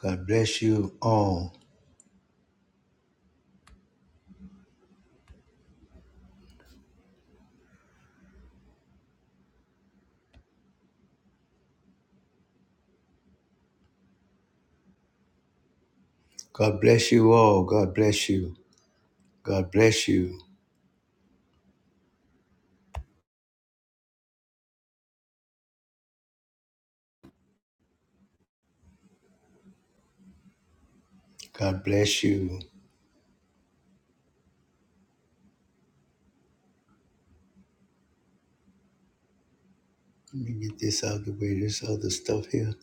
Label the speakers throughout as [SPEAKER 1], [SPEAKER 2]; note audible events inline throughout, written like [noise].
[SPEAKER 1] God bless you all. God bless you all. God bless you. God bless you. God bless you. Let me get this out of the way. This other stuff here.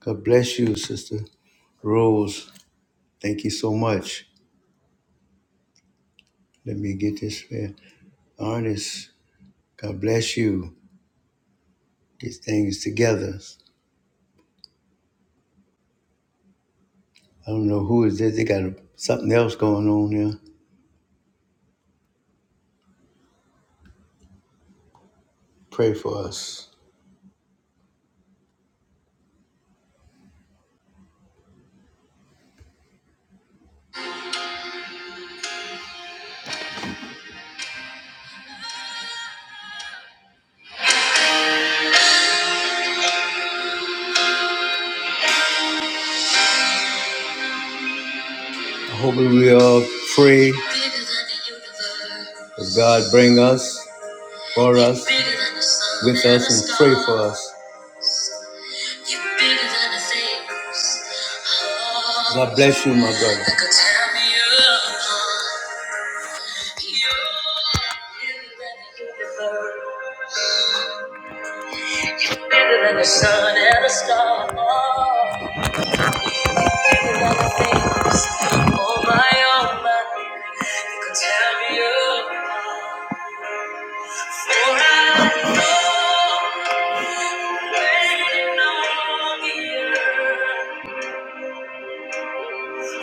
[SPEAKER 1] God bless you, Sister Rose. Thank you so much. Let me get this here. Ernest, God bless you. These things together. I don't know who is this. They got something else going on here. Pray for us. I hope we all pray that God bring us. for us, with us, and pray for us. God bless you, my brother. Bigger than the sun and the stars, bigger than the things on my own mind could tear me apart. For I know waiting on the earth.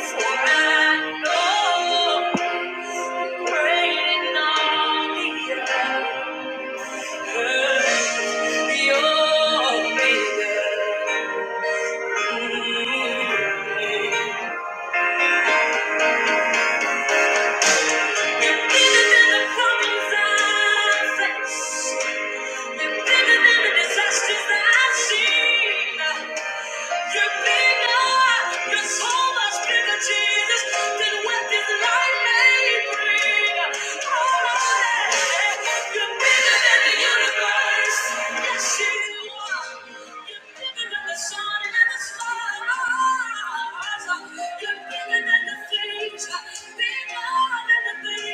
[SPEAKER 1] you're Yeah. You're bigger than the things, bigger than the Thank you.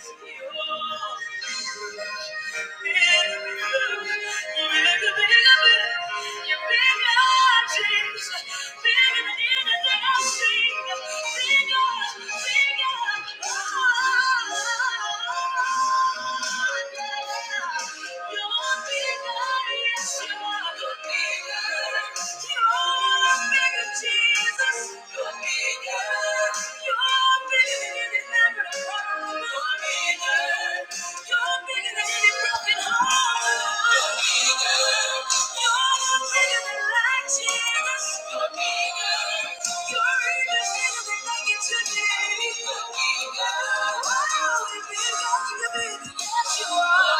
[SPEAKER 1] Jesus, you're bigger. You're bigger. You're bigger Thank you. are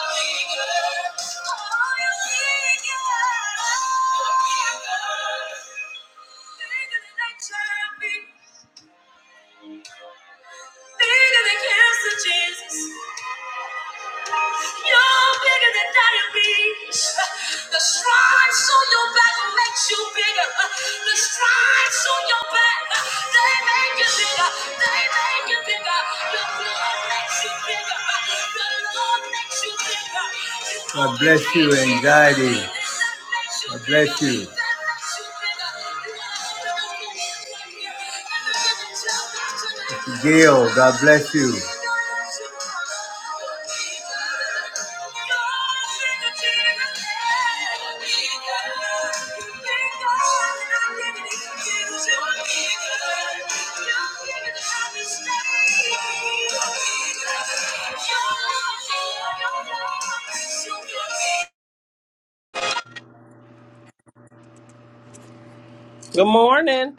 [SPEAKER 1] bigger bigger than I can be. Bigger than cancer, Jesus. You're bigger than diabetes. The stripes on your back makes you bigger. The stripes on your back, they make you bigger. They make you bigger. Your blood makes you bigger. The Lord makes you bigger. God bless you, anxiety. God bless you. Gail, God bless you.
[SPEAKER 2] Good morning.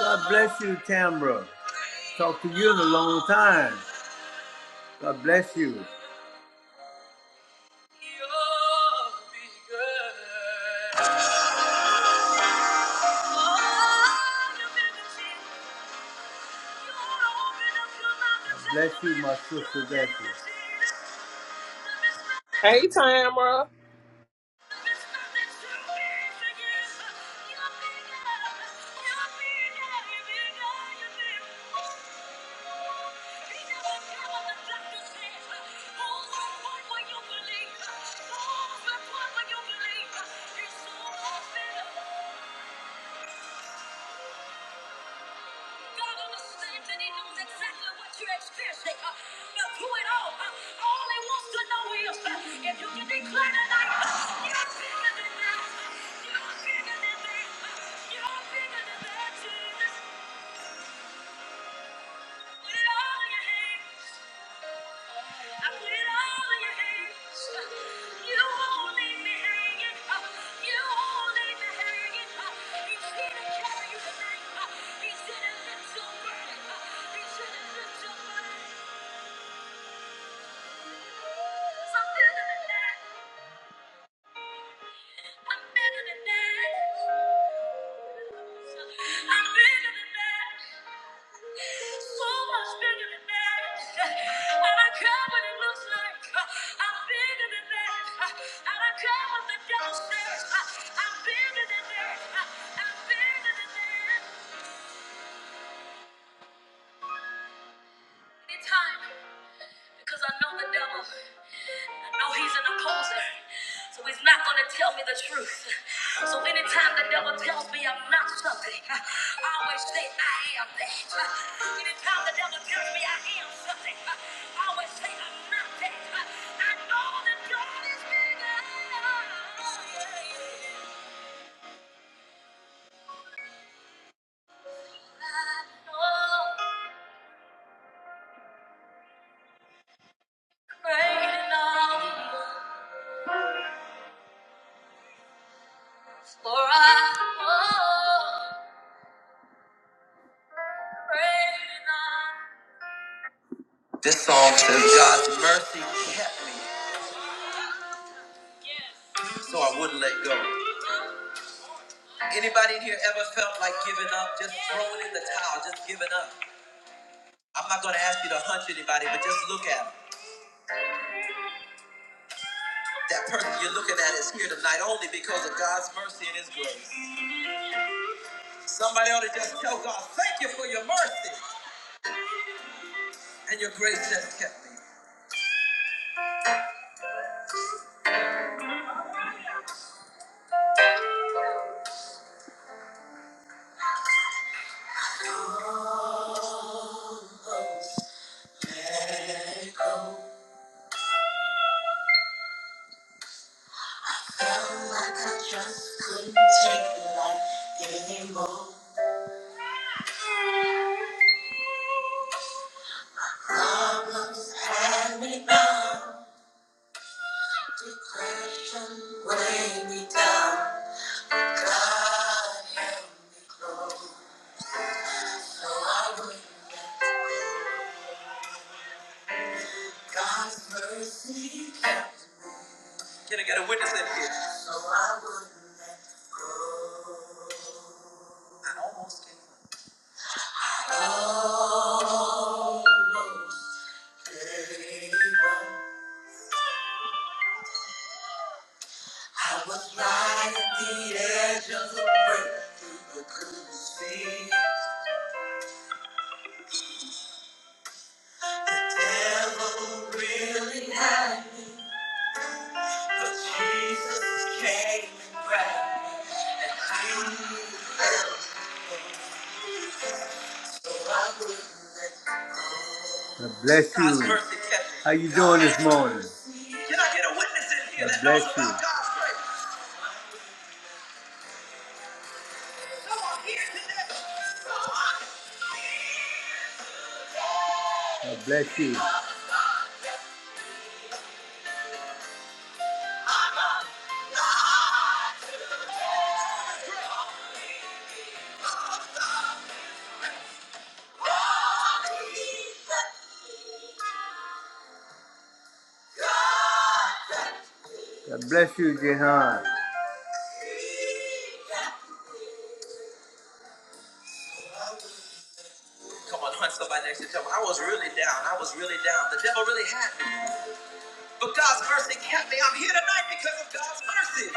[SPEAKER 1] God bless you, Tamra. Talk to you in a long time. God bless you. God bless you, my sister Bessie.
[SPEAKER 2] Hey, Tamra.
[SPEAKER 1] Thank you. You're what believe. believe. It's so much better. God understands and He knows exactly what you're experiencing. Uh, but through it all, uh, all He wants to know is uh, if you can declare tonight, uh, you're bigger than that. Uh, You're bigger than that. Uh, You're bigger than that, Jesus. Something in the back. I'm better than that. I'm better than that. So much better than that. I don't it looks like. I'm bigger than that. I don't the devil says. I'm bigger than that. I'm bigger than that. Anytime, because I know the devil. No, he's an opposer. So he's not going to tell me the truth. So anytime the devil tells me I'm not something, I always say I am that. Anytime the devil tells me I am something, I always say I'm not that. I know that God is bigger. Oh, yeah. Oh, great in numbers for I oh, great in numbers. This song says God's mercy kept me. so I wouldn't let go. Anybody in here ever felt like giving up, just throwing in the towel, just giving up? I'm not gonna ask you to hunch anybody, but just look at them. That person you're looking at is here tonight only because of God's mercy and His grace. Somebody ought to just tell God, thank you for your mercy and your grace that kept me. Let it go. Felt like I just couldn't take life anymore. Problems had me bound, depression weighed me down. God held me close, so I wouldn't let God's mercy catch Can I get a witness in here? So I wouldn't let go. Almost gave up. I was right at the edge of the breakthrough, but couldn't see. The devil really had me, but Jesus came and grabbed me. God bless you. How you doing this morning? Can I get a witness in here God bless that knows about you. God's grace? Come here today. God bless you. God bless you, Jehan. Come on, hunt somebody next to tell me. I was really down. I was really down. The devil really had me. But God's mercy kept me. I'm here tonight because of God's mercy.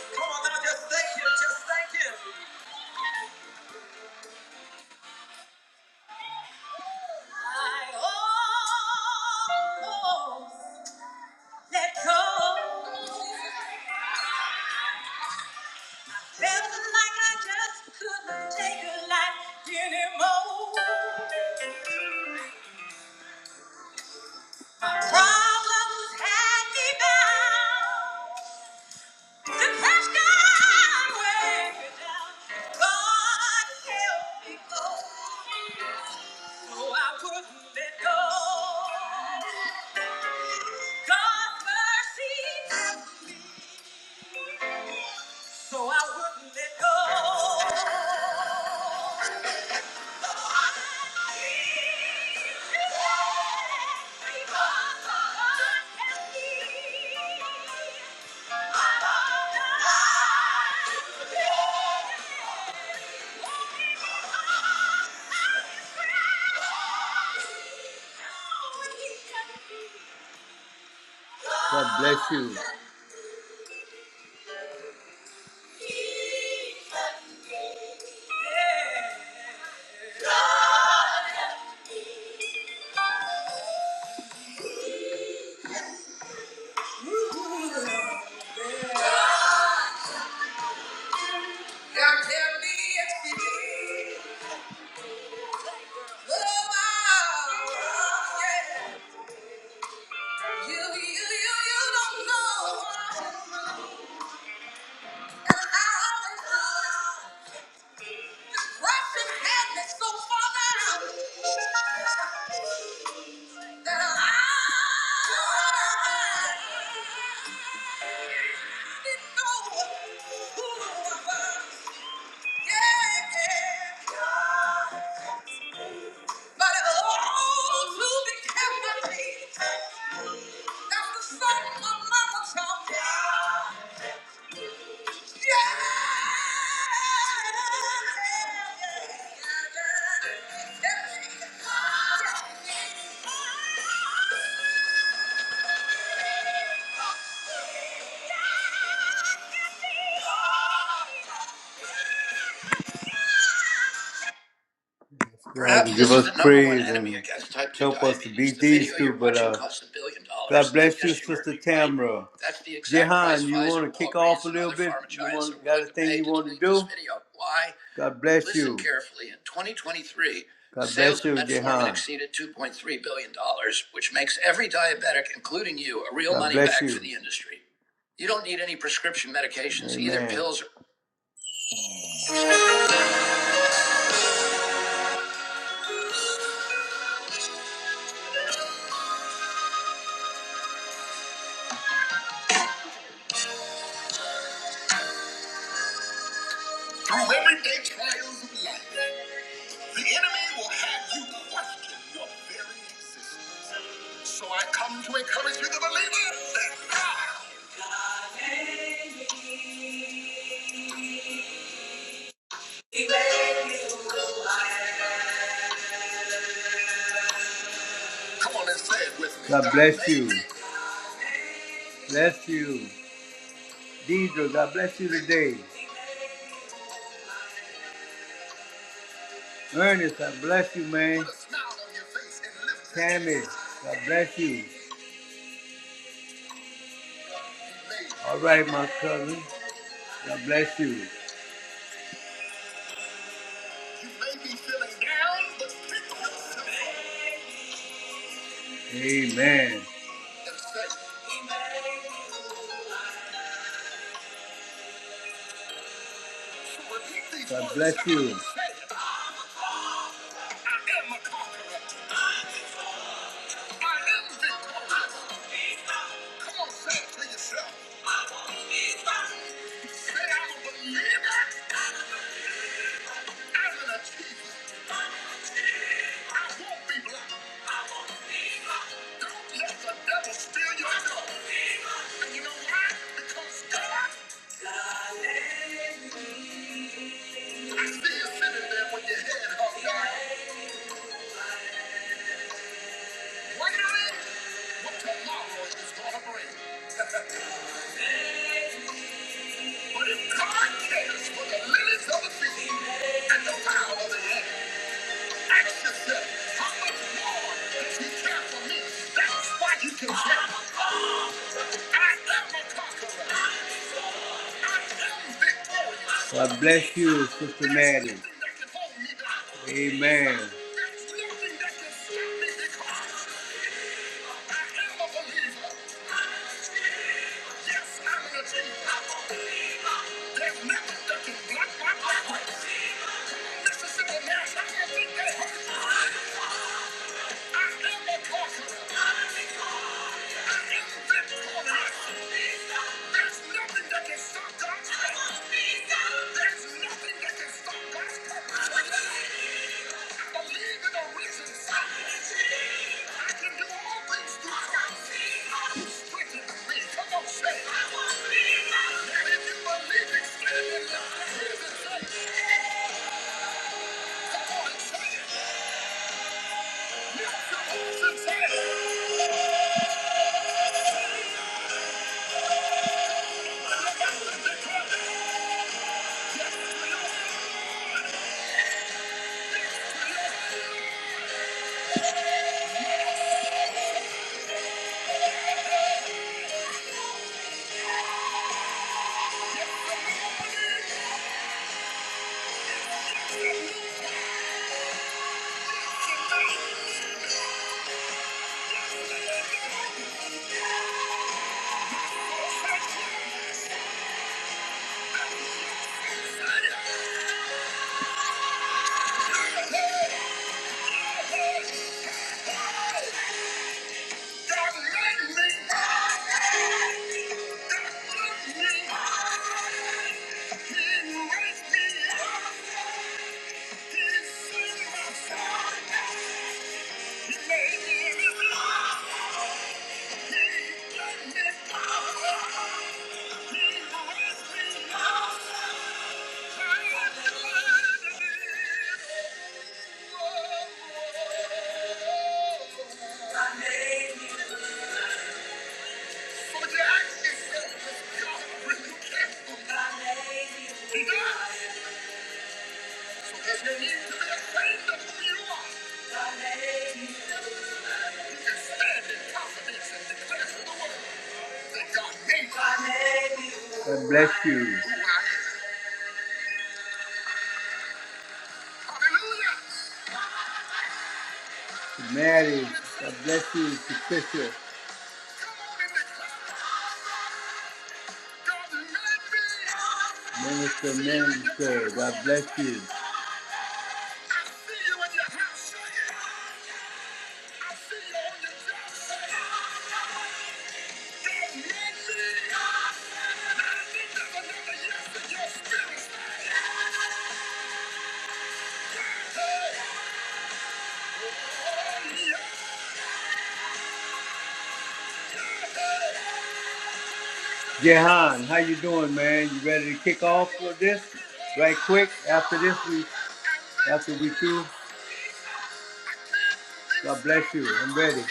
[SPEAKER 1] Come on now, just thank Him. Just thank Him. I almost let go. Felt like I just couldn't take a life anymore. My problems had me bound. Depression weighed me down. God help me go. No, I wouldn't let go. God's mercy. So I would. God bless you. Ooh, God help me. Yeah. Perhaps God, Perhaps give this is us the number one praise enemy and against type 2 help us to diabetes. beat The these video you're two. you're But watching uh, costs a billion dollars. God bless you, Yes, you heard Sister me right. Tamra. That's the exact Jehan, price you Pfizer, want to kick Walgreens off a and little other bit? pharma You giants want are got willing a to thing pay you to want to delete this do? this video. Why? God bless Listen you. carefully. In 2023, God sales bless of you, of metformin Jehan. exceeded 2.3 billion dollars, which makes every diabetic, including you, a real God money bless back you. for the industry. You don't need any prescription medications, either Amen. pills. or- Through everyday trials of life. The enemy will have you question your very existence. So I come to encourage you, the believer, that God. Come on and say it with me. God bless you. Bless you. Deidre, God bless you today. Ernest, God bless you, man. Tammy, God bless you. All right, my cousin. God bless you. Amen. God bless you. But if God cares for the lilies of the field and the power of the head, Ask yourself, how much more does he I am a conqueror. I am victorious. God bless you, Sister Maddie. Amen. Yes, I'm a believer. There's nothing that can block my life. Come Thank you. Thank you. God bless you. To Mary, God bless you. To Patricia, Minister, Minister, God bless you. yes Jehan, how you doing, man? You ready to kick off for this? Right quick after this we after we through. God bless you. I'm ready.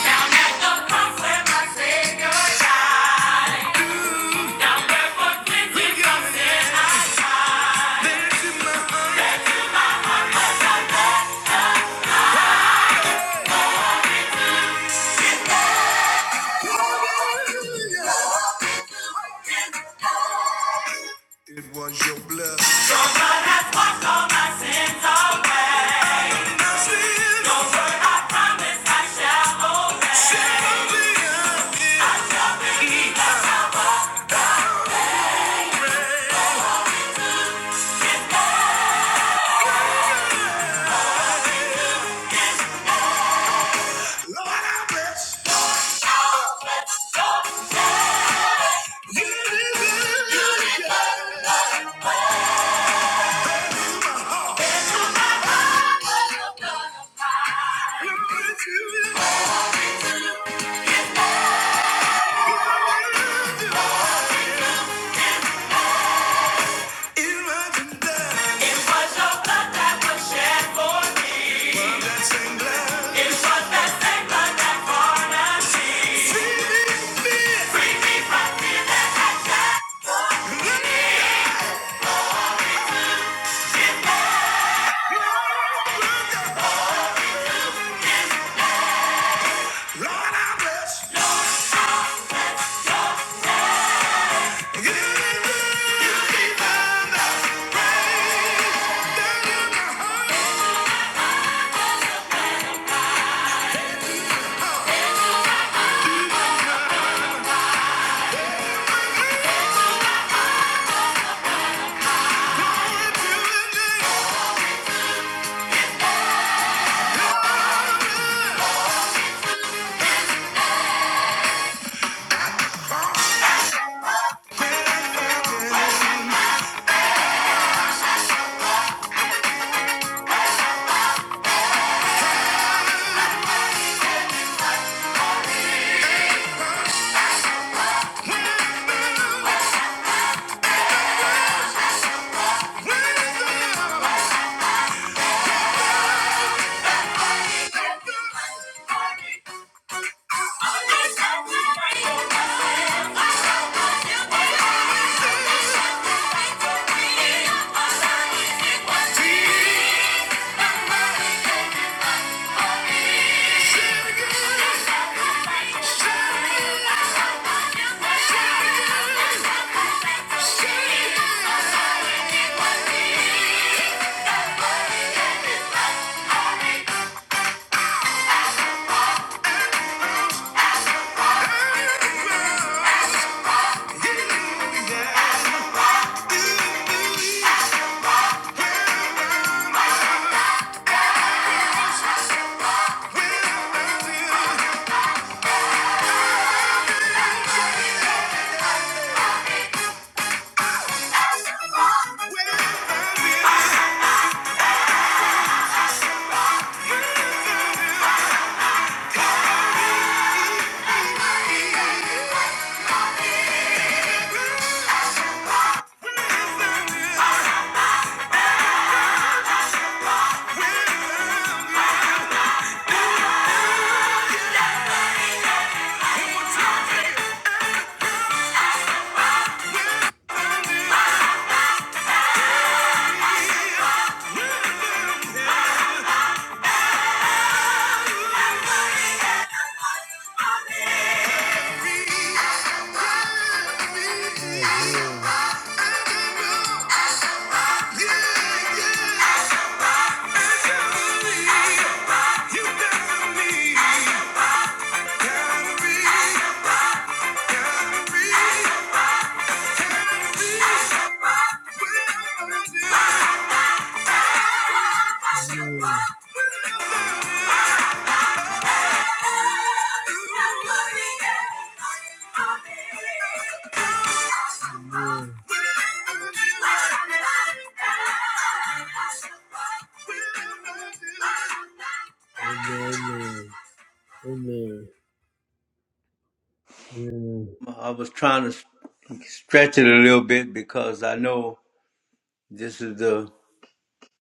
[SPEAKER 3] Down at the cross where my Savior died. Down where for cleansing from I Your blood has washed all my sins away. Your word I promise I shall obey. Shall be I shall believe. I read. Lord, I bless you. You live above the blood of Imagine that. It was your blood that was shed for me. Well, that same blood. It was that same blood that brought us peace. See me fit. Free me from fear that had died. Lord, I bless you. You keep on that rain down in my heart till the day your blood falls again. I'm somebody, somebody, somebody. Somebody, somebody, somebody. Somebody, somebody, somebody. Amen. Amen. Amen.
[SPEAKER 1] I was trying to stretch it a little bit because I know this is the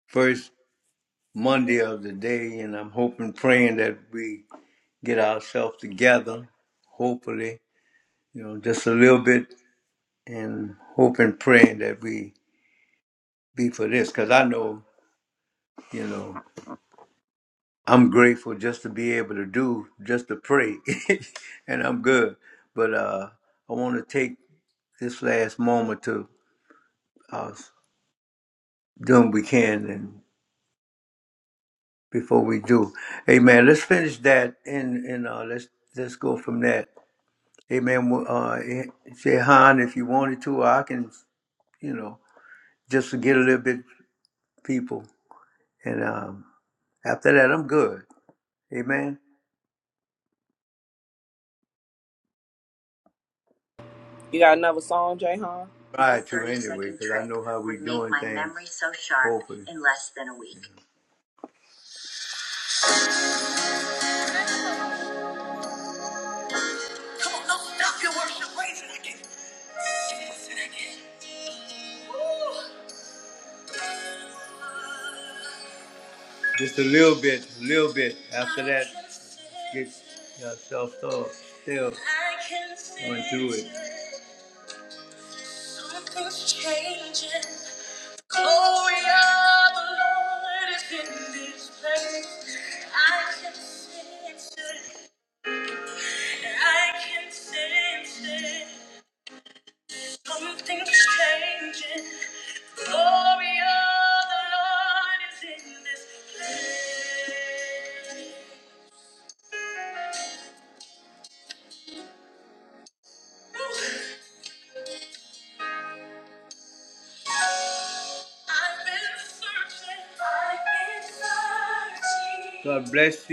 [SPEAKER 1] first. Monday of the day, and I'm hoping, praying that we get ourselves together, hopefully, you know, just a little bit, and hoping, praying that we be for this, because I know, you know, I'm grateful just to be able to do, just to pray, [laughs] and I'm good. But uh, I want to take this last moment to uh, do what we can, and before we do, Amen. Let's finish that, and and uh, let's let's go from that. Amen. well, uh, eh, say Han if you wanted to, or I can, you know, just to get a little bit people. And um, after that, I'm good. Amen. man.
[SPEAKER 2] You got another song, Jayhan?
[SPEAKER 1] Try to anyway, because I know how we doing my things. Memory so sharp hopefully. in less than a week. Come on, don't stop your worship. Wait a second. Just a second. Woo. Just a little bit, a little bit. After that, get yourself up. Still going through it. Something's changing. The Glory of the Lord is in this place. I can sense it. I can sense it. Something's changing. The Glory of the Lord is in this place. I've been searching. I've been searching.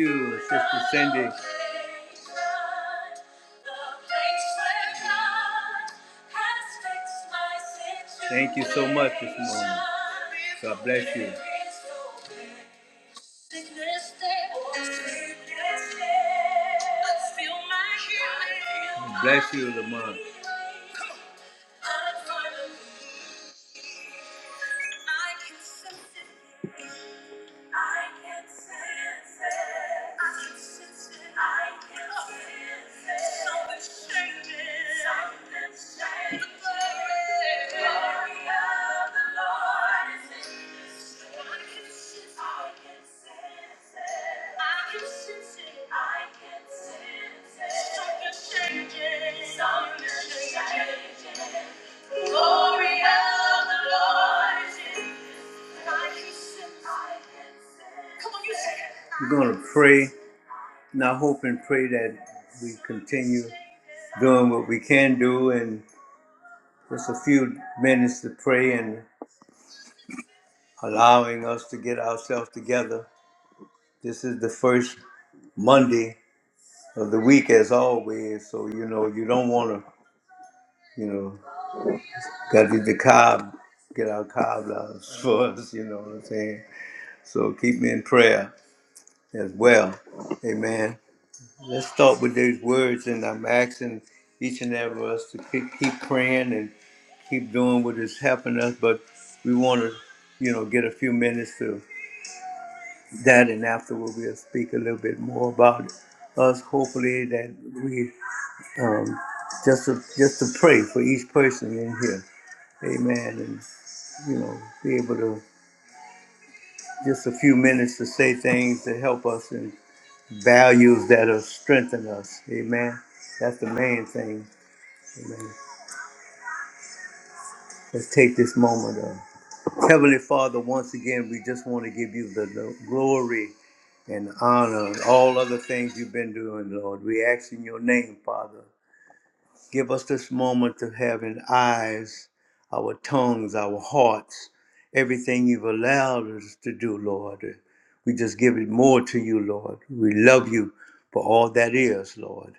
[SPEAKER 1] you, Sister Cindy. Thank you so much this morning. God bless you. Bless you, Lamont. I can sense it. I can sense it. I can oh. sense it. Something's changing. Something's changing. The glory of the Lord is in this room. I it. I can sense it. I can sense it. I can sense it. Something's changing. Something's changing. We're going to pray, and I hope and pray that we continue doing what we can do and just a few minutes to pray and allowing us to get ourselves together. This is the first Monday of the week, as always, so you know, you don't want to, you know, got to get the cob, get our cob out [laughs] for us, you know what I'm saying? So keep me in prayer as well. Amen. Let's start with these words, and I'm asking each and every of us to keep, keep praying and keep doing what is helping us. But we want to, you know, get a few minutes to that, and afterward we'll speak a little bit more about us. Hopefully, that we um, just to, just to pray for each person in here. Amen. And you know, be able to just a few minutes to say things to help us and. values that'll strengthen us. Amen. That's the main thing. Amen. Let's take this moment of Heavenly Father, once again, we just want to give you the, the glory and honor and all other things you've been doing, Lord. We ask in your name, Father. Give us this moment to have in eyes, our tongues, our hearts, everything you've allowed us to do, Lord. We just give it more to you, Lord. We love you for all that is, Lord.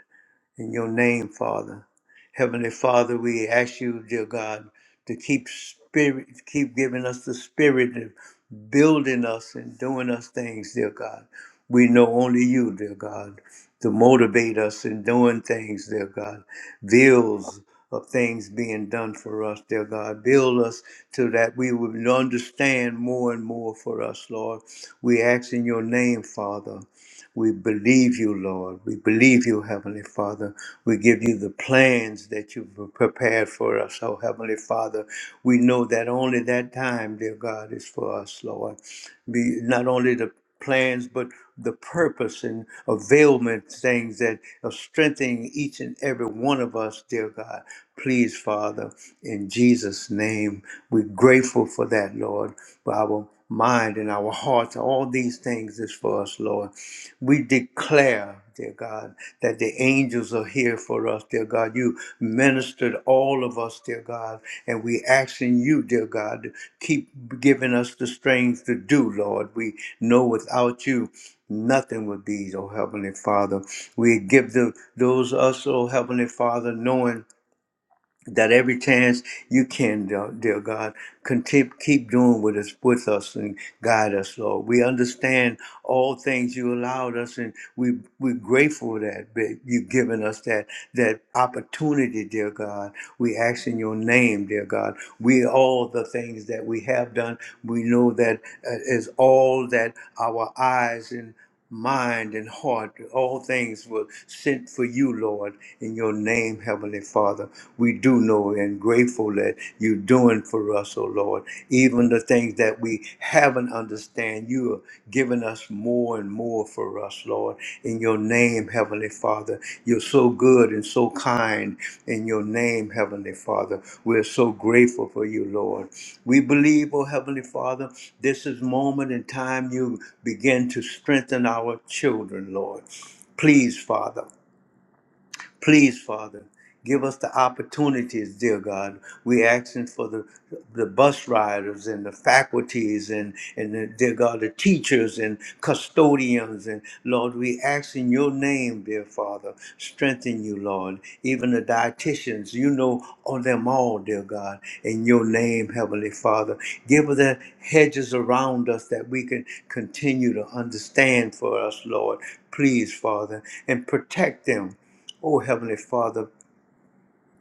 [SPEAKER 1] in your name, Father. Heavenly Father, we ask you, dear God, to keep spirit, keep giving us the spirit of building us and doing us things, dear God. We know only you, dear God, to motivate us in doing things, dear God. Bills of things being done for us, dear God. Build us to that we would understand more and more for us, Lord. We ask in your name, Father. We believe you, Lord. We believe you, Heavenly Father. We give you the plans that you've prepared for us, oh Heavenly Father. We know that only that time, dear God, is for us, Lord. Be not only the plans, but the purpose and availment things that are strengthening each and every one of us, dear God. Please, Father, in Jesus' name, we're grateful for that, Lord, for our mind and our hearts. All these things is for us, Lord. We declare, dear God, that the angels are here for us, dear God. You ministered all of us, dear God, and we asking you, dear God, to keep giving us the strength to do, Lord. We know without you, nothing would be, oh Heavenly Father. We give the, those us, oh Heavenly Father, knowing that every chance you can, dear dear God, continue, keep doing with us, with us and guide us, Lord. We understand all things you allowed us, and we we're grateful that that you've given us that that opportunity, dear God. We ask in your name, dear God. We all the things that we have done, we know that uh, is all that our eyes and mind and heart. All things were sent for you, Lord, in your name, Heavenly Father. We do know and grateful that you're doing for us, oh Lord. Even the things that we haven't understand, you are giving us more and more for us, Lord. In in your name, Heavenly Father. You're so good and so kind in your name, Heavenly Father. We're so grateful for you, Lord. We believe, oh Heavenly Father, this is moment in time you begin to strengthen our children, Lord. Please, Father. Please, Father, give us the opportunities, dear God. we asking for the, the bus riders and the faculties and, and the, dear God, the teachers and custodians. And Lord, we ask in your name, dear Father, strengthen you, Lord. Even the dietitians, you know on them all, dear God, in your name, Heavenly Father. Give us the hedges around us that we can continue to understand for us, Lord. Please, Father, and protect them Oh, Heavenly Father,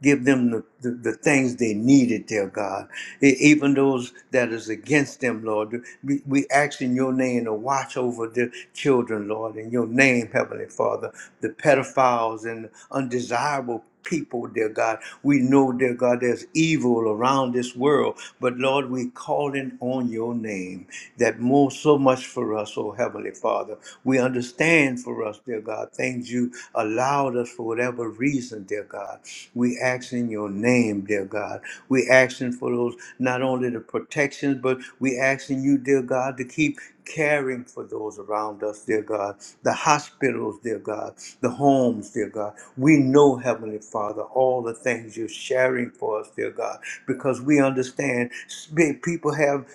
[SPEAKER 1] give them the, the, the things they needed, dear God. E- Even those that is against them, Lord. We, we ask in your name to watch over the children, Lord. In your name, Heavenly Father, the pedophiles and undesirable people, dear God. We know, dear God, there's evil around this world, but Lord, we calling on your name that more so much for us, oh Heavenly Father. We understand for us, dear God, things you allowed us for whatever reason, dear God. We ask in your name, dear God. We asking for those not only the protections, but we asking you, dear God, to keep caring for those around us, dear God, the hospitals, dear God, the homes, dear God. We know, Heavenly Father, all the things you're sharing for us, dear God, because we understand sp- people have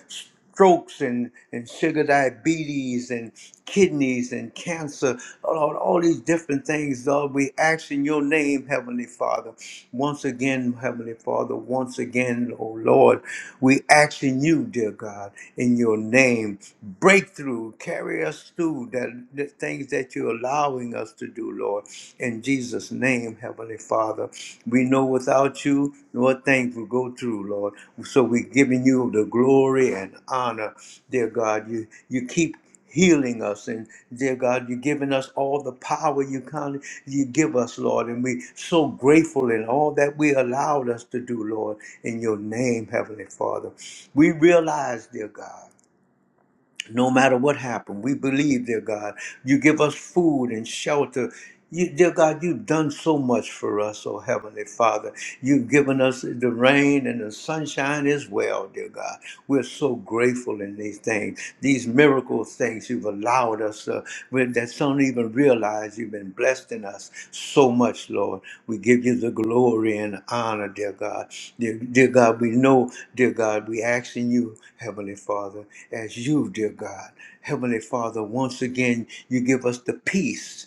[SPEAKER 1] strokes and, and sugar diabetes and kidneys and cancer, Lord, all these different things, Lord, we ask in your name, Heavenly Father. Once again, Heavenly Father, once again, oh Lord, we ask in you, dear God, in your name, breakthrough, carry us through that, the things that you're allowing us to do, Lord, in Jesus' name name, Heavenly Father. We know without you, what things will go through, Lord. So we're giving you the glory and honor, dear God. You you keep healing us and dear god you're giving us all the power you kind you give us lord and we so grateful in all that we allowed us to do lord in your name heavenly father we realize dear god no matter what happened, we believe, dear God, you give us food and shelter. You, dear God, you've done so much for us, oh Heavenly Father. You've given us the rain and the sunshine as well, dear God. We're so grateful in these things, these miracle things you've allowed us us uh, when- that some even realize you've been blessed in us so much, Lord. We give you the glory and honor, dear God. Dear, dear God, we know, dear God, we ask in you, Heavenly Father, as you, dear God, Heavenly Father, once again, you give us the peace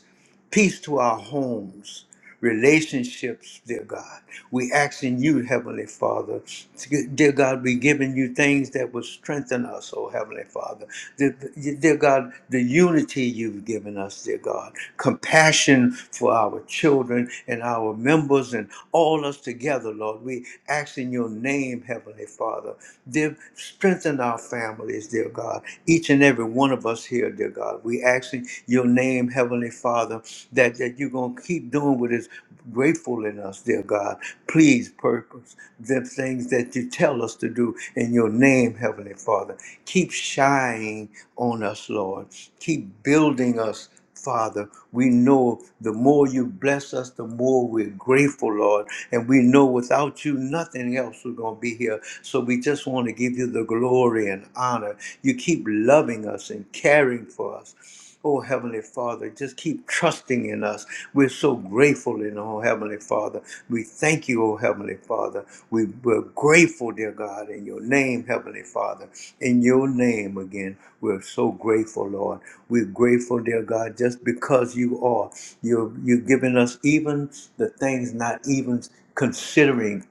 [SPEAKER 1] peace to our homes, relationships, dear God. We asking you, Heavenly Father, to- dear God, we giving you things that will strengthen us, oh Heavenly Father. Dear, dear God, the unity you've given us, dear God, compassion for our children and our members and all us together, Lord. We ask in your name, Heavenly Father, dear, strengthen our families, dear God. Each and every one of us us here, dear God. We asking your name, Heavenly Father, that, that you're going to keep doing what is grateful in us, dear God. Please purpose the things that you tell us to do in your name, Heavenly Father. Keep shining on us, Lord. Keep building us. Father, we know the more you bless us, the more we're grateful, Lord. And we know without you, nothing else was going to be here. So we just want to give you the glory and honor. You keep loving us and caring for us. Oh, Heavenly Father, just keep trusting in us. We're so grateful grateful in, oh Heavenly Father. We thank you, oh Heavenly Father. We, we're grateful, dear God, in your name, Heavenly Father. In your name again, we're so grateful, Lord. We're grateful, dear God, just because you are. You're, you're giving us even the things not even considering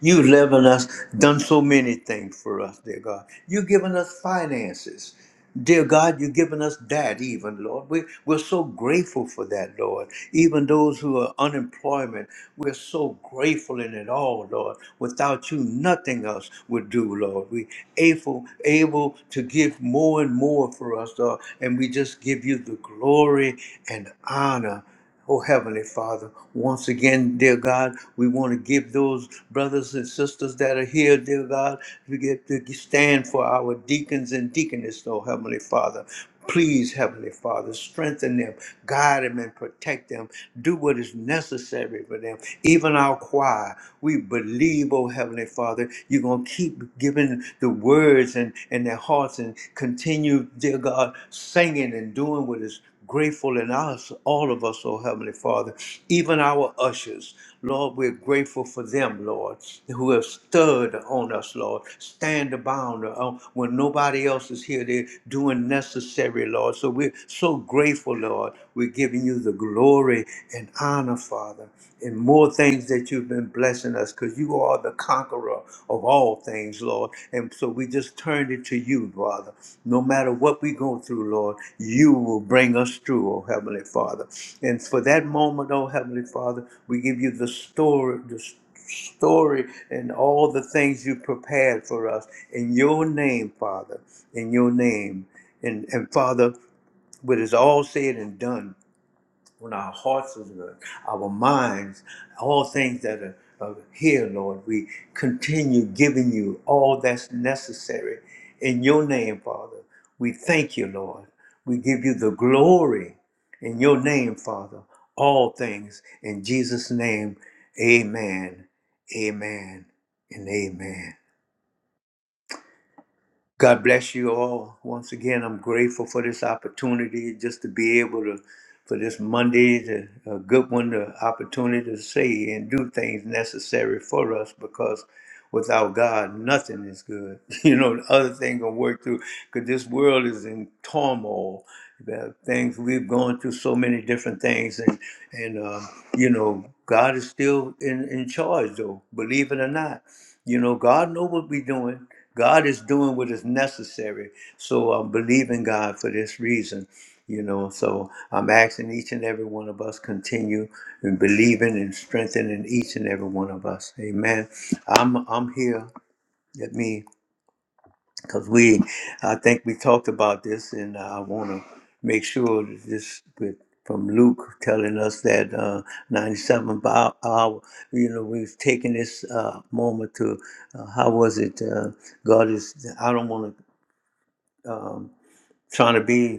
[SPEAKER 1] You've loving us, done so many things for us, dear God. You've given us finances. Dear God, you've given us that even, Lord. We, we're so grateful for that, Lord. Even those who are unemployment, we're so grateful in it all, Lord. Without you, nothing else would do, Lord. We able, able to give more and more for us, Lord. And we just give you the glory and honor Oh, Heavenly Father, once again, dear God, we want to give those brothers and sisters that are here, dear God, we get to stand for our deacons and deaconess, oh, Heavenly Father. Please, Heavenly Father, strengthen them, guide them, and protect them. Do what is necessary for them. Even our choir, we believe, oh Heavenly Father, you're going to keep giving the words and, and their hearts and continue, dear God, singing and doing what is grateful in us, all of us, oh Heavenly Father, even our ushers. Lord, we're grateful for them, Lord, who have stirred on us, Lord. Stand abound uh, when nobody else is here. They're doing necessary, Lord. So we're so grateful, Lord. We're giving you the glory and honor, Father, and more things that you've been blessing us because you are the conqueror of all things, Lord. And so we just turn it to you, Father. No matter what we go through, Lord, you will bring us through, oh Heavenly Father. And for that moment, oh Heavenly Father, we give you the story, the story and all the things you prepared for us in your name, Father, in your name. And, and Father, what is all said and done when our hearts, oh good, our minds, all things that are, are here, Lord. We continue giving you all that's necessary in your name, Father. We thank you, Lord. We give you the glory in your name, Father. All things in Jesus' name, amen, amen, and amen. God bless you all. Once again, I'm grateful for this opportunity just to be able to, for this Monday, to, a good one, the opportunity to say and do things necessary for us because without God, nothing is good. [laughs] You know, the other thing gonna work through because this world is in turmoil. The things we've gone through so many different things, and and um, you know, God is still in in charge though, believe it or not. You know, God know what we're doing. God is doing what is necessary. So I'm believing God for this reason. You know, so I'm asking each and every one of us continue and believing and strengthening each and every one of us. Amen. I'm I'm here. Let me because we, I think we talked about this, and I want to make sure that this with from Luke telling us that uh, 97 by hour, you know, we've taken this uh, moment to, uh, how was it? Uh, God is, I don't want to, um, trying to be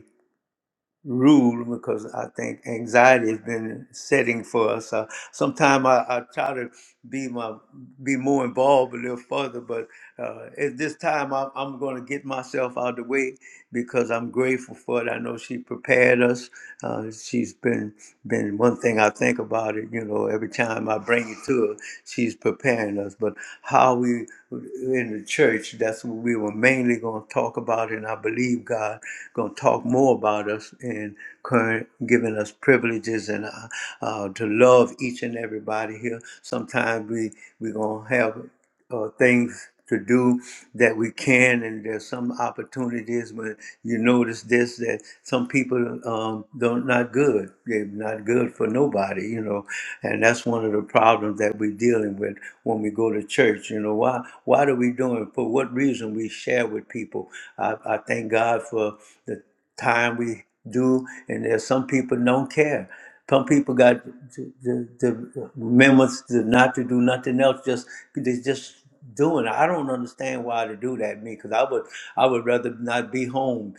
[SPEAKER 1] rule because I think anxiety has been setting for us. Uh, Sometimes I, I try to be my be more involved a little further, but uh, at this time I'm, I'm going to get myself out of the way because I'm grateful for it. I know she prepared us. Uh, she's been been one thing I think about it. You know, every time I bring it to her, she's preparing us. But how we in the church, that's what we were mainly going to talk about, and I believe believe God going to talk more about us and current, giving us privileges and uh, uh, to love each and everybody here. Sometimes we we going to have uh, things to do that we can and there's some opportunities when you notice this that some people um, don't not good they're not good for nobody you know and that's one of the problems that we're dealing with when we go to church you know why why are we doing for what what reason we share with people. I, I thank God for the time we do, and there's some people don't care. Some people got the, the, the members to not to do nothing else, just they just doing. it. I don't understand why to do that, me, because I would I would rather not be home,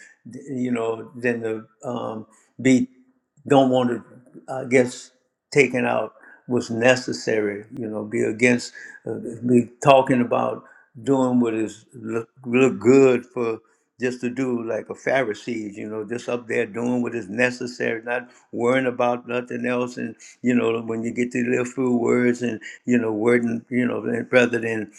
[SPEAKER 1] you know, than to um, be don't want to, I guess, taken out was necessary. You know, be against, uh, be talking about doing what is look, look good for just to do like a Pharisees. You know, just up there doing what is necessary, not worrying about nothing else. And you know, when you get to live through words and you know, wording, you know, rather than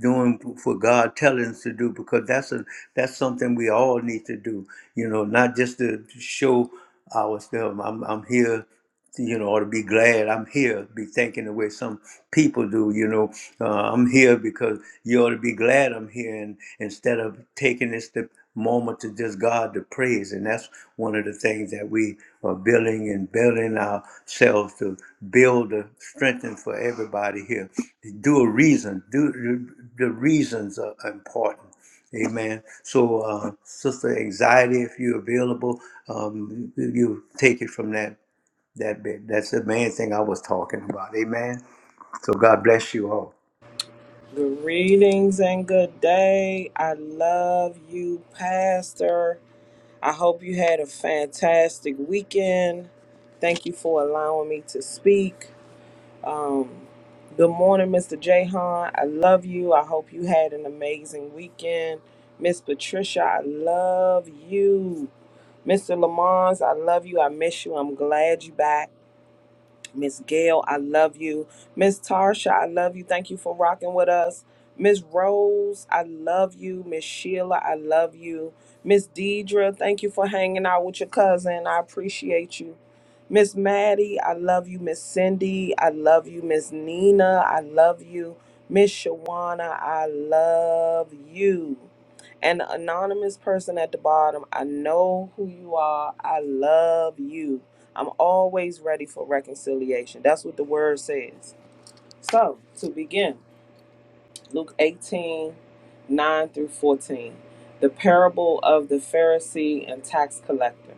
[SPEAKER 1] doing for God telling us to do, because that's a that's something we all need to do. You know, not just to show. I was them. I'm I'm here, you know, or to be glad I'm here, be thinking the way some people do, you know. Uh, I'm here because you ought to be glad I'm here, and instead of taking this the moment to just God to praise, and that's one of the things that we are building and building ourselves to build the strengthen for everybody here. Do a reason. Do the reasons are important Amen. So, uh, Sister Anxiety, if you're available, um, you take it from that that bit. That's the main thing I was talking about. Amen. So God bless you all.
[SPEAKER 2] Greetings and good day. I love you, Pastor. I hope you had a fantastic weekend. Thank you for allowing me to speak. Um, good morning, Mr. Jayhan. I love you. I hope you had an amazing weekend. Miss Patricia, I love you. Mr. Lamons, I love you. I miss you. I'm glad you back. Miss Gail, I love you. Miss Tarsha, I love you. Thank you for rocking with us. Miss Rose, I love you. Miss Sheila, I love you. Miss Deidre, thank you for hanging out with your cousin. I appreciate you. Miss Maddie, I love you. Miss Cindy, I love you. Miss Nina, I love you. Miss Shawana, I love you. An anonymous person at the bottom, I know who you are. I love you. I'm always ready for reconciliation. That's what the word says. So, to begin, Luke 18 9 through 14, the parable of the Pharisee and tax collector.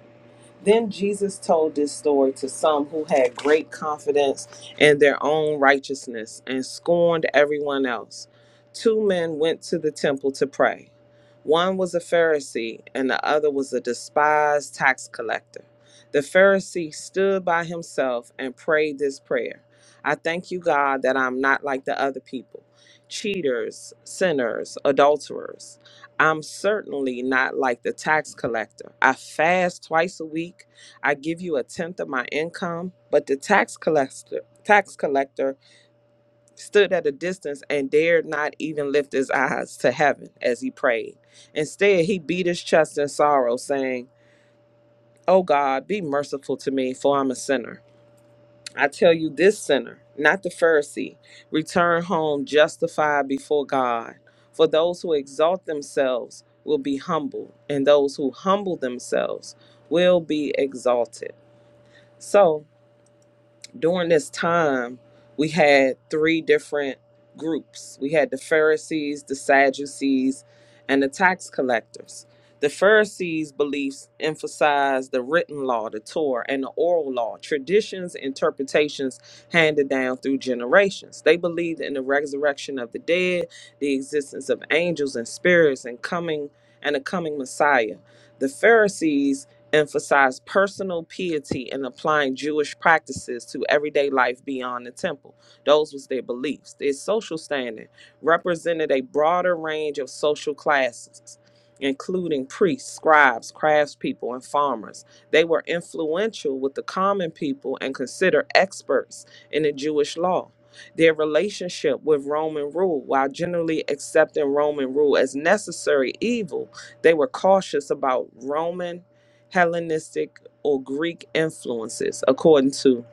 [SPEAKER 2] Then Jesus told this story to some who had great confidence in their own righteousness and scorned everyone else. Two men went to the temple to pray. One was a Pharisee, and the other was a despised tax collector. The Pharisee stood by himself and prayed this prayer I thank you, God, that I'm not like the other people cheaters, sinners, adulterers. I'm certainly not like the tax collector. I fast twice a week. I give you a tenth of my income, but the tax collector tax collector stood at a distance and dared not even lift his eyes to heaven as he prayed. Instead, he beat his chest in sorrow, saying, "O God, be merciful to me, for I'm a sinner." I tell you, this sinner, not the Pharisee, return home justified before God. For those who exalt themselves will be humbled, and those who humble themselves will be exalted. So, during this time, we had three different groups. We had the Pharisees, the Sadducees, and the tax collectors. The Pharisees' beliefs emphasized the written law, the Torah, and the oral law, traditions, interpretations handed down through generations. They believed in the resurrection of the dead, the existence of angels and spirits, and coming and a coming Messiah. The Pharisees emphasized personal piety and applying Jewish practices to everyday life beyond the temple. Those was their beliefs. Their social standing represented a broader range of social classes, including priests, scribes, craftspeople, and farmers. They were influential with the common people and considered experts in the Jewish law. Their relationship with Roman rule, while generally accepting Roman rule as necessary evil, they were cautious about Roman Hellenistic or Greek influences, according to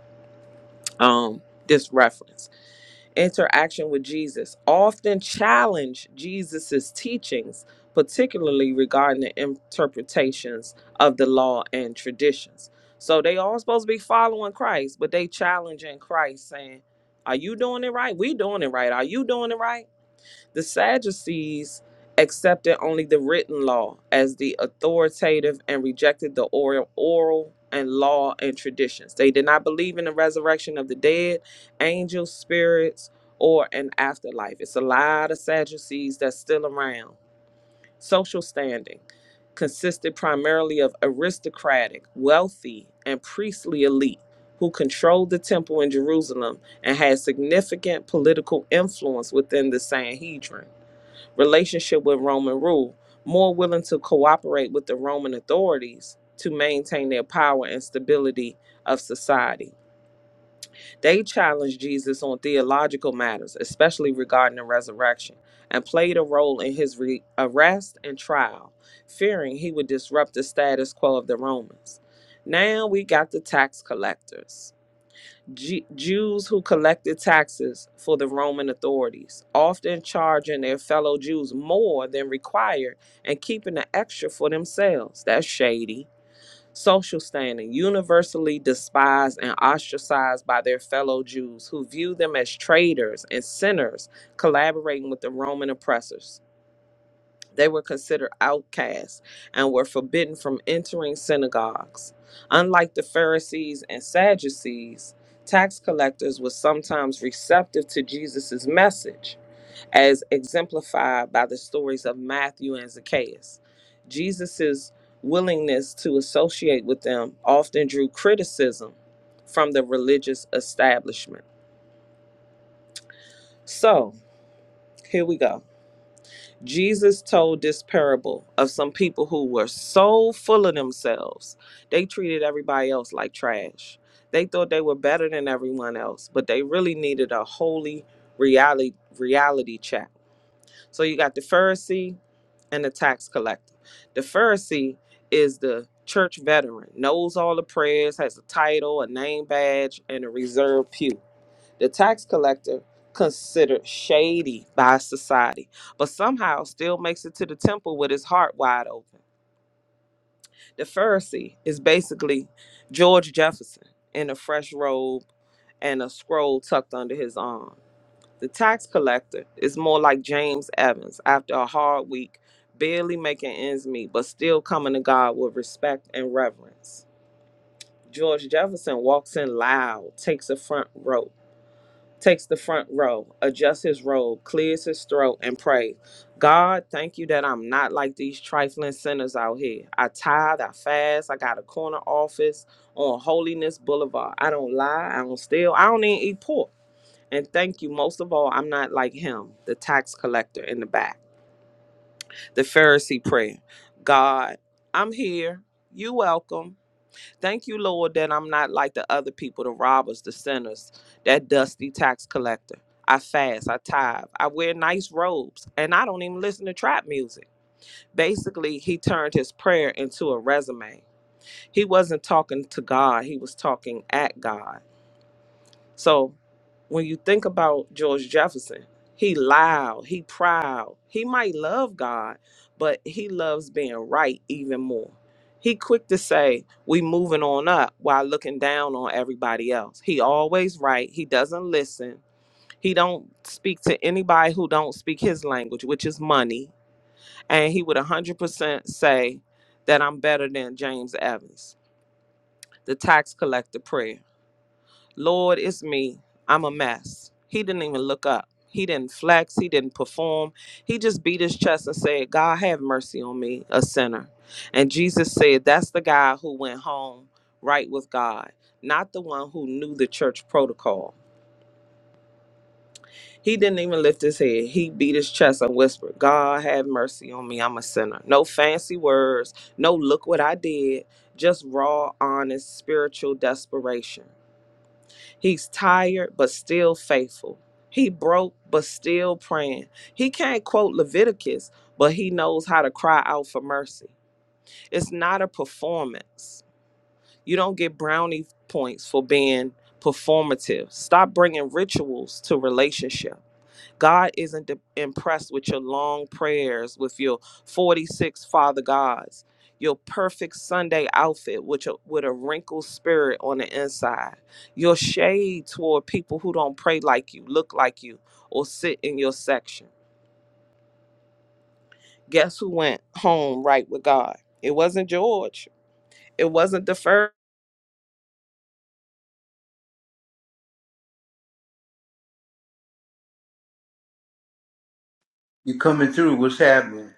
[SPEAKER 2] um, this reference. Interaction with Jesus often challenge Jesus's teachings, particularly regarding the interpretations of the law and traditions. So they all supposed to be following Christ, but they challenging Christ, saying, "Are you doing it right? We doing it right. Are you doing it right?" The Sadducees accepted only the written law as the authoritative and rejected the oral, oral and law and traditions. They did not believe in the resurrection of the dead, angels, spirits, or an afterlife. It's a lot of Sadducees that's still around. Social standing consisted primarily of aristocratic, wealthy, and priestly elite who controlled the temple in Jerusalem and had significant political influence within the Sanhedrin relationship with Roman rule, more willing to cooperate with the Roman authorities to maintain their power and stability of society. They challenged Jesus on theological matters, especially regarding the resurrection, and played a role in his re- arrest and trial, fearing he would disrupt the status quo of the Romans. Now we got the tax collectors. Ju- Jews who collected taxes for the Roman authorities, often charging their fellow Jews more than required and keeping the extra for themselves. That's shady. Social standing, universally despised and ostracized by their fellow Jews who view them as traitors and sinners collaborating with the Roman oppressors. They were considered outcasts and were forbidden from entering synagogues. Unlike the Pharisees and Sadducees, tax collectors were sometimes receptive to Jesus' message, as exemplified by the stories of Matthew and Zacchaeus. Jesus' willingness to associate with them often drew criticism from the religious establishment. So, here we go. Jesus told this parable of some people who were so full of themselves. They treated everybody else like trash. They thought they were better than everyone else, but they really needed a holy reality reality check. So you got the Pharisee and the tax collector. The Pharisee is the church veteran, knows all the prayers, has a title, a name badge, and a reserved pew. The tax collector, considered shady by society, but somehow still makes it to the temple with his heart wide open. The Pharisee is basically George Jefferson in a fresh robe and a scroll tucked under his arm. The tax collector is more like James Evans after a hard week, barely making ends meet, but still coming to God with respect and reverence. George Jefferson walks in loud, takes a front row, takes the front row, adjusts his robe, clears his throat, and prays. God, thank you that I'm not like these trifling sinners out here. I tithe, I fast, I got a corner office on Holiness Boulevard. I don't lie, I don't steal, I don't even eat pork. And thank you, most of all, I'm not like him, the tax collector in the back. The Pharisee prayer God, I'm here, you welcome. Thank you, Lord, that I'm not like the other people, the robbers, the sinners, that dusty tax collector. I fast, I tithe, I wear nice robes, and I don't even listen to trap music. Basically, he turned his prayer into a resume. He wasn't talking to God, he was talking at God. So when you think about George Jefferson, he loud, he proud. He might love God, but he loves being right even more. He quick to say we moving on up while looking down on everybody else. He always right. He doesn't listen. He don't speak to anybody who don't speak his language, which is money. And he would 100% say that I'm better than James Evans, the tax collector prayer. Lord, it's me. I'm a mess. He didn't even look up. He didn't flex. He didn't perform. He just beat his chest and said, God, have mercy on me, a sinner. And Jesus said, That's the guy who went home right with God, not the one who knew the church protocol. He didn't even lift his head. He beat his chest and whispered, God, have mercy on me. I'm a sinner. No fancy words. No, look what I did. Just raw, honest, spiritual desperation. He's tired but still faithful. He broke but still praying. He can't quote Leviticus, but he knows how to cry out for mercy. It's not a performance. You don't get brownie points for being performative. Stop bringing rituals to relationship. God isn't de- impressed with your long prayers, with your 46 Father Gods, your perfect Sunday outfit with, your, with a wrinkled spirit on the inside, your shade toward people who don't pray like you, look like you, or sit in your section. Guess who went home right with God? It wasn't George. It wasn't the first.
[SPEAKER 1] You coming through? What's happening?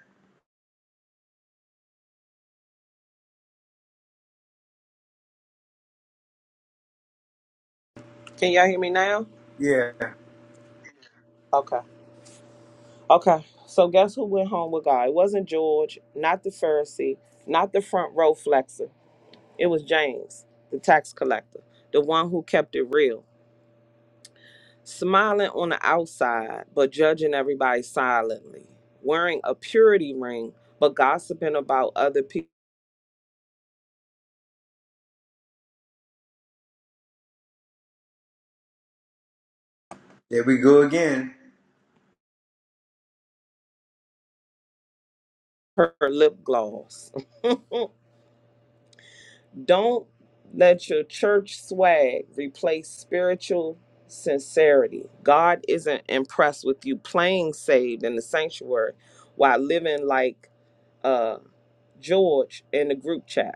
[SPEAKER 2] Can y'all hear me now?
[SPEAKER 1] Yeah,
[SPEAKER 2] Okay. Okay. So guess who went home with God? It wasn't George, not the Pharisee, not the front row flexer. It was James, the tax collector, the one who kept it real, smiling on the outside, but judging everybody silently, wearing a purity ring, but gossiping about other people.
[SPEAKER 1] there we go again.
[SPEAKER 2] Her lip gloss. [laughs] Don't let your church swag replace spiritual sincerity. God isn't impressed with you playing saved in the sanctuary while living like uh, George in the group chat.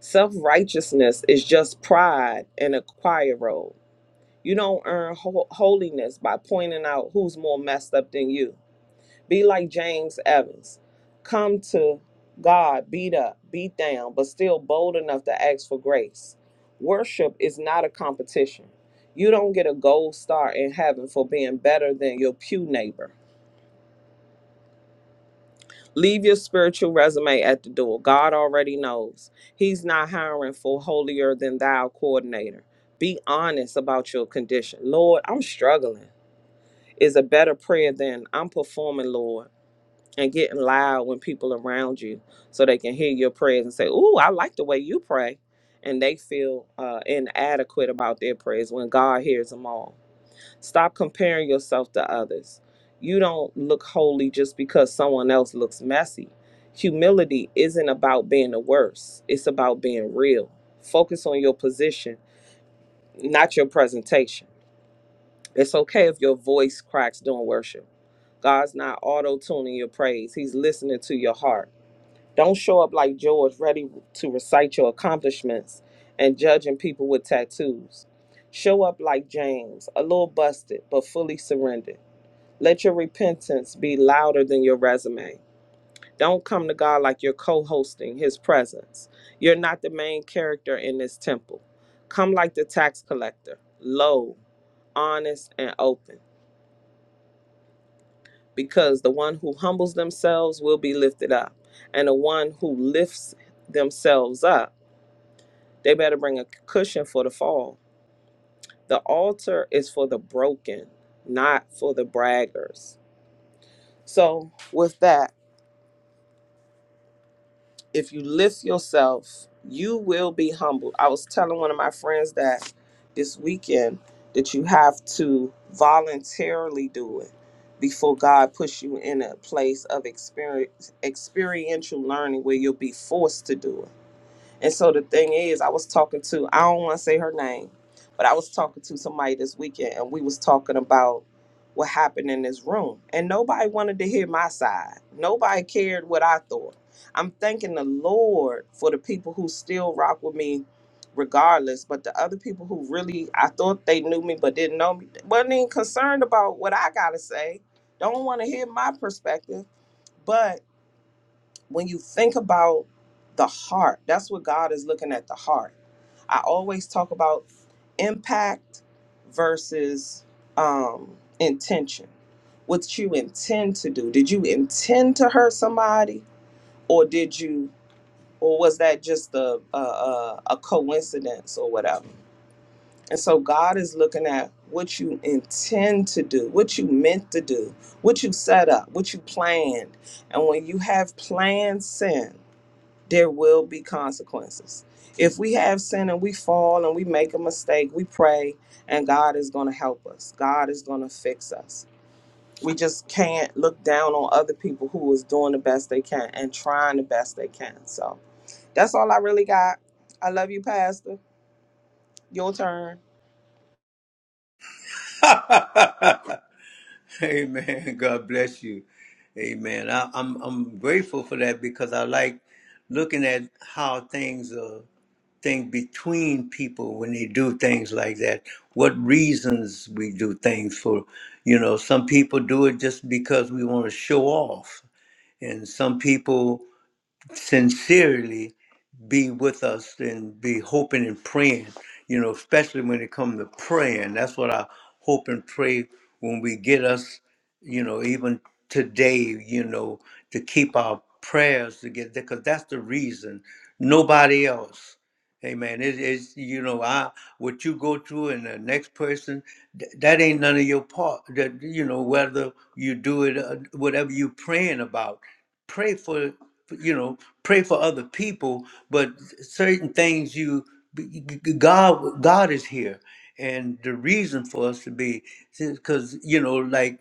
[SPEAKER 2] Self righteousness is just pride in a choir robe. You don't earn ho- holiness by pointing out who's more messed up than you. Be like James Evans. Come to God beat up, beat down, but still bold enough to ask for grace. Worship is not a competition. You don't get a gold star in heaven for being better than your pew neighbor. Leave your spiritual resume at the door. God already knows. He's not hiring for holier than thou coordinator. Be honest about your condition. Lord, I'm struggling is a better prayer than I'm performing, Lord, and getting loud when people around you so they can hear your prayers and say, Ooh, I like the way you pray. And they feel uh, inadequate about their prayers when God hears them all. Stop comparing yourself to others. You don't look holy just because someone else looks messy. Humility isn't about being the worst, it's about being real. Focus on your position, not your presentation. It's okay if your voice cracks during worship. God's not auto tuning your praise, He's listening to your heart. Don't show up like George, ready to recite your accomplishments and judging people with tattoos. Show up like James, a little busted, but fully surrendered let your repentance be louder than your resume. Don't come to God like you're co hosting his presence. You're not the main character in this temple. Come like the tax collector, low, honest, and open, because the one who humbles themselves will be lifted up, and the one who lifts themselves up, they better bring a cushion for the fall. The altar is for the broken, not for the braggers. So, with that, if you lift yourself, you will be humbled. I was telling one of my friends that this weekend that you have to voluntarily do it before God puts you in a place of experience, experiential learning where you'll be forced to do it and so the thing is, I was talking to I don't want to say her name, but I was talking to somebody this weekend, and we was talking about what happened in this room, and nobody wanted to hear my side. Nobody cared what I thought. I'm thanking the Lord for the people who still rock with me regardless but the other people who really i thought they knew me but didn't know me wasn't even concerned about what i gotta say don't want to hear my perspective But when you think about the heart, that's what God is looking at the heart. I always talk about impact versus um, intention. What you intend to do? Did you intend to hurt somebody, or did you, or was that just a a, a a coincidence or whatever? And so God is looking at what you intend to do, what you meant to do, what you set up, what you planned. And when you have planned sin, there will be consequences. If we have sin and we fall and we make a mistake, we pray and God is going to help us. God is going to fix us. We just can't look down on other people who is doing the best they can and trying the best they can. So that's all I really got. I love you, Pastor. Your turn.
[SPEAKER 1] [laughs] Amen. God bless you. Amen. I, I'm I'm grateful for that because I like looking at how things are. thing between people when they do things like that. What reasons we do things for, you know, some people do it just because we want to show off. And some people sincerely be with us and be hoping and praying, you know, especially when it comes to praying. That's what I hope and pray when we get us, you know, even today, you know, to keep our prayers together because that's the reason. Nobody else. Amen. It is, you know, I what you go through and the next person, th- that ain't none of your part. That you know, whether you do it, uh, whatever you praying about pray for you know pray for other people but certain things you god god is here and the reason for us to be because you know like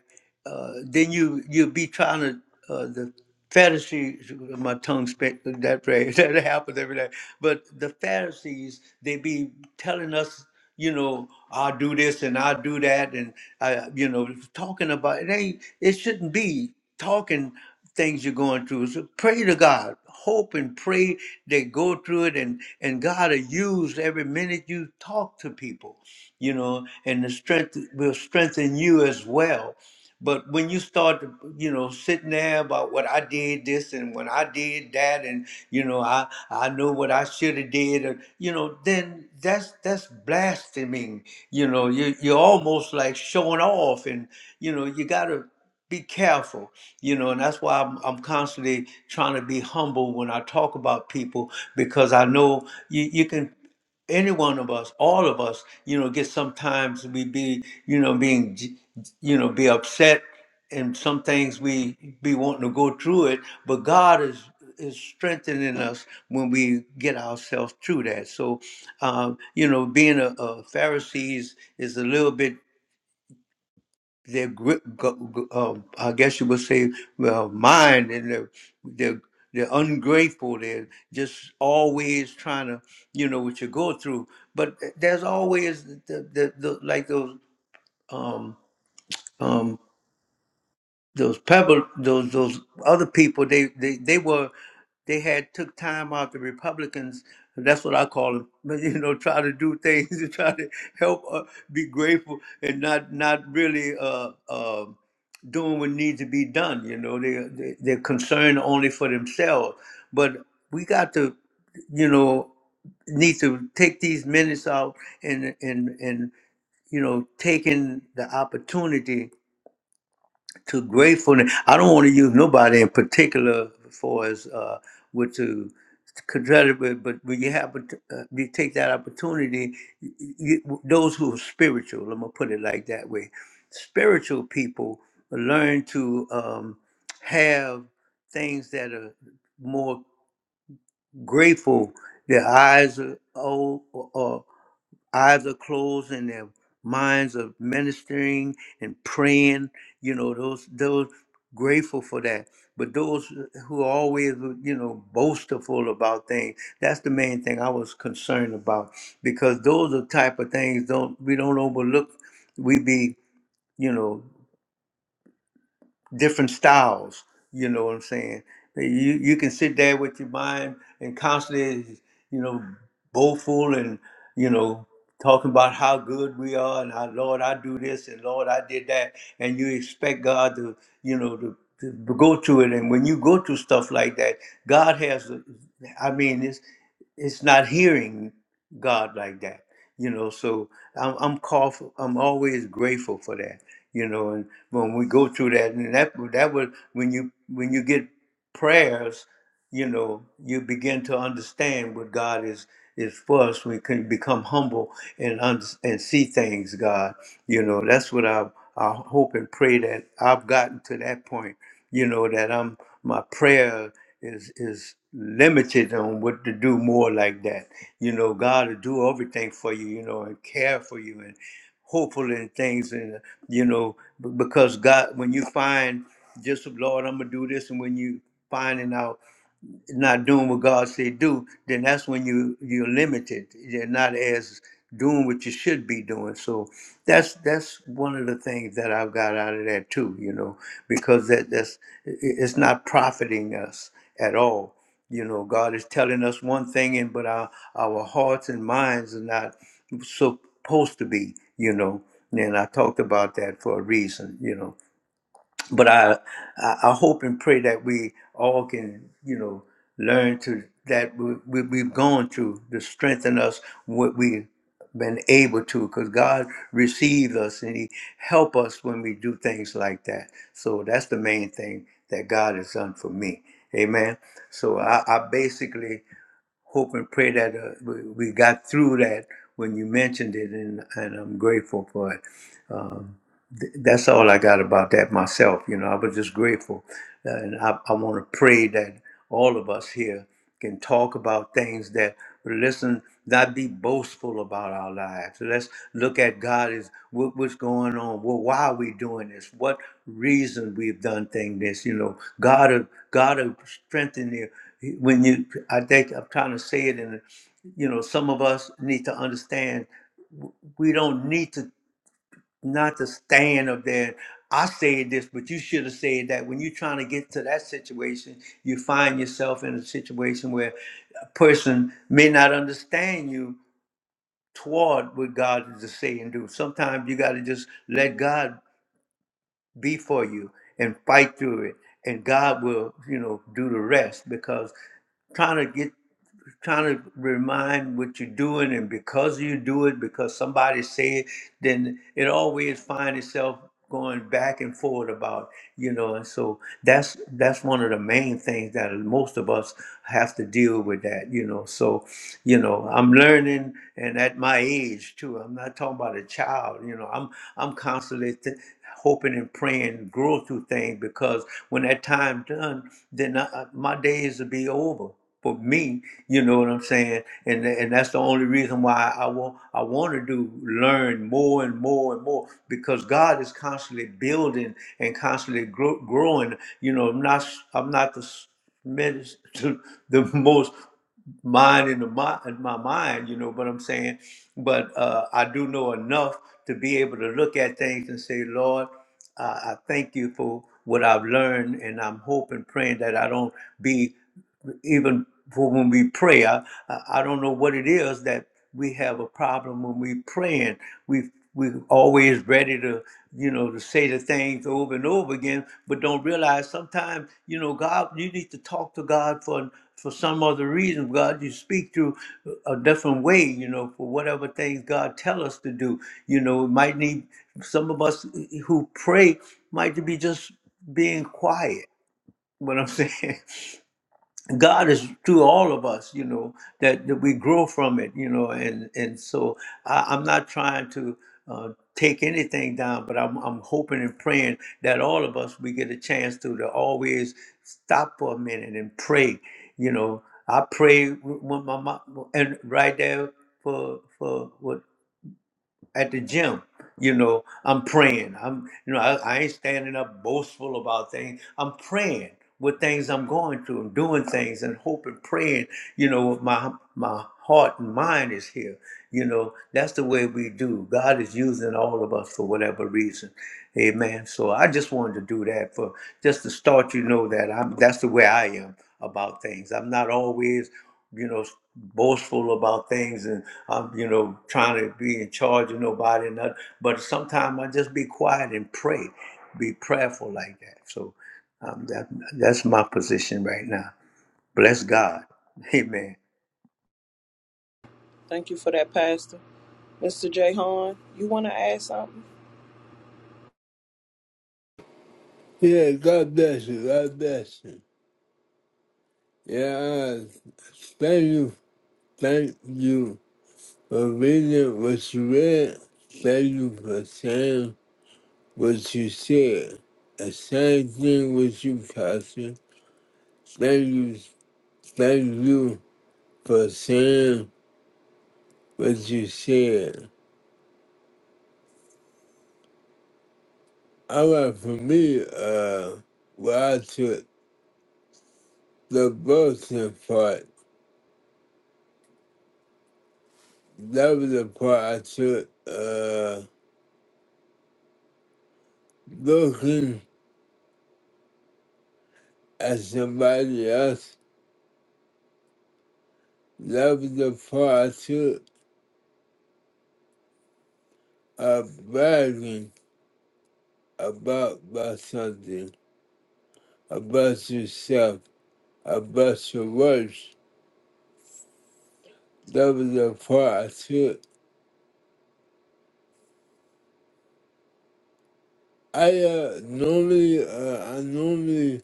[SPEAKER 1] uh then you you'll be trying to uh the Pharisees, my tongue spit that phrase [laughs] that happens every day. But the Pharisees, they be telling us you know, I'll do this and I'll do that, and I, you know, talking about it ain't. It shouldn't be talking things you're going through. So pray to God, hope and pray they go through it, and and God will use every minute you talk to people, you know, and the strength will strengthen you as well. But when you start, to, you know, sitting there about what I did this and when I did that, and you know, I I know what I should have did, or, you know, then that's that's blaspheming. You know, you you're almost like showing off, and you know, you gotta be careful. You know, and that's why I'm I'm constantly trying to be humble when I talk about people because I know you you can any one of us, all of us, you know, get sometimes we be, you know, being, j- you know, be upset, and some things we be wanting to go through it. But God is is strengthening us when we get ourselves through that. So, um, you know, being a, a Pharisee is, is a little bit their gri- go- go- uh, I guess you would say, well, mind, and they're, they're they're ungrateful. They're just always trying to, you know, what you go through. But eh, there's always the the, the like those um um those pebble those those other people they they they were they had took time out the republicans that's what i call them but [laughs] you know try to do things [laughs] to try to help uh, be grateful and not not really uh uh doing what needs to be done you know they, they they're concerned only for themselves but we got to you know need to take these minutes out and and and you know taking the opportunity to gratefulness. I don't want to use nobody in particular for as uh, with to consider, but but when you have oppor- uh, you take that opportunity, y you, those who are spiritual, I'm gonna put it like that way, spiritual people learn to um, have things that are more grateful. Their eyes are old, eyes are closed and their minds are ministering and praying you know those those grateful for that but those who are always you know boastful about things that's the main thing i was concerned about because those are type of things don't we don't overlook we be you know different styles. You know what I'm saying? You you can sit there with your mind and constantly, you know, boastful and you know talking about how good we are and how Lord I do this and Lord I did that, and you expect God to you know to, to go to it. And when you go to stuff like that, God has, a- I mean, it's it's not hearing God like that, you know. So I'm I'm called for, I'm always grateful for that, you know. And when we go through that, and that that was when you when you get prayers, you know, you begin to understand what God is is for us. We can become humble and un- and see things, God. You know, that's what I I hope and pray that I've gotten to that point you know that i'm my prayer is is limited on what to do more like that you know god will do everything for you you know and care for you and hopeful in things and you know b- because god when you find just lord i'm gonna do this and when you finding out not doing what God say do, then that's when you you're limited. You're not as doing what you should be doing. So that's that's one of the things that I've got out of that too, you know, because that that's i- i- it's not profiting us at all. You know, God is telling us one thing, and but our our hearts and minds are not supposed to be. You know, and I talked about that for a reason. You know, but I, I I hope and pray that we all can you know learn to that we, we, we've gone through to strengthen us what we've been able to because God receives us and he help us when we do things like that so that's the main thing that God has done for me amen so I, I basically hope and pray that uh, we, we got through that when you mentioned it and, and I'm grateful for it Um, th- that's all I got about that myself. You know, I was just grateful. Uh, and I, I want to pray that all of us here can talk about things that, listen, not be boastful about our lives. Let's look at God as what, what's going on. Well, why are we doing this? What reason we've done thing this? You know, God will, God will strengthen you. When you, I think I'm trying to say it in, you know, some of us need to understand we don't need to not to stand up there. I said this, but you should have said that. When you're trying to get to that situation, you find yourself in a situation where a person may not understand you toward what God is to say and do. Sometimes you got to just let God be for you and fight through it and god will you know do the rest because trying to get trying to remind what you're doing and because you do it because somebody say it, then it always find itself going back and forth about you know and so that's that's one of the main things that most of us have to deal with that you know so you know i'm learning and at my age too i'm not talking about a child you know i'm i'm constantly th- hoping and praying, grow through things because when that time done, then I, I- my days will be over for me. You know what I'm saying? And and that's the only reason why I want I want to do learn more and more and more because God is constantly building and constantly grow, growing. You know, I'm not I'm not the s- menace to [laughs] the most mind in the mi- in my mind, you know what I'm saying? But uh, I do know enough to be able to look at things and say, Lord, I, I thank you for what I've learned, and I'm hoping, praying that I don't be even for when we pray. I, I don't know what it is that we have a problem when we praying. We we always ready to you know to say the things over and over again, but don't realize sometimes you know God. You need to talk to God for for some other reason. God, you speak to a different way. You know for whatever things God tell us to do. You know it might need some of us who pray might be just being quiet. [laughs] What I'm saying. [laughs] God is to all of us, you know, that, that we grow from it, you know, and and so I, I'm not trying to uh, take anything down, but I'm I'm hoping and praying that all of us we get a chance to to always stop for a minute and pray, you know. I pray when my mom, and right there for for what at the gym. You know, I'm praying. I'm, you know, I, I ain't standing up boastful about things. I'm praying with things I'm going through. I'm doing things and hoping, praying. You know, with my my heart and mind is here. You know, that's the way we do. God is using all of us for whatever reason. Amen. So I just wanted to do that for just to start you know that I'm that's the way I am about things. I'm not always, you know, boastful about things and I'm, you know, trying to be in charge of nobody and nothing. But sometimes I just be quiet and pray, be prayerful like that. So um, that that's my position right now. Bless God. Amen.
[SPEAKER 2] Thank you for that, Pastor. Mr. J. Hahn, you want to add something?
[SPEAKER 3] Yeah, God bless you. God bless you. Yeah, thank you. Thank you for reading what you read. Thank you for saying what you said. The same thing with you, Pastor. Thank you, thank you for saying what you said. All right, for me, uh, well, I took the Bolton part. That was the part I took, uh, looking at somebody else. That was the part I took, uh, bragging about, about something, about yourself, about your works. That was the part I took I uh normally uh I normally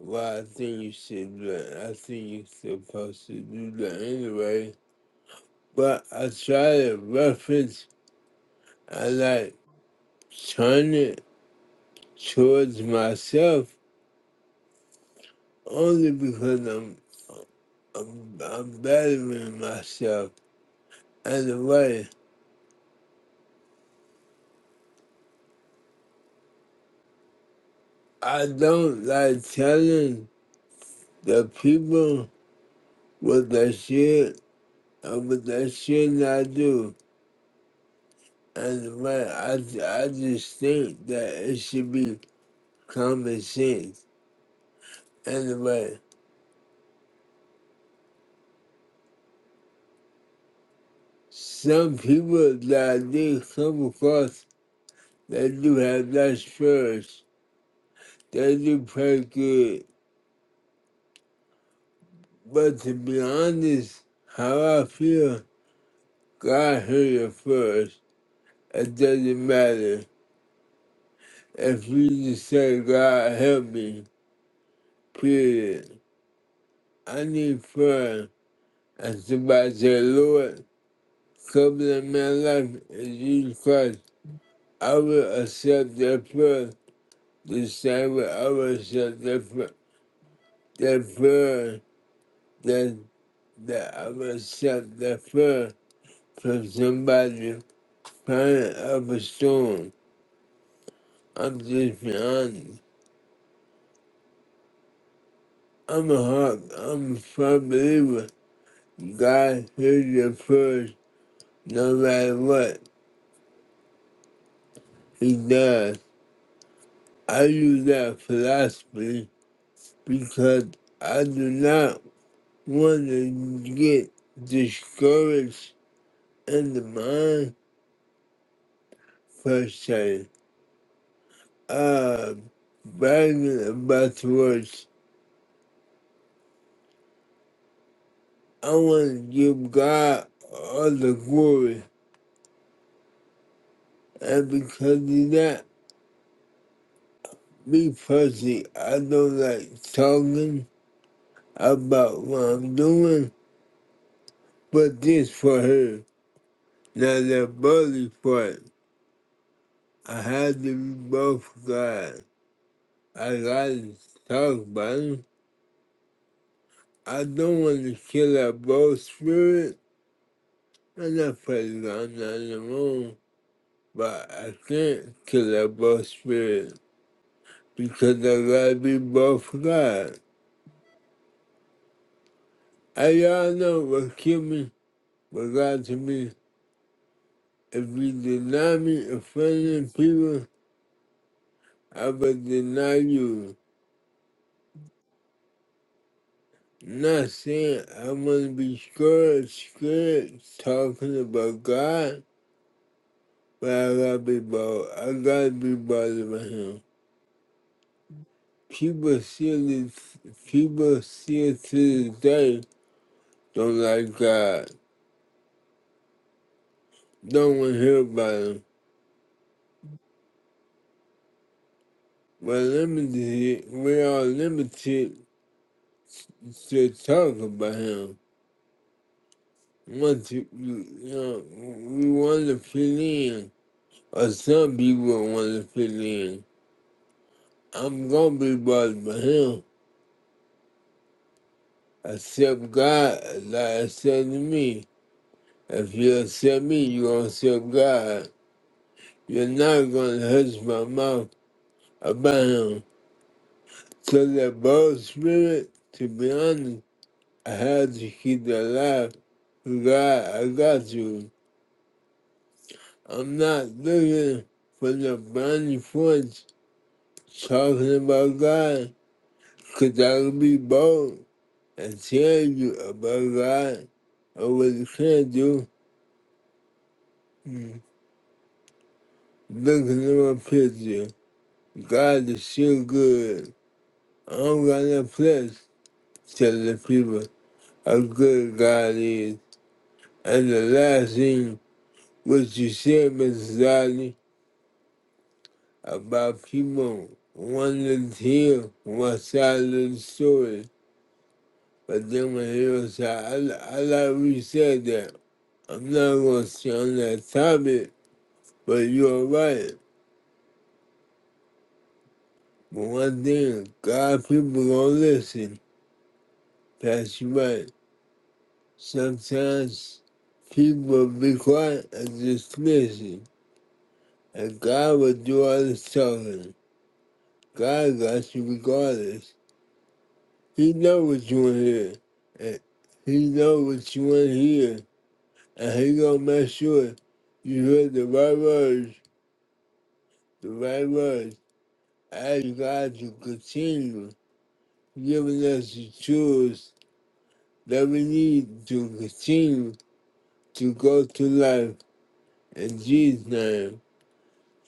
[SPEAKER 3] well I think you should do it. I think you're supposed to do that anyway. But I try to reference I like turn it towards myself only because I'm I'm I'm bettering myself in a way. I don't like telling the people what they should and what they should not do. And but I, I just think that it should be common sense. And but some people that I do come across, they do have that spirit. They do pray good. But to be honest, how I feel, God heard you first. It doesn't matter if you just say, God help me, period. I need prayer. And somebody say, Lord, Come to my life in Jesus Christ. I will accept their prayer the same way I will accept their prayer. Their prayer that, that I will accept their prayer from somebody crying up a storm. I'm just being honest. I'm a heart, I'm a firm believer. God hears your prayers no matter what. He does. I use that philosophy because I do not. want to get discouraged in the mind per se. Uh, bragging about the words. I want to give God all the glory. And because of that, me personally, I don't like talking about what I'm doing, but this for her. Now the body part, I had to be both God. I gotta talk about 'em. I don't want to kill that both spirit. I'm not putting God not alone. but I can't kill that both spirit because I gotta be both God. I y'all know what killed me, what God to me. If you deny me offending people, I will deny you. Not saying I want to be scared, scared talking about God, but I gotta be bold. I gotta be bothered by Him. People still, people still to this day don't like God. Don't want to hear about Him. We're limited. We are limited to talk about Him. Once you, you know, we want to fit in, or some people want to fit in. I'm gonna be bothered by Him. Accept God like I said to me. If you accept me, you gonna accept God. You're not gonna hush my mouth abound. So that bold spirit, to be honest, I had to keep it alive. God, I got you. I'm not looking for the brownie points talking about God, because I can be bold and tell you about God or what you can not do. Mm. Looking at my picture, God is still good. I'm gonna place to tell the people how good God is. And the last thing what you said, Mrs. Doddy, about people wanting to hear one side of the story, but then when they hear a side, I, I like we said that. I'm not gonna stay on that topic, but you're right. But one thing, God, people gonna listen. That's right. Sometimes people be quiet and just listen, and God will do all the talking. God got you regardless. He know what you want to hear. And he know what you want to hear. And he gonna make sure you hear the right words, the right words. I ask God to continue giving us the tools that we need to continue to go through life. In Jesus' name,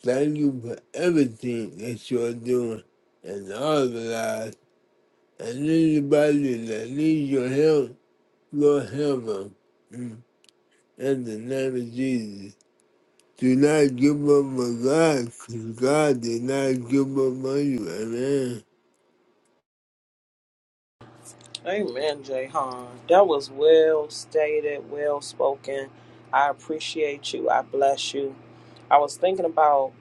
[SPEAKER 3] thank you for everything that you are doing and all the lives. And anybody that needs your help, Lord help 'em. In the name of Jesus. Do not give up on God, 'cause God did not give up on you. Amen.
[SPEAKER 2] Amen, Jay That was well stated, well spoken. I appreciate you. I bless you. I was thinking about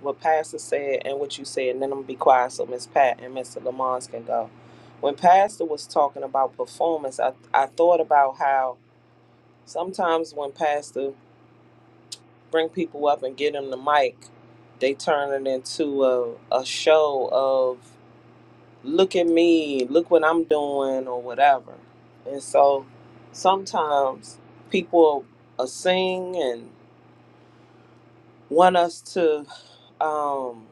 [SPEAKER 2] what Pastor said and what you said, and then I'm gonna be quiet so Miss Pat and Mr. Lamont can go. When Pastor was talking about performance, I, I thought about how sometimes when Pastor bring people up and get them the mic, they turn it into a, a show of look at me, look what I'm doing, or whatever. And so sometimes people uh, sing and want us to, um,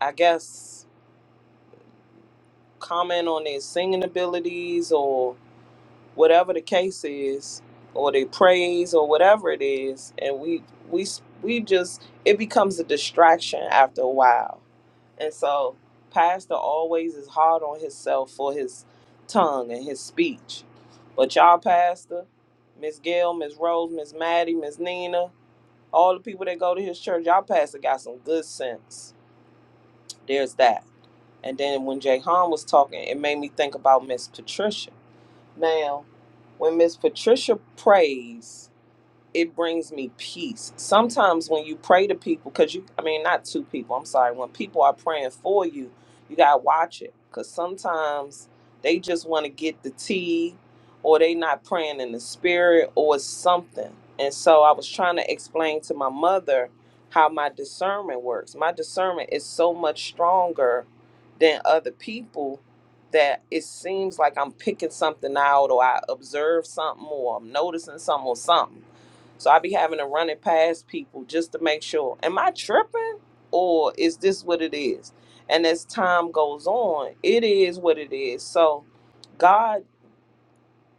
[SPEAKER 2] I guess, comment on their singing abilities or whatever the case is, or their praise or whatever it is, and we we we just it becomes a distraction after a while And so, Pastor always is hard on himself for his tongue and his speech. But y'all, Pastor, Miss Gail, Miss Rose, Miss Maddie, Miss Nina, all the people that go to his church, y'all, Pastor got some good sense. There's that. And then when Jay Han was talking, it made me think about Miss Patricia. Now, when Miss Patricia prays, it brings me peace. Sometimes when you pray to people, because you, I mean, not two people, I'm sorry, when people are praying for you, you got to watch it because sometimes they just want to get the tea or they not praying in the spirit or something. And so I was trying to explain to my mother how my discernment works. My discernment is so much stronger than other people that it seems like I'm picking something out or I observe something or I'm noticing something or something so I be having to run it past people just to make sure. Am I tripping or is this what it is? And as time goes on, it is what it is. So God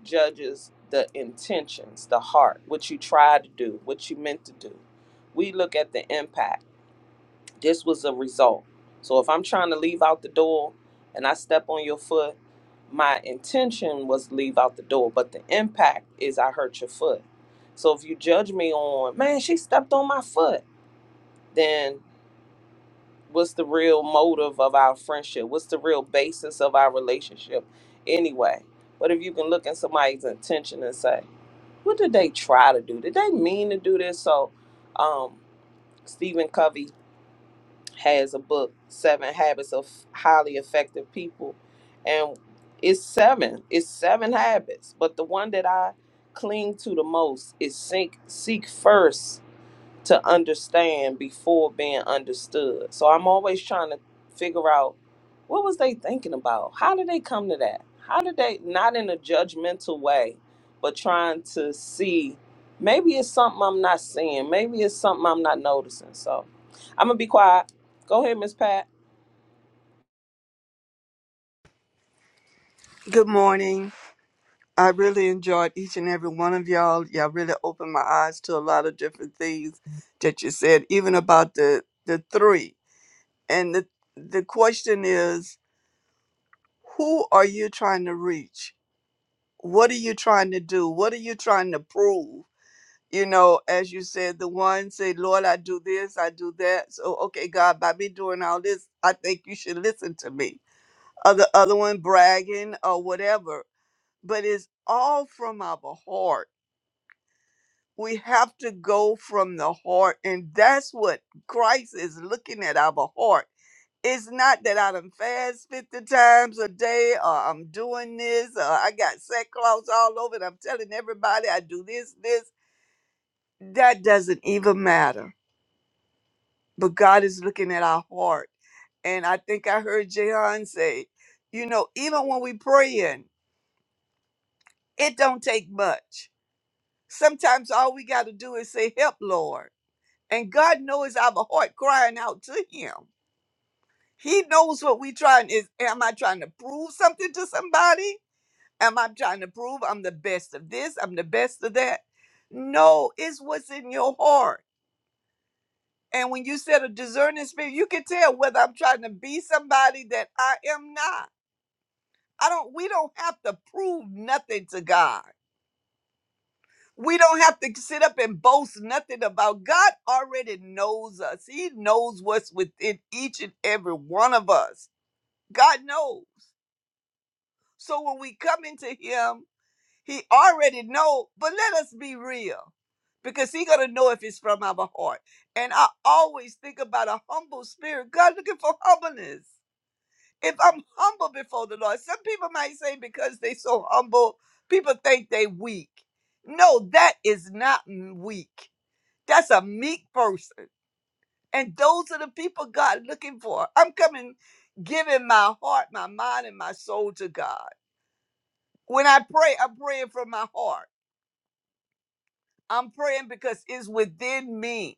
[SPEAKER 2] judges the intentions, the heart, what you try to do, what you meant to do. We look at the impact this was a result. So if I'm trying to leave out the door and I step on your foot, my intention was to leave out the door, but the impact is I hurt your foot. So if you judge me on, man, she stepped on my foot, then what's the real motive of our friendship? What's the real basis of our relationship anyway? But if you can look at somebody's intention and say, what did they try to do? Did they mean to do this? So, um, Stephen Covey has a book, Seven Habits of Highly Effective People. And it's seven, it's seven habits. But the one that I cling to the most is seek, seek first to understand before being understood. So I'm always trying to figure out what was they thinking about? How did they come to that? How did they not in a judgmental way, but trying to see maybe it's something I'm not seeing, maybe it's something I'm not noticing. So I'm gonna be quiet. Go ahead, Miss Pat.
[SPEAKER 4] Good morning. I really enjoyed each and every one of y'all. Y'all really opened my eyes to a lot of different things that you said, even about the the three. And the the question is, who are you trying to reach? What are you trying to do? What are you trying to prove? You know, as you said, the one say, Lord, I do this, I do that. So okay, God, by me doing all this, I think you should listen to me. Other other one bragging or whatever. But it's all from our heart We have to go from the heart, and that's what Christ is looking at our heart. It's not that I done fast 50 times a day, or I'm doing this, or I got sackcloth all over, and I'm telling everybody I do this, this. That doesn't even matter. But God is looking at our heart. And I think I heard Jehan say, you know, even when we praying, it don't take much. Sometimes all we got to do is say, help, Lord And God knows our heart crying out to him. He knows what we trying is am I trying to prove something to somebody? Am I trying to prove I'm the best of this? I'm the best of that? No, it's what's in your heart. And when you said a discerning spirit, you can tell whether I'm trying to be somebody that I am not. I don't we don't have to prove nothing to God. We don't have to sit up and boast nothing about. God already knows us. He knows what's within each and every one of us. God knows. So when we come into him, he already know, but let us be real because he going to know if it's from our heart. And I always think about a humble spirit. God looking for humbleness. If I'm humble before the Lord, some people might say because they so humble, people think they weak. No, that is not weak that's a meek person. And those are the people God looking for. I'm coming giving my heart, my mind, and my soul to God. When I pray, I'm praying from my heart. I'm praying because it's within me.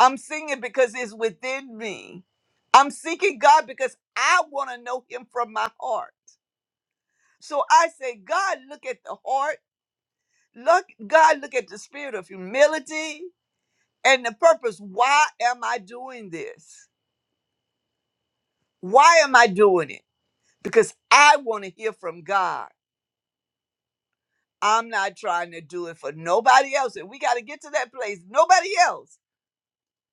[SPEAKER 4] I'm singing because it's within me. I'm seeking God because I want to know him from my heart. So I say, God, look at the heart. Look, God, look at the spirit of humility and the purpose. Why am I doing this? Why am I doing it? because I want to hear from God. I'm not trying to do it for nobody else. And we got to get to that place. Nobody else.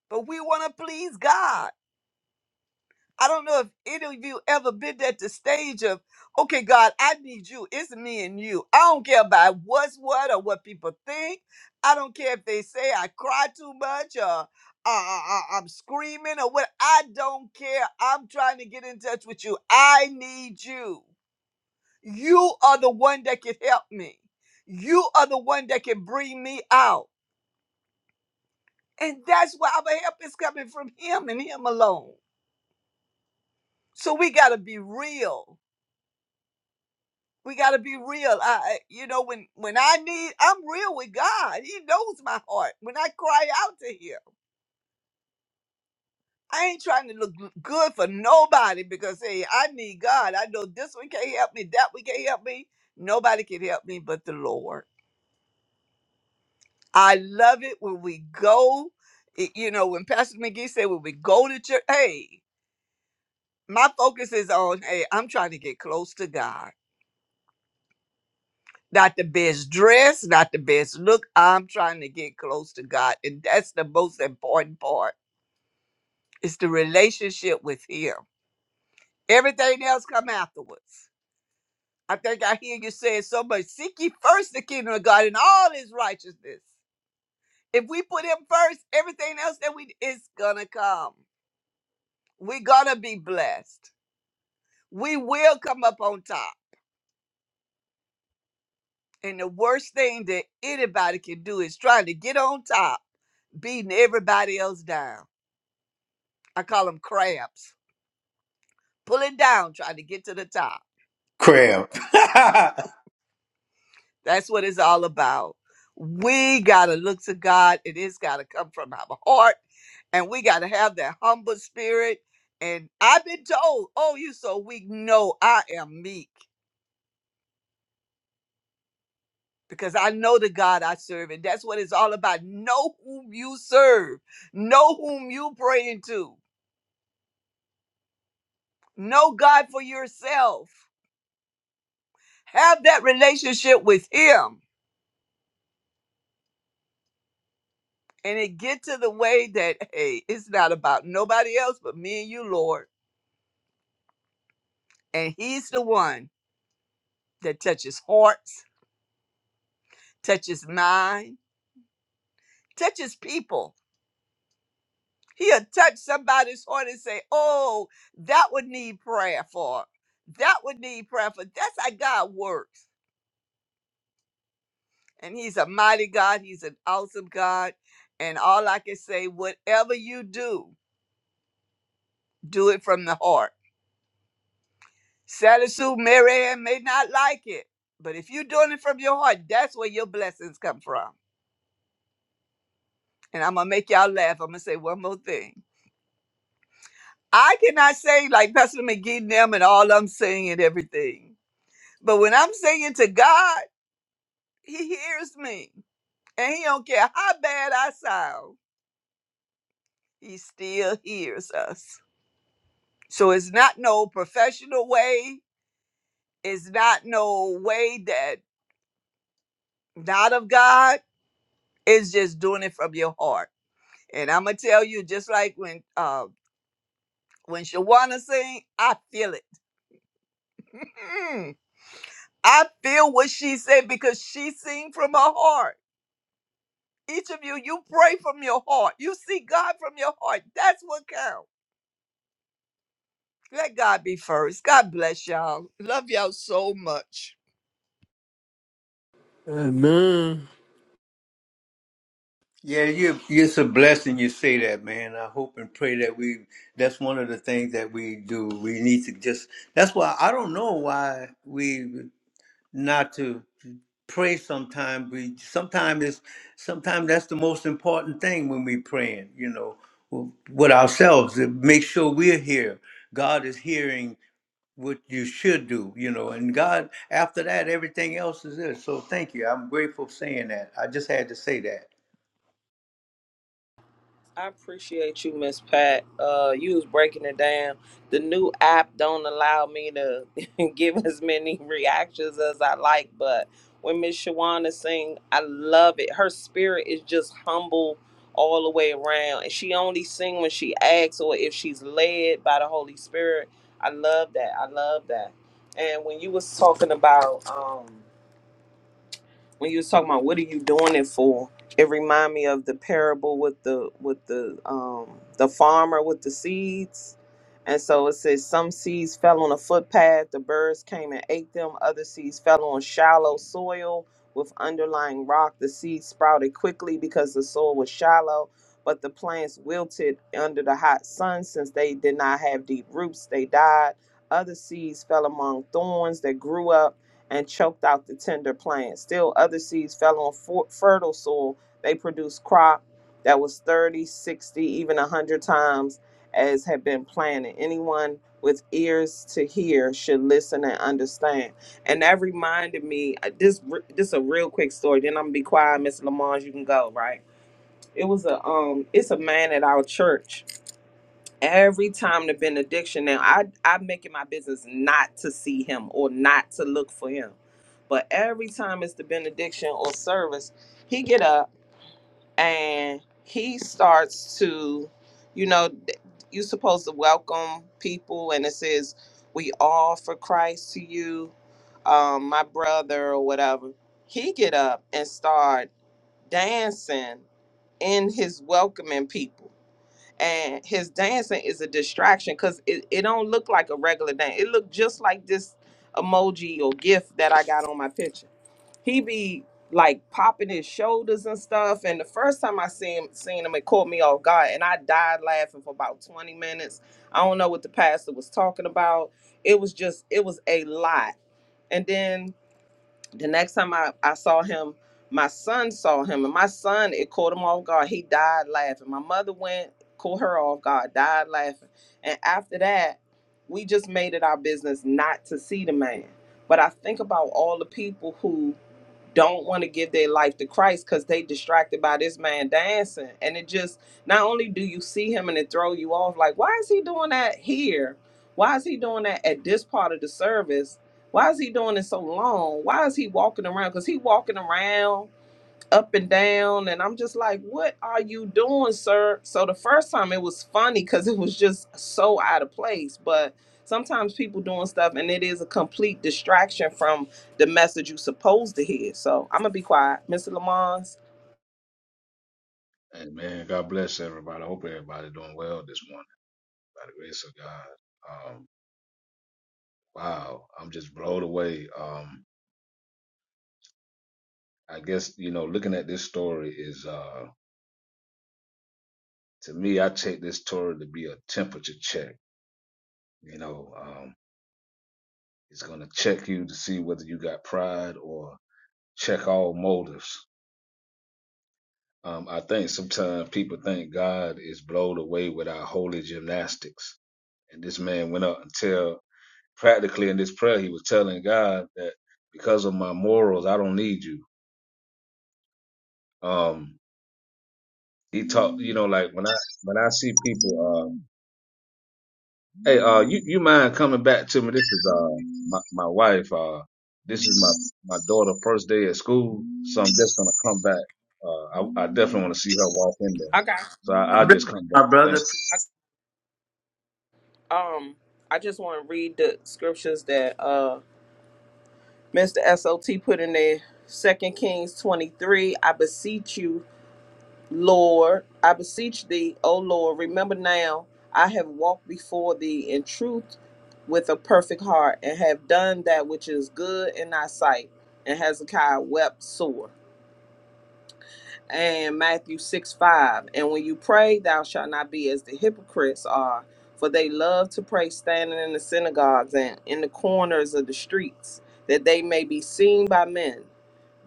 [SPEAKER 4] But we want to please God. I don't know if any of you ever been at the stage of, okay, God, I need you. It's me and you. I don't care about what's what or what people think. I don't care if they say I cry too much or uh, I- I'm screaming or what. I don't care. I'm trying to get in touch with you. I need you. You are the one that can help me. You are the one that can bring me out. And that's why our help is coming from Him and Him alone. So we got to be real. We got to be real. I, I- you know, when when I need, I'm real with God. He knows my heart. When I cry out to Him, I ain't trying to look good for nobody because hey, I need God. I know this one can't help me, that one can't help me. Nobody can help me but the Lord. I love it when we go, it- you know, when Pastor McGee said, when we go to church, hey, my focus is on, hey, I'm trying to get close to God. Not the best dress, not the best look. I'm trying to get close to God. And that's the most important part. It's the relationship with Him. Everything else come afterwards. I think I hear you saying so much. Seek ye first the kingdom of God and all his righteousness. If we put him first, everything else that we is gonna come. We're going to be blessed. We will come up on top. And the worst thing that anybody can do is trying to get on top, beating everybody else down. I call them crabs, pulling down, trying to get to the top.
[SPEAKER 1] Crab. [laughs]
[SPEAKER 4] That's what it's all about. We got to look to God, and it's got to come from our heart and we got to have that humble spirit. And I've been told, "Oh, you so weak." No, I am meek. because I know the God I serve, and that's what it's all about. Know whom you serve, know whom you praying to, know God for yourself. Have that relationship with Him, and it get to the way that hey, it's not about nobody else but me and you, Lord, and He's the one that touches hearts, touches mind, touches people. He'll touch somebody's heart and say, "Oh, that would need prayer for. That would need prayer for." That's how God works. and he's a mighty God. He's an awesome God. And all I can say, whatever you do, do it from the heart. Sally Sue Mary Ann may not like it, but if you're doing it from your heart, that's where your blessings come from. And I'm gonna make y'all laugh. I'm gonna say one more thing. I cannot sing like Pastor McGee and them and all I'm singing everything. But when I'm singing to God, He hears me. And He don't care how bad I sound, He still hears us. So it's not no professional way. It's not no way that not of God. It's just doing it from your heart. And I'm gonna tell you, just like when uh, when Shawana sing, I feel it. Mm. I feel what she said because she sing from her heart. Each of you, you pray from your heart. You see God from your heart. That's what counts. Let God be first. God bless y'all. Love y'all so much.
[SPEAKER 3] Amen.
[SPEAKER 1] Yeah, you it's a blessing you say that, man. I hope and pray that we that's one of the things that we do. We need to just that's why I don't know why we not to pray sometimes. We sometimes it's sometimes that's the most important thing when we praying, you know, with ourselves to make sure we're here. God is hearing what you should do, you know, and God after that everything else is there. So thank you. I'm grateful saying that. I just had to say that.
[SPEAKER 2] I appreciate you, Miss Pat. Uh, you was breaking it down. The new app don't allow me to [laughs] give as many reactions as I like, but when Miss Shawana sing, I love it. Her spirit is just humble all the way around, and she only sing when she asks or if she's led by the Holy Spirit. I love that. I love that. And when you was talking about um when you was talking about what are you doing it for it remind me of the parable with the with the um the farmer with the seeds and so it says some seeds fell on a footpath the birds came and ate them other seeds fell on shallow soil with underlying rock the seeds sprouted quickly because the soil was shallow but the plants wilted under the hot sun since they did not have deep roots they died other seeds fell among thorns that grew up and choked out the tender plant. Still, other seeds fell on for- fertile soil. They produced crop that was thirty, sixty, 60, even 100 times as had been planted. Anyone with ears to hear should listen and understand. And that reminded me, uh, this re- this a real quick story. Then I'm gonna be quiet, Miss Lamont. You can go right. It was a um, it's a man at our church every time the benediction now i i make it my business not to see him or not to look for him but every time it's the benediction or service he get up and he starts to you know th- you supposed to welcome people and it says we all for christ to you um my brother or whatever he get up and start dancing in his welcoming people and his dancing is a distraction because it, it don't look like a regular dance. It look just like this emoji or gif that I got on my picture. He be like popping his shoulders and stuff. And the first time I seen him, seen him, it caught me off guard, and I died laughing for about twenty minutes. I don't know what the pastor was talking about. It was just, it was a lot. And then the next time I, I saw him, my son saw him, and my son, it caught him off guard. He died laughing. My mother went, caught her off guard, died laughing. And after that, we just made it our business not to see the man. But I think about all the people who don't want to give their life to Christ because they distracted by this man dancing. And it just not only do you see him and it throw you off, like, why is he doing that here? Why is he doing that at this part of the service? Why is he doing it so long? Why is he walking around? Because he walking around up and down and i'm just like what are you doing sir so the first time it was funny because it was just so out of place but sometimes people doing stuff and it is a complete distraction from the message you supposed to hear so i'm gonna be quiet mr lamons
[SPEAKER 5] Amen. God bless everybody. I hope everybody doing well this morning by the grace of God. Um, wow, I'm just blown away. Um, I guess you know, looking at this story is uh, to me, I take this story to be a temperature check. You know, um, it's going to check you to see whether you got pride or check all motives. Um, I think sometimes people think God is blown away with our holy gymnastics, and this man went up and tell. practically in this prayer, he was telling God that because of my morals, I don't need you. Um, he talked, you know, like when I when I see people, uh, hey, uh, you you mind coming back to me? This is uh my my wife. Uh, this is my my daughter first day at school, so I'm just gonna come back. Uh, I, I definitely want to see her walk in there,
[SPEAKER 2] i got
[SPEAKER 5] so I,
[SPEAKER 1] God
[SPEAKER 5] I'll
[SPEAKER 1] bless
[SPEAKER 5] just come
[SPEAKER 1] you,
[SPEAKER 5] back.
[SPEAKER 1] My brother.
[SPEAKER 5] Thanks.
[SPEAKER 2] I, um i just want to read the scriptures that uh mr SOT put in there second kings 23 i beseech you Lord, I beseech thee, O Lord, remember now I have walked before thee in truth with a perfect heart, and have done that which is good in thy sight. And Hezekiah wept sore. And Matthew 6 5. And when you pray, thou shalt not be as the hypocrites are, for they love to pray standing in the synagogues and in the corners of the streets, that they may be seen by men.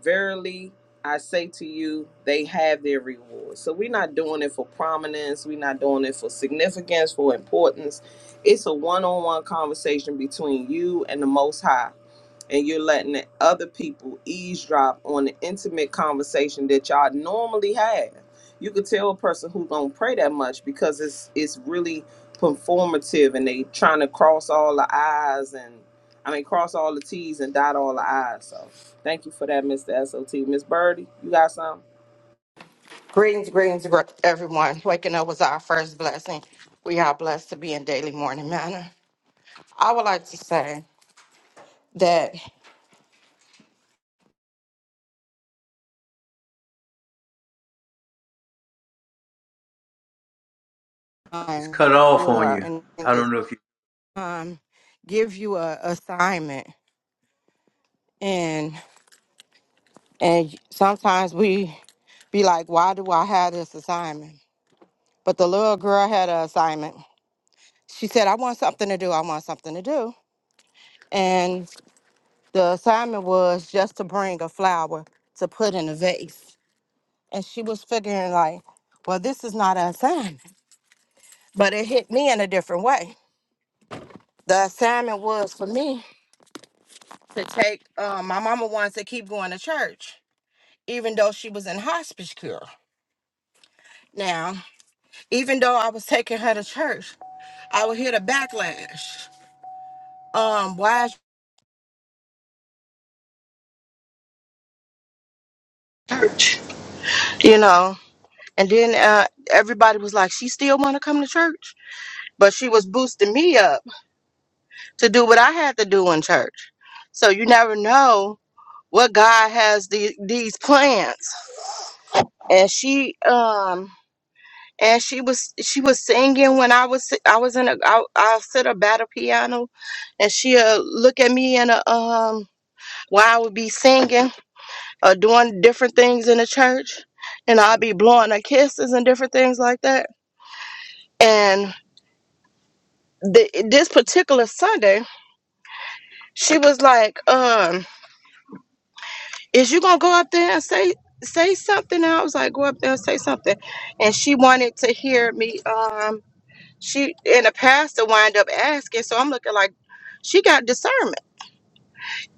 [SPEAKER 2] Verily, I say to you, they have their reward. So we're not doing it for prominence. We're not doing it for significance, for importance. It's a one on one conversation between you and the Most High and you're letting the other people eavesdrop on the intimate conversation that y'all normally have. You could tell a person who don't pray that much because it's it's really performative and they trying to cross all the I's and I mean cross all the T's and dot all the I's. So thank you for that, Mr. SOT. Miss Birdie, you got something?
[SPEAKER 6] Greetings, greetings, gr- everyone. Waking up was our first blessing. We are blessed to be in daily morning manner. I would like to say that
[SPEAKER 1] it's
[SPEAKER 6] um,
[SPEAKER 1] cut off on
[SPEAKER 6] Laura
[SPEAKER 1] you.
[SPEAKER 6] and I think
[SPEAKER 1] I
[SPEAKER 6] it's
[SPEAKER 1] don't know if you.
[SPEAKER 6] um, give you a assignment, and and sometimes we be like, why do I have this assignment? But the little girl had an assignment. She said, I want something to do. I want something to do, and the assignment was just to bring a flower to put in a vase. and she was figuring like, well, this is not an assignment, but it hit me in a different way. The assignment was for me to take. Um, my mama wants to keep going to church, even though she was in hospice care. Now, even though I was taking her to church, I would hear the backlash. Um, why is church? You know. And then uh, everybody was like, she still want to come to church, but she was boosting me up to do what I had to do in church. So you never know what God has the, these plans. And she um and she was she was singing when I was I was in a I, I sit her battle piano and she'll look at me and uh, um while I would be singing or doing different things in the church and I'll be blowing her kisses and different things like that. And the, this particular Sunday, she was like, um, is you gonna go up there and say say something? And I was like, go up there and say something. And she wanted to hear me. Um, she and the pastor wind up asking, so I'm looking like she got discernment.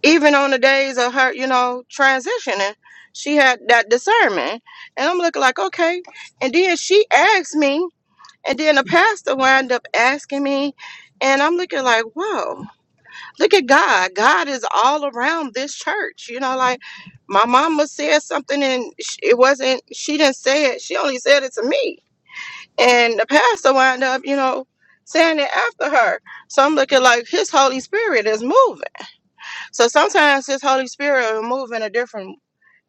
[SPEAKER 6] Even on the days of her, you know, transitioning, she had that discernment. And I'm looking like, okay. And then she asked me, and then the pastor wind up asking me, and I'm looking like, whoa. Look at God. God is all around this church. You know, like my mama said something and sh- it wasn't, she didn't say it. She only said it to me. And the pastor wound up, you know, saying it after her. So I'm looking like his Holy Spirit is moving. So sometimes his Holy Spirit will move in a different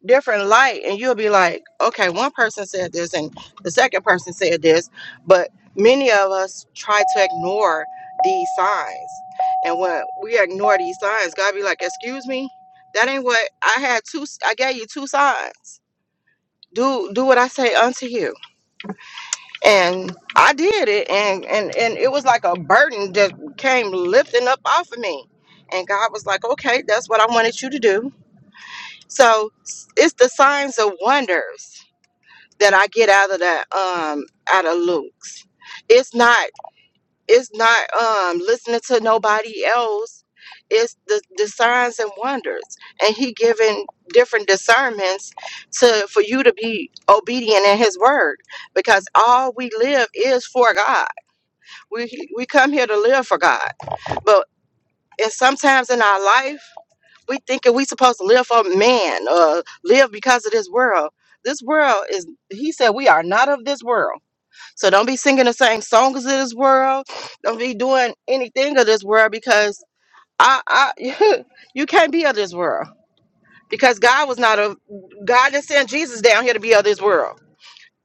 [SPEAKER 6] different light and you'll be like okay one person said this and the second person said this but many of us try to ignore these signs and when we ignore these signs god be like excuse me that ain't what i had two i gave you two signs do do what i say unto you and i did it and and and it was like a burden that came lifting up off of me and god was like okay that's what i wanted you to do so s- it's the signs of wonders that I get out of that um out of Luke's. It's not it's not um listening to nobody else. It's the, the signs and wonders. And he giving different discernments to for you to be obedient in his word. Because all we live is for God. We we come here to live for God. But and sometimes in our life we thinking we supposed to live for man or live because of this world. This world is he said we are not of this world so don't be singing the same songs of this world. Don't be doing anything of this world because I, I [laughs] you can't be of this world because God was not a God didn't send Jesus down here to be of this world.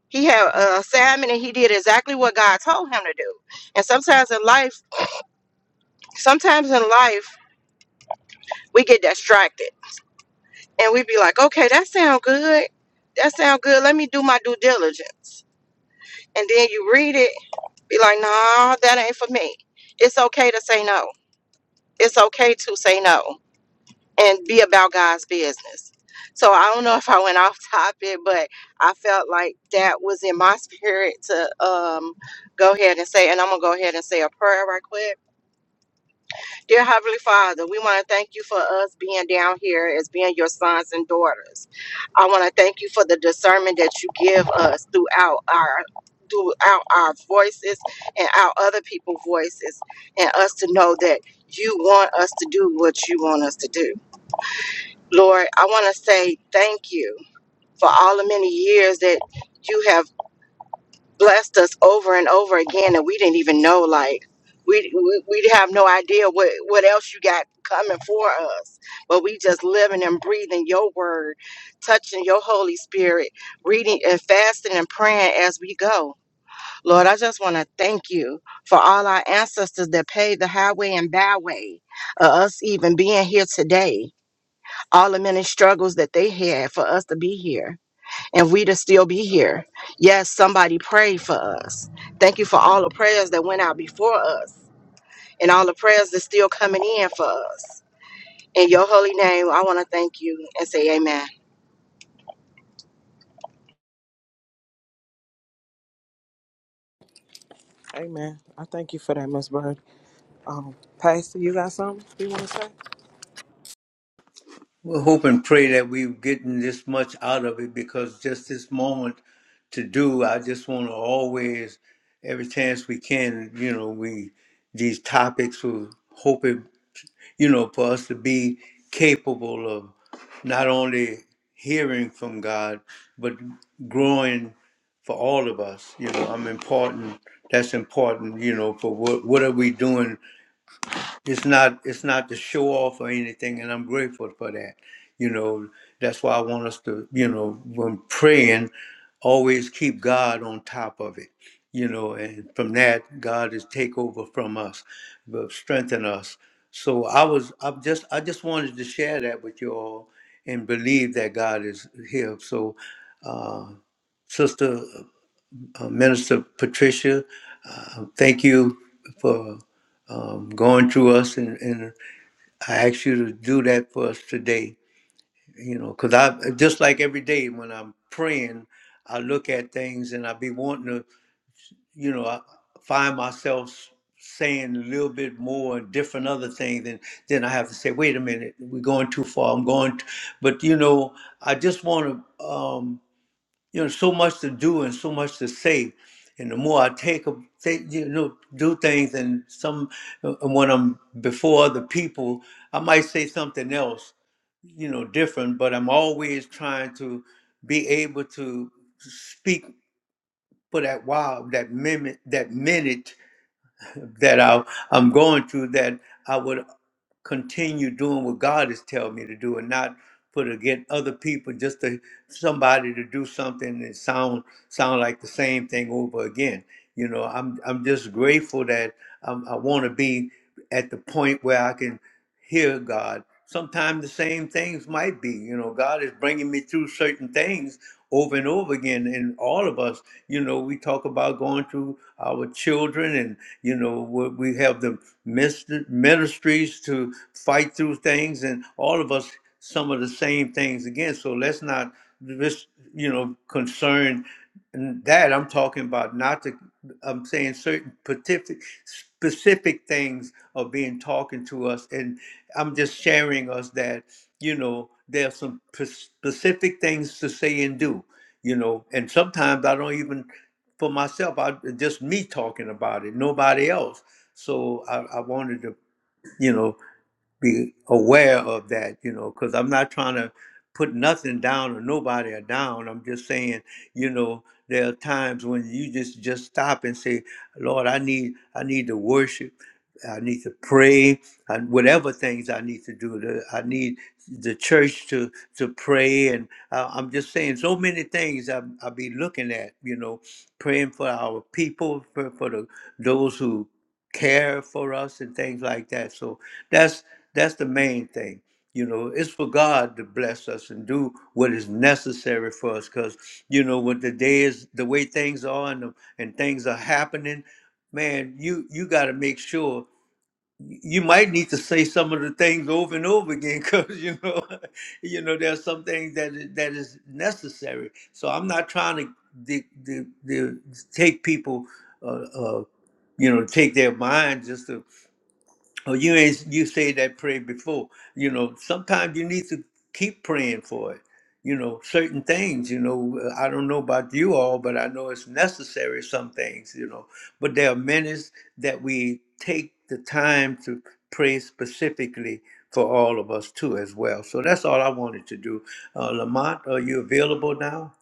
[SPEAKER 6] He had a assignment and he did exactly what God told him to do. And sometimes in life, sometimes in life, we get distracted and we be like, okay, that sound good. That sound good. Let me do my due diligence. And then you read it, be like, nah, that ain't for me. It's okay to say no it's okay to say no and be about God's business. So I don't know [laughs] if I went off topic, but I felt like that was in my [laughs] spirit to um, go ahead and say, and I'm gonna go ahead and say a prayer right quick. Dear Heavenly Father, we want to thank you for us being down here as being your sons and daughters. I want to thank you for the discernment that you give us throughout our throughout our voices and our other people's voices and us to know that you want us to do what you want us to do. Lord, I want to say thank you for all the many years that you have blessed us over and over again and we didn't even know like we we we have no idea what what else you got coming for us but we just living and breathing your word touching your holy spirit reading and fasting and praying as we go lord i just want to thank you for all our ancestors that paved the highway and byway of us even being here today all the many struggles that they had for us to be here and we to still be here. Yes, somebody prayed for us. Thank you for all the prayers that went out before us and all the prayers that's still coming in for us. In your holy name, I want to thank you and say amen.
[SPEAKER 2] Amen. I thank you for that, Miss Bird. Um, Pastor, you got something you want to say?
[SPEAKER 1] We'll hope and pray that we're getting this much out of it because just this moment to do, I just want to always, every chance we can, you know, we these topics We hope it, you know, for us to be capable of not only hearing from God but growing for all of us. You know, I'm important. That's important. You know, for what what are we doing it's not it's not to show off or anything and i'm grateful for that you know that's why i want us to you know when praying always keep god on top of it you know and from that god is take over from us but strengthen us so i was i just i just wanted to share that with you all and believe that god is here so uh sister uh, Minister Patricia. Uh, thank you for um, going through us, and, and I ask you to do that for us today. You know, because I just like every day when I'm praying, I look at things and I be wanting to, you know, I find myself saying a little bit more different other things, and then I have to say, wait a minute, we're going too far. I'm going, t-. but you know, I just want to. Um, you know, so much to do and so much to say. And the more I take, a- take you know, do things, and some, and when I'm before other people, I might say something else, you know, different. But I'm always trying to be able to speak for that while, that minute, that minute that I, I'm going through that I would continue doing what God is telling me to do and not put to get other people just to somebody to do something and sound sound like the same thing over again. You know, I'm I'm just grateful that um, I want to be at the point where I can hear God. Sometimes the same things might be, you know, God is bringing me through certain things over and over again. And all of us, you know, we talk about going through our children and, you know, we we have the mis- ministries to fight through things and all of us, some of the same things again. So let's not just, you know, concern. And that I'm talking about, not the, I'm saying certain specific, specific things are being talking to us. And I'm just sharing us that, you know, there are some p- specific things to say and do, you know, and sometimes I don't even, for myself, I just me talking about it, nobody else. So I, I wanted to, you know, be aware of that, you know, because I'm not trying to put nothing down or nobody are down. I'm just saying, you know, there are times when you just just stop and say, Lord, I need I need to worship. I need to pray and whatever things I need to do. The- I need the church to to pray, and I, I'm just saying so many things. I I be looking at, you know, praying for our people, for, for the those who care for us and things like that. So that's that's the main thing. You know, it's for God to bless us and do what is necessary for us. Cause you know, what the day is, the way things are, and the, and things are happening, man, you you got to make sure you might need to say some of the things over and over again [laughs] because you know [laughs] you know there's some things that is, that is necessary so i'm not trying to, to, to, to take people uh, uh, you know, take their mind just to, oh, you ain't, you say that prayer before. You know, sometimes you need to keep praying for it. You know, certain things, you know, I don't know about you all, but I know it's necessary, some things, you know. But there are minutes that we take the time to pray specifically for all of us too, as well. So that's all I wanted to do. Uh, Lamont, are you available now?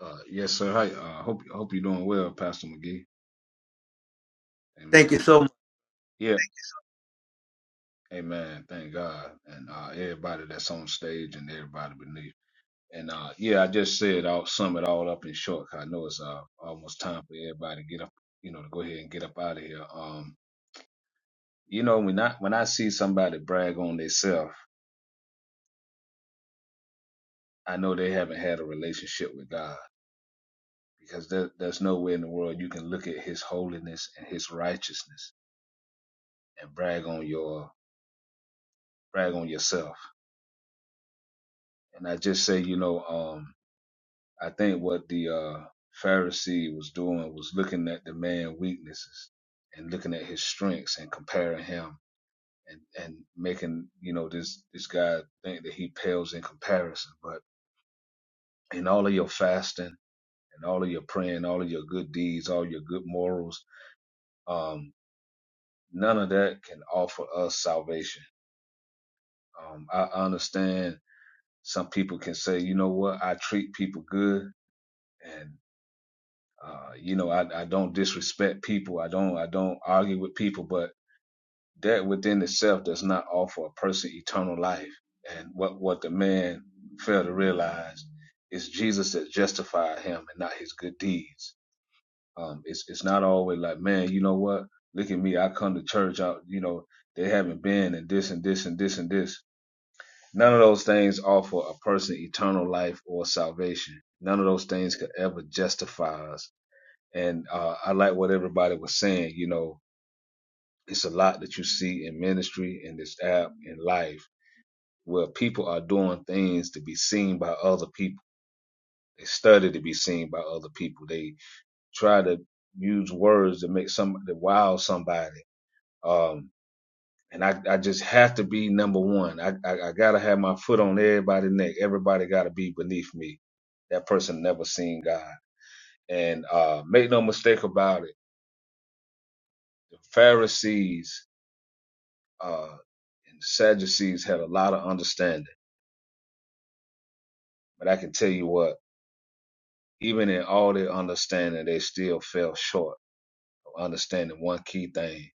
[SPEAKER 5] Uh, yes, sir. Hi. Uh, hope hope you're doing well, Pastor McGee.
[SPEAKER 1] Thank you
[SPEAKER 5] Amen.
[SPEAKER 1] so much.
[SPEAKER 5] Yeah. Amen. Thank God. And uh, everybody that's on stage and everybody beneath. And uh, yeah, I just said I'll sum it all up in short 'cause I know it's uh, almost time for everybody to get up, you know, to go ahead and get up out of here. Um, you know, when I, when I see somebody brag on themselves, I know they haven't had a relationship with God because there, there's no way in the world you can look at his holiness and his righteousness and brag on your brag on yourself. And I just say, you know, um. I think what the uh, Pharisee was doing was looking at the man's weaknesses and looking at his strengths and comparing him and, and making, you know, this, this guy think that he pales in comparison. But in all of your fasting and all of your praying, all of your good deeds, all your good morals, um, none of that can offer us salvation. Um, I understand some people can say, you know what, I treat people good and. Uh, you know, I, I don't disrespect people. I don't I don't argue with people, but that within itself does not offer a person eternal life. And what what the man failed to realize is Jesus that justified him and not his good deeds. Um, it's it's not always like, man, you know what? Look at me. I come to church. Out, you know, they haven't been and this and this and this and this. None of those things offer a person eternal life or salvation. None of those things could ever justify us and uh, I like what everybody was saying. You know, it's a lot that you see in ministry, in this app, in life, where people are doing things to be seen by other people. They study to be seen by other people. They try to use words to make some to wow somebody. Um, and I, I just have to be number one. I, I, I gotta have my foot on everybody's neck. Everybody gotta be beneath me. That person never seen God. And uh, make no mistake about it, the Pharisees Uh, and the Sadducees had a lot of understanding, but I can tell you what, even in all their understanding, they still fell short of understanding one key thing.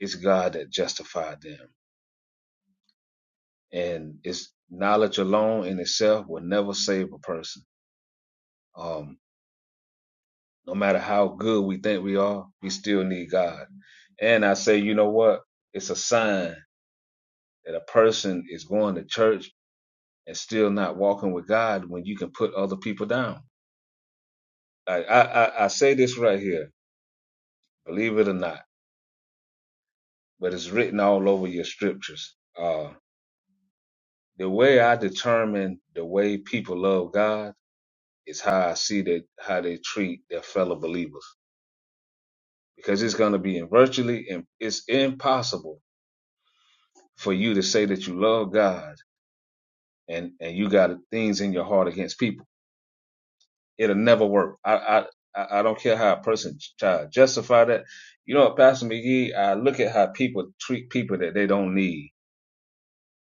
[SPEAKER 5] It's God that justified them. And it's knowledge alone in itself will never save a person. Um, no matter how good we think we are, we still need God. And I say, you know what? It's a sign that a person is going to church and still not walking with God when you can put other people down I, I, I I say this right here, believe it or not, but it's written all over your scriptures. Uh, the way I determine the way people love God is how I see that how they treat their fellow believers, because it's going to be virtually and it's impossible for you to say that you love God and and you got things in your heart against people. It'll never work. I I I I don't care how a person try to justify that. You know, what, Pastor McGee, I look at how people treat people that they don't need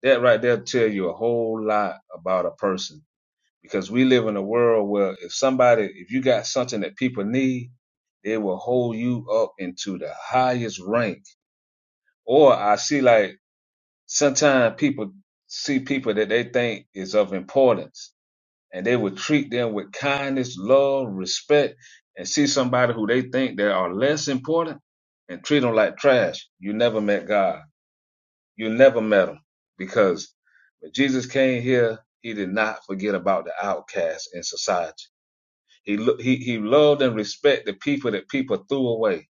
[SPEAKER 5] That right there tell you a whole lot about a person because we live in a world where if somebody, if you got something that people need, they will hold you up into the highest rank. Or I see like sometimes people see people that they think is of importance and they would treat them with kindness, love, respect, and see somebody who they think that are less important and treat them like trash. You never met God. You never met him because when Jesus came here, he did not forget about the outcasts in society. He, lo- he, he loved and respected the people that people threw away.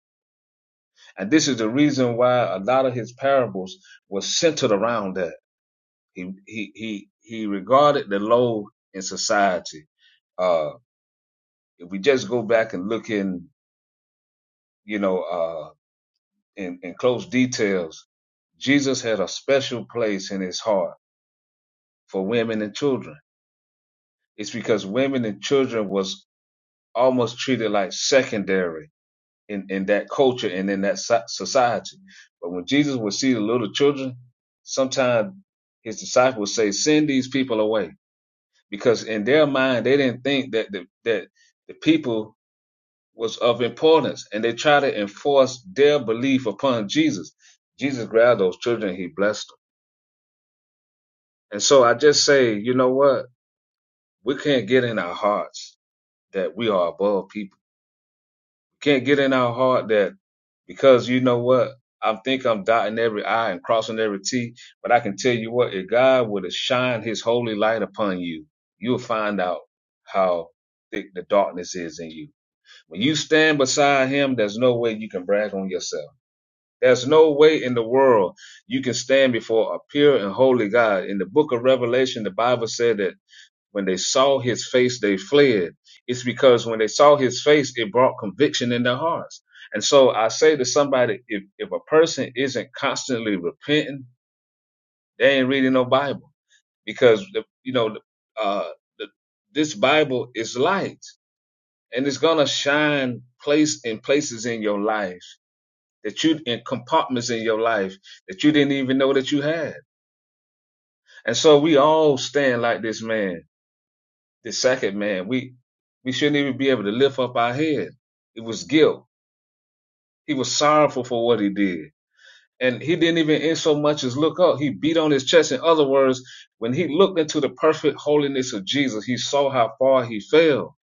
[SPEAKER 5] And this is the reason why a lot of his parables were centered around that. He, he, he, he regarded the low in society. Uh, if we just go back and look in, you know, uh, in, in close details, Jesus had a special place in his heart for women and children It's because women and children was almost treated like secondary in, in that culture and in that so- society. But when Jesus would see the little children, sometimes his disciples say, send these people away. Because in their mind, they didn't think that the, that the people was of importance and they try to enforce their belief upon Jesus. Jesus grabbed those children. He blessed them. And so I just say, you know what? We can't get in our hearts that we are above people Can't get in our heart that because you know what? I think I'm dotting every I and crossing every T, but I can tell you what, if God were to shine his holy light upon you, you'll find out how thick the darkness is in you. When you stand beside him, there's no way you can brag on yourself. There's no way in the world you can stand before a pure and holy God. In the book of Revelation, the Bible said that when they saw his face, they fled. It's because when they saw his face, it brought conviction in their hearts. And so I say to somebody, if, if a person isn't constantly repenting, they ain't reading no Bible because the, you know uh, the, this Bible is light and it's gonna shine place in places in your life that you in compartments in your life that you didn't even know that you had. And so we all stand like this man the second man. We we shouldn't even be able to lift up our head. It was guilt. He was sorrowful for what he did. And he didn't even in so much as look up. He beat on his chest. In other words, when he looked into the perfect holiness of Jesus, he saw how far he fell.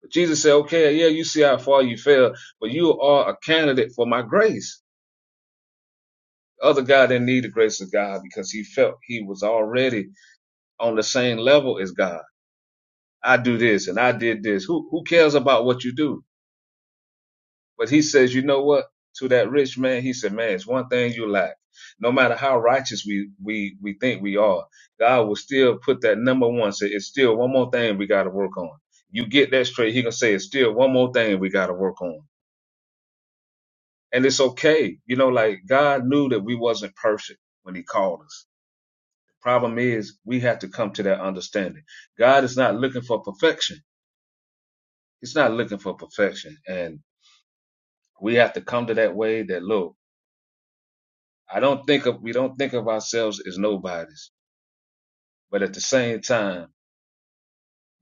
[SPEAKER 5] But Jesus said, Okay, yeah, you see how far you fell, but you are a candidate for my grace. The other guy didn't need the grace of God because he felt he was already on the same level as God. I do this and I did this. Who who cares about what you do? But he says, you know what? To that rich man, he said, man, it's one thing you lack. No matter how righteous we, we, we think we are, God will still put that number one. Say, it's still one more thing we got to work on. You get that straight. He gonna say, it's still one more thing we got to work on. And it's okay. You know, like God knew that we wasn't perfect when he called us. The problem is we have to come to that understanding. God is not looking for perfection. He's not looking for perfection. And we have to come to that way that look, I don't think of we don't think of ourselves as nobodies, but at the same time,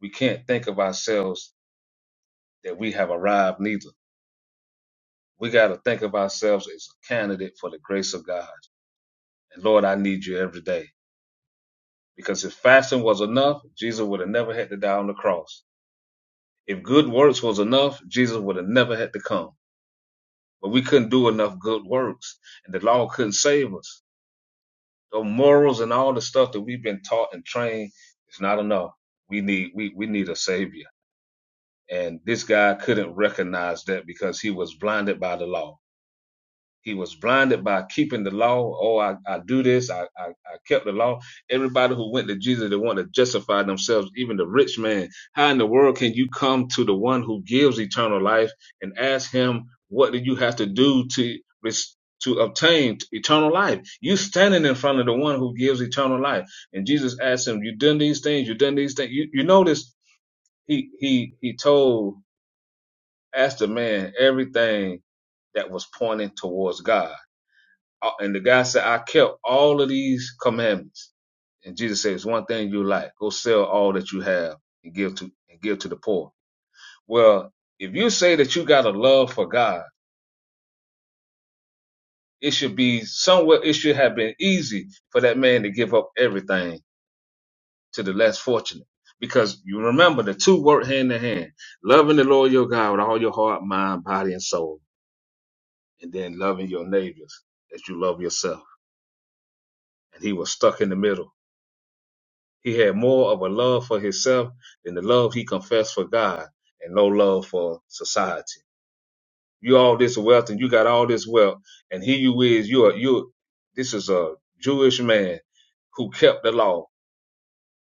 [SPEAKER 5] we can't think of ourselves that we have arrived neither. We got to think of ourselves as a candidate for the grace of God. And Lord, I need you every day. Because if fasting was enough, Jesus would have never had to die on the cross. If good works was enough, Jesus would have never had to come. But we couldn't do enough good works, and the law couldn't save us. The morals and all the stuff that we've been taught and trained is not enough. We need we we need a savior. And this guy couldn't recognize that because he was blinded by the law. He was blinded by keeping the law. Oh, I, I do this. I, I, I kept the law. Everybody who went to Jesus, they want to justify themselves, even the rich man. How in the world can you come to the one who gives eternal life and ask him, what do you have to do to, res- to obtain eternal life? You standing in front of the one who gives eternal life. And Jesus asked him, you done these things? You done these things? You, you notice he, he, he told asked the man everything that was pointing towards God. Uh, And the guy said, I kept all of these commandments. And Jesus said, It's one thing you like. Go sell all that you have and give to and give to the poor. Well, if you say that you got a love for God, it should be somewhere it should have been easy for that man to give up everything to the less fortunate. Because you remember the two work hand in hand. Loving the Lord your God with all your heart, mind, body, and soul and then loving your neighbors as you love yourself. And he was stuck in the middle. He had more of a love for himself than the love he confessed for God and no love for society. You all this wealth and you got all this wealth and here you is, you are, you, this is a Jewish man who kept the law.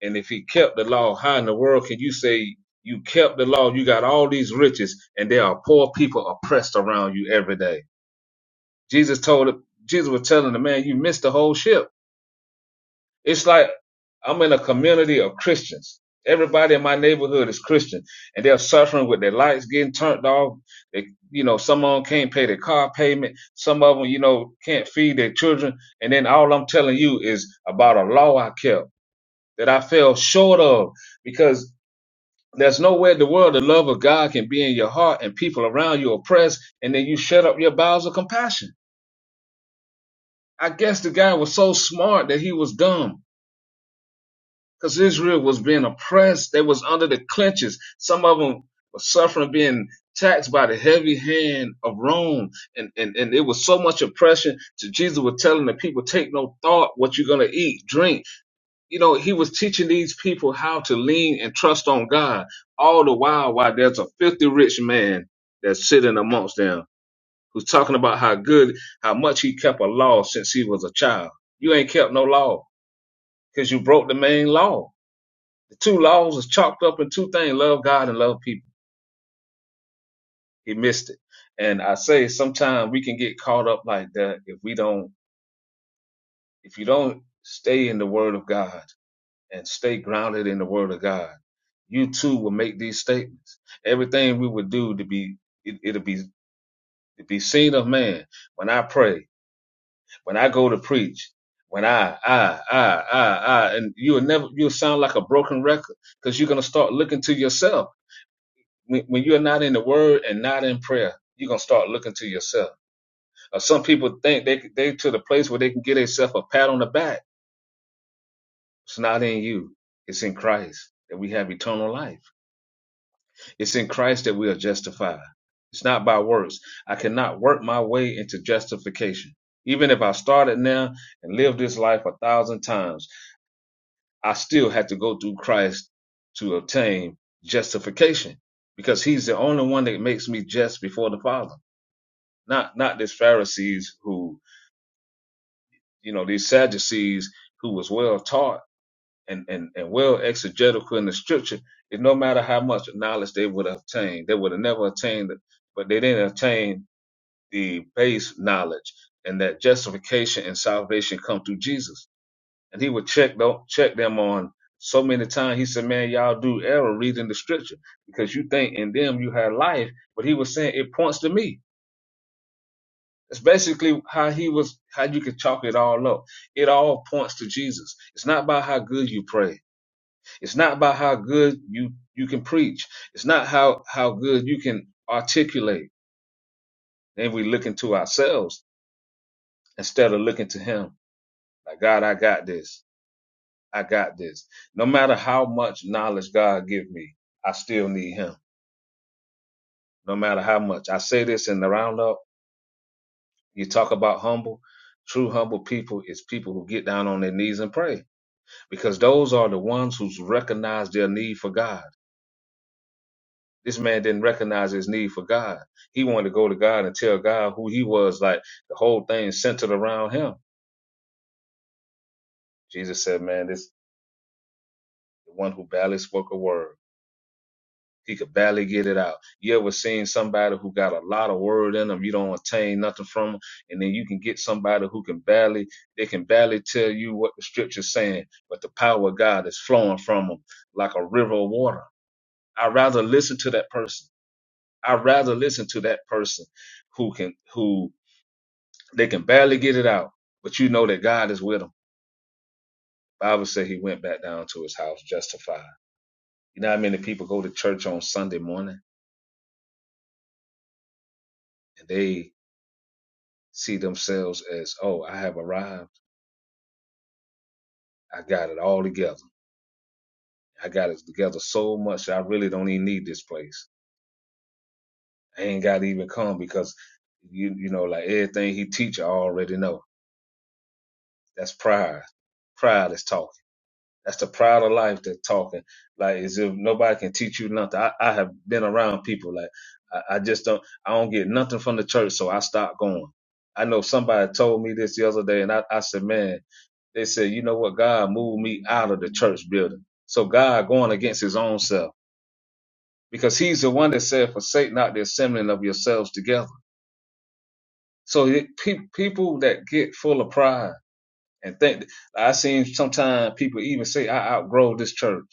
[SPEAKER 5] And if he kept the law, how in the world can you say you kept the law? You got all these riches and there are poor people oppressed around you every day. Jesus told, Jesus was telling the man, you missed the whole ship It's like I'm in a community of Christians. Everybody in my neighborhood is Christian, and they're suffering with their lights getting turned off. They, you know, some of them can't pay their car payment. Some of them, you know, can't feed their children. And then all I'm telling you is about a law I kept that I fell short of because there's nowhere in the world the love of God can be in your heart and people around you oppressed, and then you shut up your bowels of compassion. I guess the guy was so smart that he was dumb because Israel was being oppressed. They was under the clutches. Some of them were suffering being taxed by the heavy hand of Rome. And, and, and it was so much oppression to Jesus was telling the people, take no thought what you're going to eat, drink. You know, he was teaching these people how to lean and trust on God all the while, while there's a filthy rich man that's sitting amongst them who's talking about how good, how much he kept a law since he was a child. You ain't kept no law because you broke the main law two laws is chalked up in two things love God and love people. He missed it. And I say sometimes we can get caught up like that if we don't, if you don't stay in the word of God and stay grounded in the word of God, you too will make these statements. Everything we would do to be, it, it'll be, to be seen of man. When I pray, when I go to preach, when I, I, I, I, I, and you'll never, you'll sound like a broken record because you're going to start looking to yourself when, when you're not in the word and not in prayer, you're gonna start looking to yourself. Uh, some people think they they to the place where they can get themselves a pat on the back. It's not in you. It's in Christ that we have eternal life. It's in Christ that we are justified. It's not by works. I cannot work my way into justification. Even if I started now and lived this life a thousand times, I still had to go through Christ to obtain justification because he's the only one that makes me just before the Father. not not these Pharisees who you know these Sadducees who was well taught and and and well exegetical in the scripture. It no matter how much knowledge they would have attained, they would have never attained it, but they didn't attain the base knowledge and that justification and salvation come through Jesus. And he would check tho- check them on so many times. He said, "Man, y'all do error reading the scripture because you think in them you have life, but he was saying it points to me." That's basically how he was, how you could chalk it all up. It all points to Jesus. It's not about how good you pray. It's not about how good you, you can preach. It's not how, how good you can articulate. And we look into ourselves instead of looking to him. Like, God, I got this. I got this. No matter how much knowledge God give me, I still need him. No matter how much. I say this in the roundup. You talk about humble. True humble people is people who get down on their knees and pray because those are the ones who's recognized their need for God. This man didn't recognize his need for God. He wanted to go to God and tell God who he was. Like the whole thing centered around him. Jesus said, "Man, this the one who barely spoke a word. He could barely get it out. You ever seen somebody who got a lot of word in them? You don't attain nothing from them. and then you can get somebody who can barely they can barely tell you what the scripture's saying, but the power of God is flowing from them like a river of water. I'd rather listen to that person I'd rather listen to that person who can who they can barely get it out, but you know that God is with them. Bible said he went back down to his house justified. You know how many people go to church on Sunday morning and they see themselves as, oh, I have arrived. I got it all together. I got it together so much that I really don't even need this place. I ain't gotta even come because you you know, like everything he teach I already know. That's pride. Pride is talking. That's the pride of life that's talking. Like as if nobody can teach you nothing. I, I have been around people like I, I just don't I don't get nothing from the church, so I stopped going. I know somebody told me this the other day and I, I said, Man, they said, you know what, God moved me out of the church building. So God going against his own self. Because he's the one that said, Forsake not the assembling of yourselves together. So it, pe- people that get full of pride and think I seen sometimes people even say, I outgrow this church.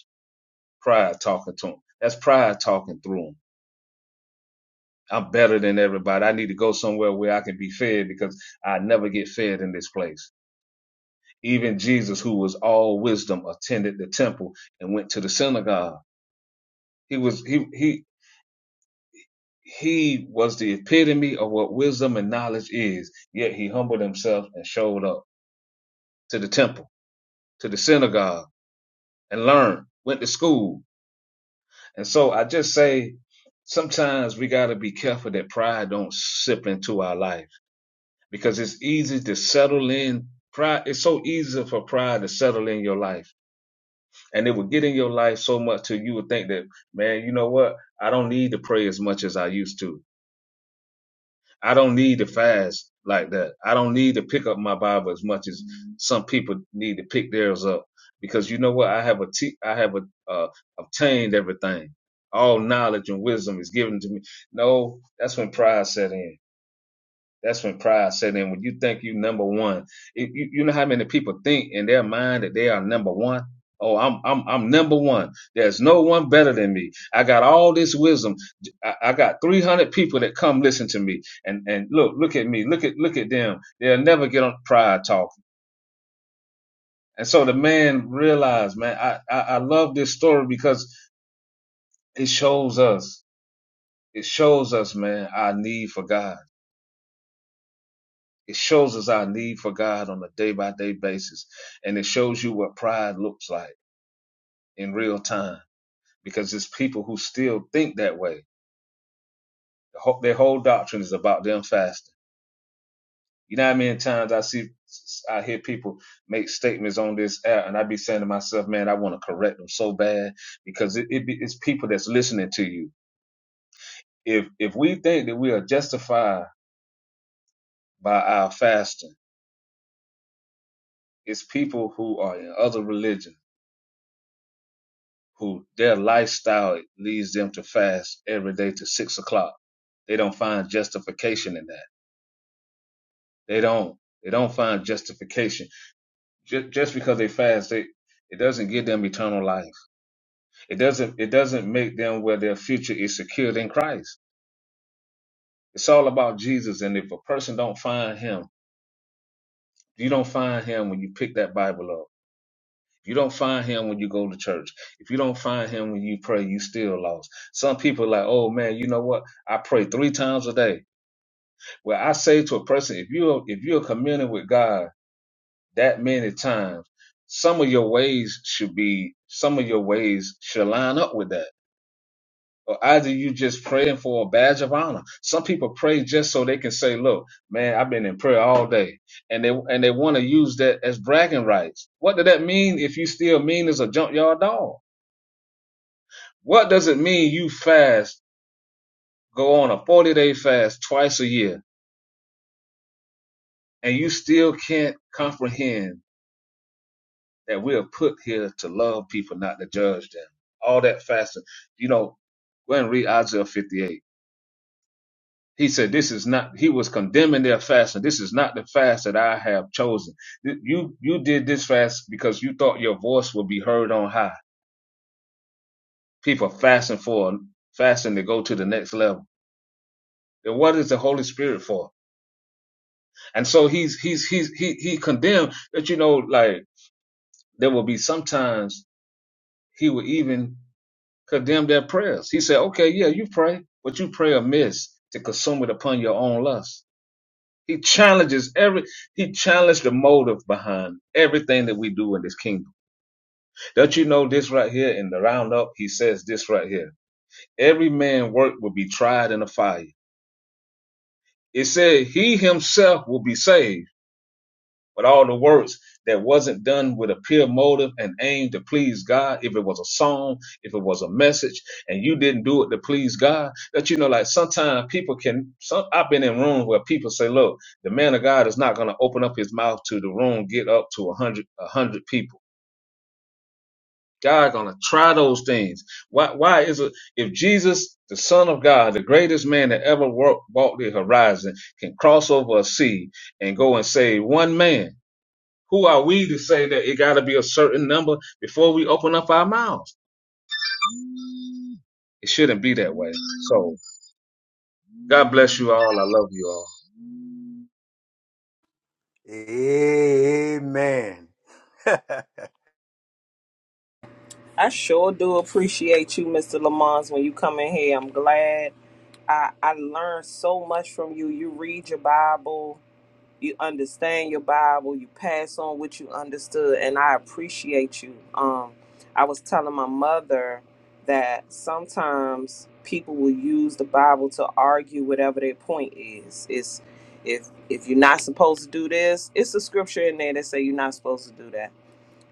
[SPEAKER 5] pride talking to him. That's pride talking through him. I'm better than everybody. I need to go somewhere where I can be fed because I never get fed in this place. Even Jesus, who was all wisdom, attended the temple and went to the synagogue. He was he he he was the epitome of what wisdom and knowledge is. Yet he humbled himself and showed up to the temple, to the synagogue, and learned. Went to school, and so I just say sometimes we got to be careful that pride don't sip into our life because it's easy to settle in pride it's so easy for pride to settle in your life and it would get in your life so much till you would think that man you know what i don't need to pray as much as i used to i don't need to fast like that i don't need to pick up my bible as much as some people need to pick theirs up because you know what i have a t- i have a, uh, obtained everything all knowledge and wisdom is given to me no that's when pride set in That's when pride set in. When you think you number one, It- you, you know how many people think in their mind that they are number one. Oh, I'm I'm I'm number one. There's no one better than me. I got all this wisdom. I, I got 300 people that come listen to me. And and look, look at me. Look at look at them. They'll never get on pride talk. And so the man realized, man, I I, I love this story because it shows us. It shows us, man, our need for God It shows us our need for God on a day by day basis. And it shows you what pride looks like in real time because it's people who still think that way. The whole- Their whole doctrine is about them fasting. You know how many times I see, I hear people make statements on this app and I be saying to myself, man, I want to correct them so bad because it, it be, it's people that's listening to you. If, if we think that we are justified by our fasting, it's people who are in other religions who their lifestyle leads them to fast every day to six o'clock. They don't find justification in that. They don't. They don't find justification just, just because they fast. They it doesn't give them eternal life. It doesn't. It doesn't make them where their future is secured in Christ. It's all about Jesus. And if a person don't find Him, you don't find Him when you pick that Bible up. If you don't find Him when you go to church, if you don't find Him when you pray, you still lost. Some people are like, oh man, you know what? I pray three times a day. Well, I say to a person, if you if you're communing with God that many times, some of your ways should be some of your ways should line up with that. Or either you just praying for a badge of honor. Some people pray just so they can say, "Look, man, I've been in prayer all day," and they and they want to use that as bragging rights. What does that mean if you still mean as a junkyard dog? What does it mean you fast, go on a forty day fast twice a year, and you still can't comprehend? that we are put here to love people, not to judge them. All that fasting, you know, go ahead and read Isaiah 58. He said, this is not, he was condemning their fasting. This is not the fast that I have chosen. Th- You, you did this fast because you thought your voice would be heard on high. People fasting for, fasting to go to the next level. Then what is the Holy Spirit for? And so he's, he's, he's, he, he condemned that, you know, like there will be sometimes he will even condemn their prayers. He said, okay, yeah, you pray, but you pray amiss to consume it upon your own lust. He challenges every, he challenged the motive behind everything that we do in this kingdom. Don't you know this right here in the roundup? He says this right here. Every man work will be tried in a fire. It said he himself will be saved But all the works that wasn't done with a pure motive and aim to please God, if it was a song, if it was a message, and you didn't do it to please God, that you know, like sometimes people can. Some I've been in rooms where people say, "Look, the man of God is not going to open up his mouth to the room, get up to a hundred, a hundred people." God gonna try those things. Why? Why is it if Jesus, the Son of God, the greatest man that ever walked, walked the horizon, can cross over a sea and go and save one man? Who are we to say that it got to be a certain number before we open up our mouths? It shouldn't be that way. So God bless you all. I love you all.
[SPEAKER 1] Amen.
[SPEAKER 2] I sure do appreciate you, Mr. Lamont, when you come in here. I'm glad I, I learned so much from you. You read your Bible, you understand your Bible, you pass on what you understood, and I appreciate you. Um, I was telling my mother that sometimes people will use the Bible to argue whatever their point is. It's if if you're not supposed to do this, it's a scripture in there that say you're not supposed to do that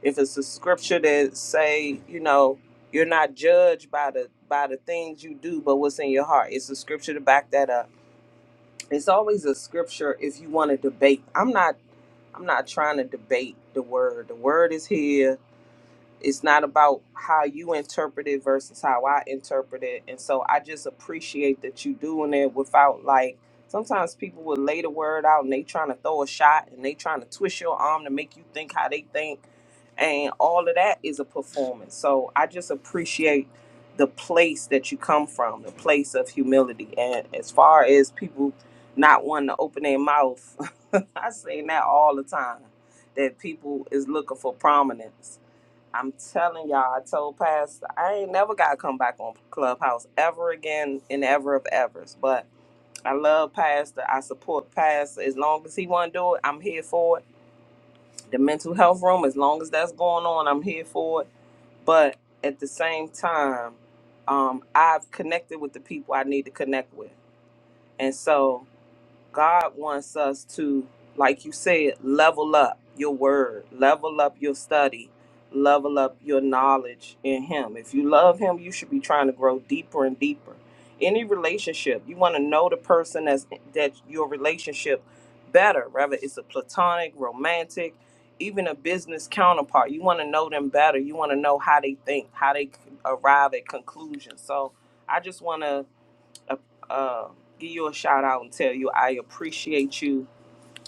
[SPEAKER 2] if it's a scripture that say you know you're not judged by the by the things you do but what's in your heart it's a scripture to back that up it's always a scripture if you want to debate i'm not i'm not trying to debate the word the word is here it's not about how you interpret it versus how I interpret it. And so I just appreciate that you doing it without like sometimes people will lay the word out and they trying to throw a shot and they trying to twist your arm to make you think how they think and all of that is a performance. So I just appreciate the place that you come from, the place of humility. And as far as people not wanting to open their mouth, [laughs] I say that all the time that people is looking for prominence. I'm telling y'all, I told Pastor, I ain't never got to come back on Clubhouse ever again in ever of evers. But I love Pastor. I support Pastor. As long as he want to do it, I'm here for it. The mental health room, as long as that's going on, I'm here for it. But at the same time, um, I've connected with the people I need to connect with. And so God wants us to, like you said, level up your word, level up your study, level up your knowledge in Him. If you love Him, you should be trying to grow deeper and deeper. Any relationship, you want to know the person that's that your relationship better, whether it's a platonic, romantic, even a business counterpart. You want to know them better. You want to know how they think, how they arrive at conclusions. So I just want to uh, uh, give you a shout out and tell you I appreciate you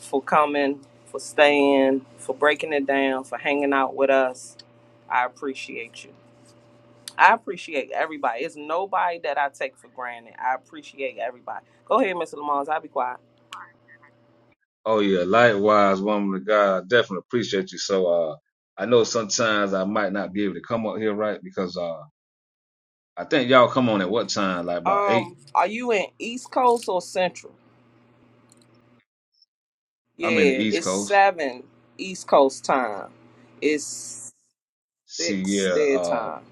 [SPEAKER 2] for coming, for staying, for breaking it down, for hanging out with us. I appreciate you. I appreciate everybody. It's nobody that I take for granted. I appreciate everybody. Go ahead, Mr. Lamont. I'll be quiet.
[SPEAKER 5] Oh yeah, likewise, woman of God. I definitely appreciate you. So uh, I know sometimes I might not be able to come up here right because uh, I think y'all come on at what time? Like about eight.
[SPEAKER 2] Um, are you in East Coast or Central?
[SPEAKER 5] I'm in the
[SPEAKER 2] Yeah,
[SPEAKER 5] East
[SPEAKER 2] it's
[SPEAKER 5] Coast.
[SPEAKER 2] seven East Coast time. It's
[SPEAKER 5] See, yeah,
[SPEAKER 2] six their
[SPEAKER 5] uh,
[SPEAKER 2] time.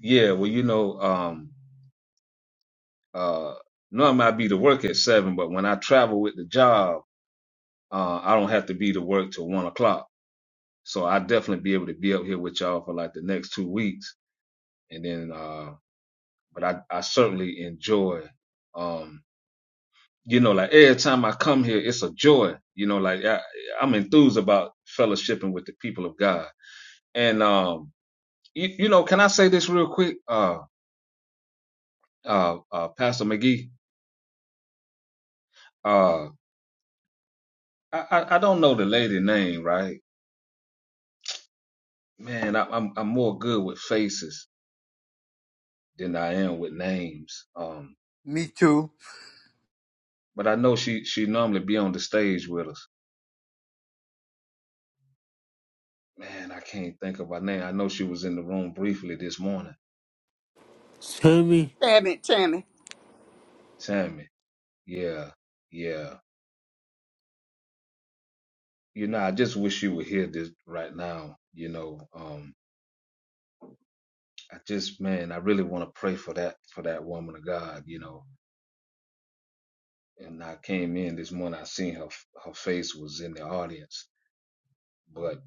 [SPEAKER 5] yeah. Well, you know, um, uh, normally I be to work at seven, but when I travel with the job, uh, I don't have to be to work till one o'clock. So I'll definitely be able to be up here with y'all for like the next two weeks. And then uh but I, I certainly enjoy um you know like every time I come here it's a joy. You know, like I I'm enthused about fellowshipping with the people of God. And um you, you know, can I say this real quick? Uh uh uh Pastor McGee, uh I, I I don't know the lady name, right? Man, I, I'm I'm more good with faces than I am with names. Um,
[SPEAKER 1] Me too.
[SPEAKER 5] but I know she she normally be on the stage with us. Man, I can't think of her name. I know she was in the room briefly this morning.
[SPEAKER 3] Sammy.
[SPEAKER 4] Tammy. Tammy.
[SPEAKER 5] Tammy. Yeah. Yeah. You know, I just wish you were here this right now. You know, um, I just man, I really want to pray for that for that woman of God, you know. And I came in this morning, I seen her her face was in the audience. But,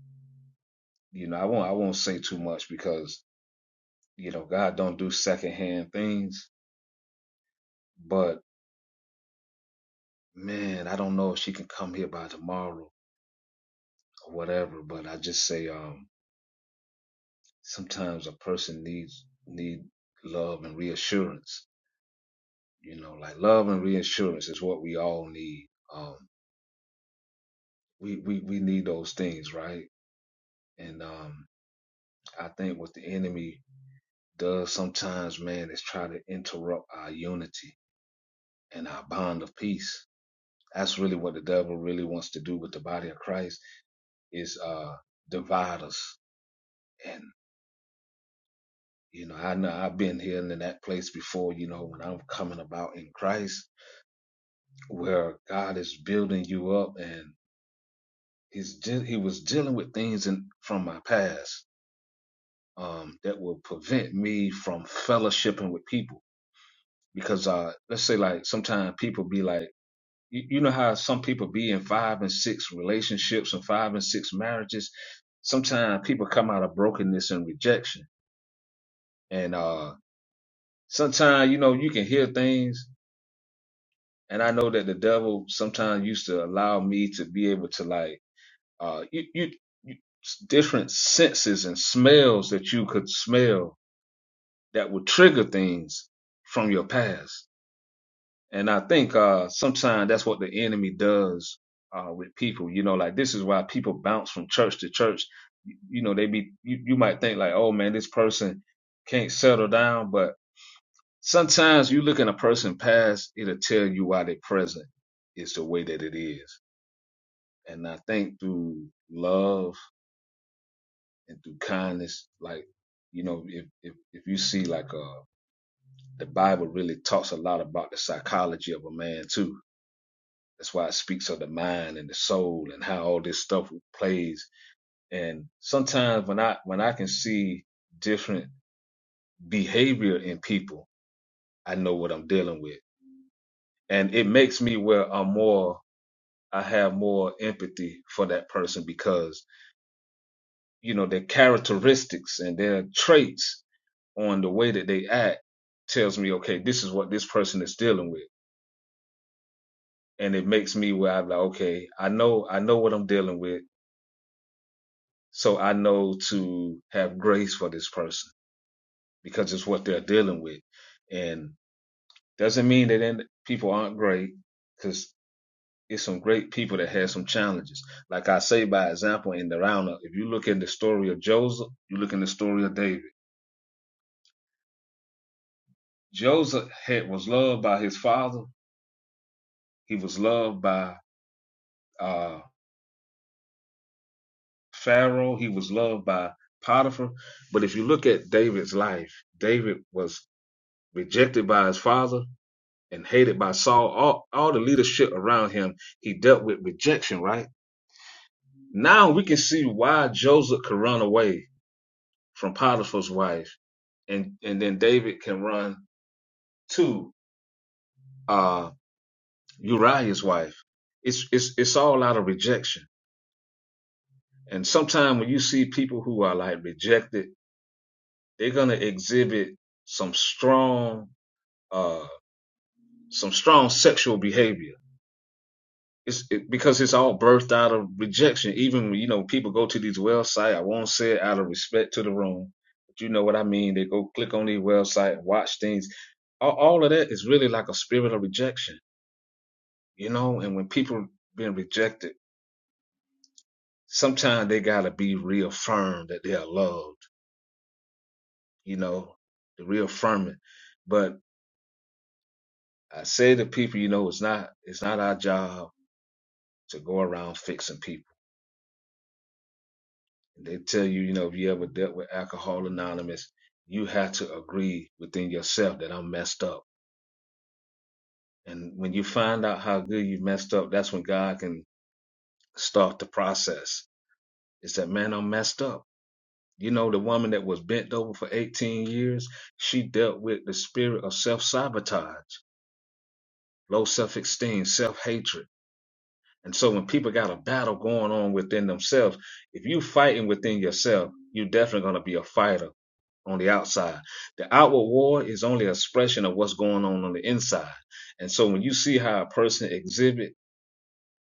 [SPEAKER 5] you know, I won't I won't say too much because, you know, God don't do secondhand things. But man, I don't know if she can come here by tomorrow or whatever. But I just say, um, sometimes a person needs need love and reassurance you know like love and reassurance is what we all need um we we, we need those things right and um i think what the enemy does sometimes man is try to interrupt our unity and our bond of peace that's really what the devil really wants to do with the body of christ is uh divide us and you know i know i've been here and in that place before you know when i'm coming about in christ where God is building you up and he's de- he was dealing with things in, from my past um, that will prevent me from fellowshipping with people because uh, let's say like sometimes people be like you, you know how some people be in five and six relationships and five and six marriages sometimes people come out of brokenness and rejection and uh, sometimes you know you can hear things and I know that the devil sometimes used to allow me to be able to like uh, you, you, you different senses and smells that you could smell that would trigger things from your past. And I think uh, sometimes that's what the enemy does uh, with people. You know, like this is why people bounce from church to church. You, you know, they be you, you might think like, oh man, this person can't settle down, but sometimes you look in a person past, it'll tell you why their present is the way that it is. And I think through love and through kindness. Like, you know, if if if you see like uh the Bible really talks a lot about the psychology of a man too. That's why it speaks of the mind and the soul and how all this stuff plays. And sometimes when I when I can see different behavior in people, I know what I'm dealing with. And it makes me where I'm more I have more empathy for that person because you know, their characteristics and their traits on the way that they act tells me, okay, this is what this person is dealing with. And it makes me where I'm like, okay, I know, I know what I'm dealing with. So I know to have grace for this person because it's what they're dealing with. And doesn't mean that people aren't great because it's some great people that had some challenges. Like I say, by example, in the roundup, if you look in the story of Joseph, you look in the story of David Joseph had, was loved by his father. He was loved by uh, Pharaoh. He was loved by Potiphar. But if you look at David's life, David was rejected by his father and hated by Saul. All, all the leadership around him, he dealt with rejection, right? Now we can see why Joseph could run away from Potiphar's wife, and, and then David can run to uh, Uriah's wife. It's, it's, it's all out of rejection And sometimes when you see people who are like rejected, they're gonna exhibit some strong, uh, some strong sexual behavior. It's it, because it's all birthed out of rejection. Even you know people go to these websites. I won't say it out of respect to the room, but you know what I mean. They go click on these websites, watch things. All, all of that is really like a spirit of rejection, you know. And when people being rejected, sometimes they gotta be reaffirmed that they are loved you know, the reaffirming. But I say to people, you know, it's not it's not our job to go around fixing people. They tell you, you know, if you ever dealt with Alcohol Anonymous, you have to agree within yourself that I'm messed up. And when you find out how good you messed up, that's when God can start the process. It's that man, I'm messed up. You know, the woman that was bent over for 18 years, she dealt with the spirit of self sabotage, low self esteem, self hatred And so when people got a battle going on within themselves, if you fighting within yourself, you're definitely going to be a fighter on the outside. The outward war is only an expression of what's going on on the inside. And so when you see how a person exhibit,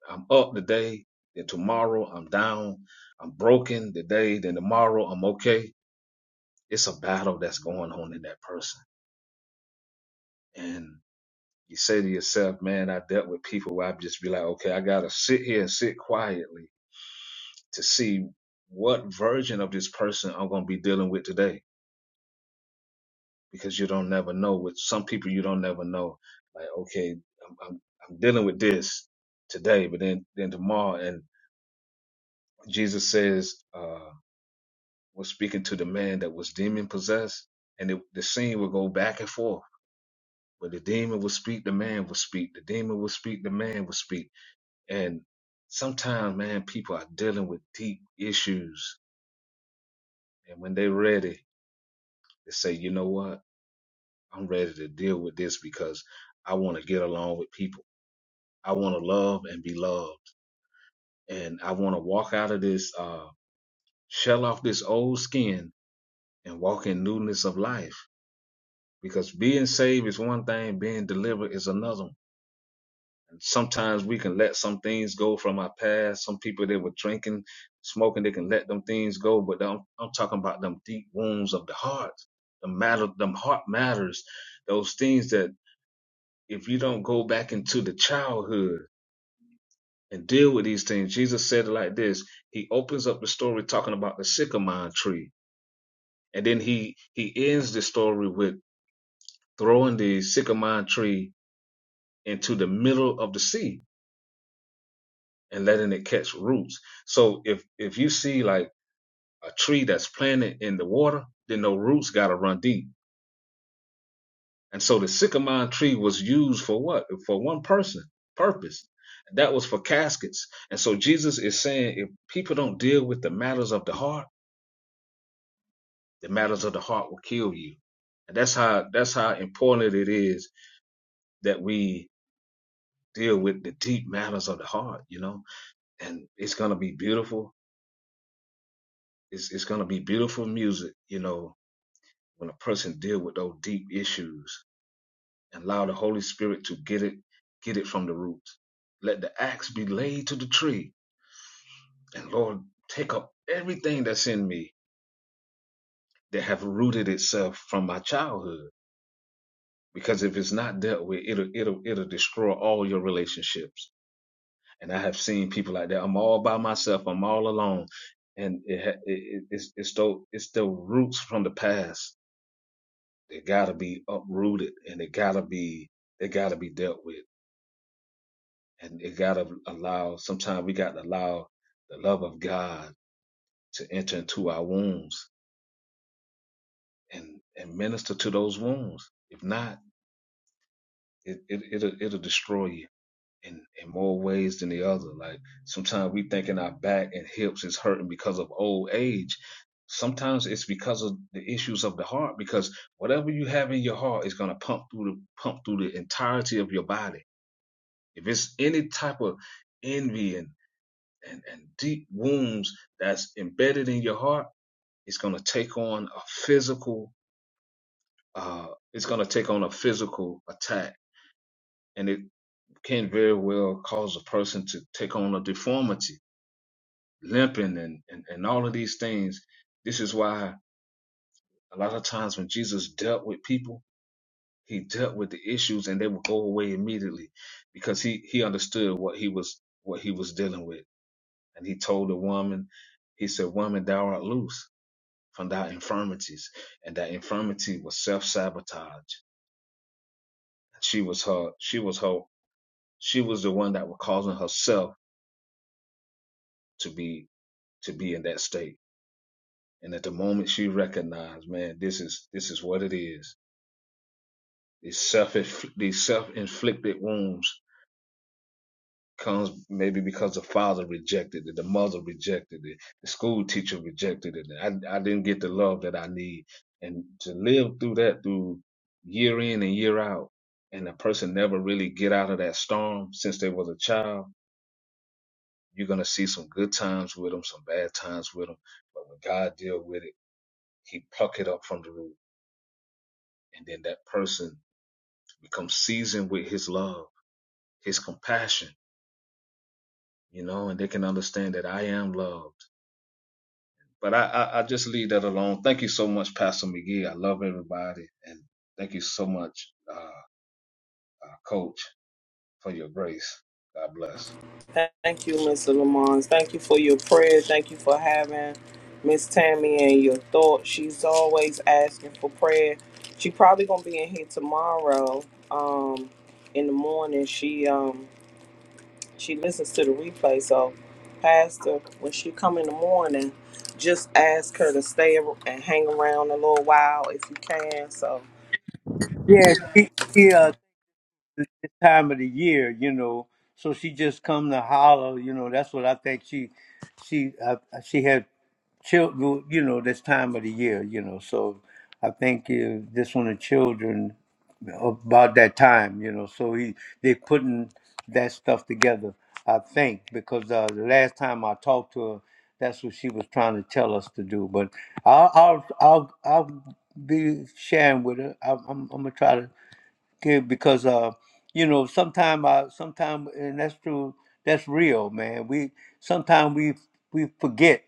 [SPEAKER 5] I'm up today, then tomorrow I'm down, I'm broken today, then tomorrow I'm okay. It's a battle that's going on in that person. And you say to yourself, man, I dealt with people where I'd just be like, okay, I got to sit here and sit quietly to see what version of this person I'm gonna be dealing with today, because you don't never know. With some people, you don't never know. Like, okay, I'm I'm, I'm dealing with this today, but then then tomorrow, and Jesus says, uh, was speaking to the man that was demon possessed, and it, the scene would go back and forth. But the demon would speak, the man would speak. The demon would speak, the man would speak. And sometimes, man, people are dealing with deep issues, and when they're ready, they say, you know what? I'm ready to deal with this because I want to get along with people. I want to love and be loved. And I want to walk out of this, uh, shell off this old skin and walk in newness of life. Because being saved is one thing, being delivered is another. one. And sometimes we can let some things go from our past. Some people that were drinking, smoking, they can let them things go. But I'm, I'm talking about them deep wounds of the heart, the matter, them heart matters, those things that if you don't go back into the childhood and deal with these things. Jesus said it like this. He opens up the story talking about the sycamore tree, and then he he ends the story with throwing the sycamore tree into the middle of the sea and letting it catch roots. So if if you see like a tree that's planted in the water, then no roots got to run deep. And so the sycamore tree was used for what? For one person purpose. That was for caskets. And so Jesus is saying if people don't deal with the matters of the heart the matters of the heart will kill you. And that's how that's how important it is that we deal with the deep matters of the heart, you know. And it's gonna be beautiful. It's it's gonna be beautiful music, you know, when a person deal with those deep issues and allow the Holy Spirit to get it get it from the roots. Let the axe be laid to the tree, and Lord, take up everything that's in me that have rooted itself from my childhood because if it's not dealt with, it'll it'll it'll destroy all your relationships. And I have seen people like that. I'm all by myself. I'm all alone, and it, it- it's it's the it's the roots from the past. They gotta be uprooted, and they gotta be they gotta be dealt with, and it gotta allow. Sometimes we gotta allow the love of God to enter into our wounds and and minister to those wounds. If not, it, it it'll it'll destroy you in in more ways than the other. Like sometimes we thinking our back and hips is hurting because of old age. Sometimes it's because of the issues of the heart. Because whatever you have in your heart is gonna pump through the pump through the entirety of your body. If it's any type of envy and and, and deep wounds that's embedded in your heart, it's gonna take on a physical. Uh, it's gonna take on a physical attack, and it can very well cause a person to take on a deformity limping and, and, and all of these things. This is why a lot of times when Jesus dealt with people, he dealt with the issues and they would go away immediately because he, he understood what he was what he was dealing with. And he told the woman, he said, Woman, thou art loose from thy infirmities. And that infirmity was self sabotage. She was her she was her she was the one that was causing herself to be to be in that state. And at the moment she recognized, man, this is this is what it is These self these self inflicted wounds comes maybe because the father rejected it, the mother rejected it, the school teacher rejected it. I I didn't get the love that I need, and to live through that through year in and year out, and a person never really get out of that storm since they was a child. You're gonna see some good times with them, some bad times with them, but when God deal with it, He pluck it up from the root, and then that person becomes seasoned with His love, His compassion you know, and they can understand that I am loved. But I, I, I just leave that alone. Thank you so much, Pastor McGee. I love everybody. And thank you so much, uh, uh, Coach, for your grace. God bless.
[SPEAKER 2] Thank you, Mr. Lamont. Thank you for your prayer. Thank you for having Miss Tammy and your thoughts. She's always asking for prayer. She probably gonna be in here tomorrow, um, in the morning. She um she listens to the replay, so Pastor, when she come in the morning, just ask her to stay and hang around a little while if you can. So
[SPEAKER 1] Yeah, she, she, uh, this time of the year, you know. So she just come to holler, you know. That's what I think she, she, uh, she had children, well, you know, this time of the year, you know. So I think uh, this one of children about that time, you know. So he they putting that stuff together, I think, because uh, the last time I talked to her, that's what she was trying to tell us to do. But I'll I'll I'll, I'll be sharing with her. I'm, I'm, I'm gonna try to Okay, because uh, you know, sometime I sometime and that's true, that's real, man. We sometimes we we forget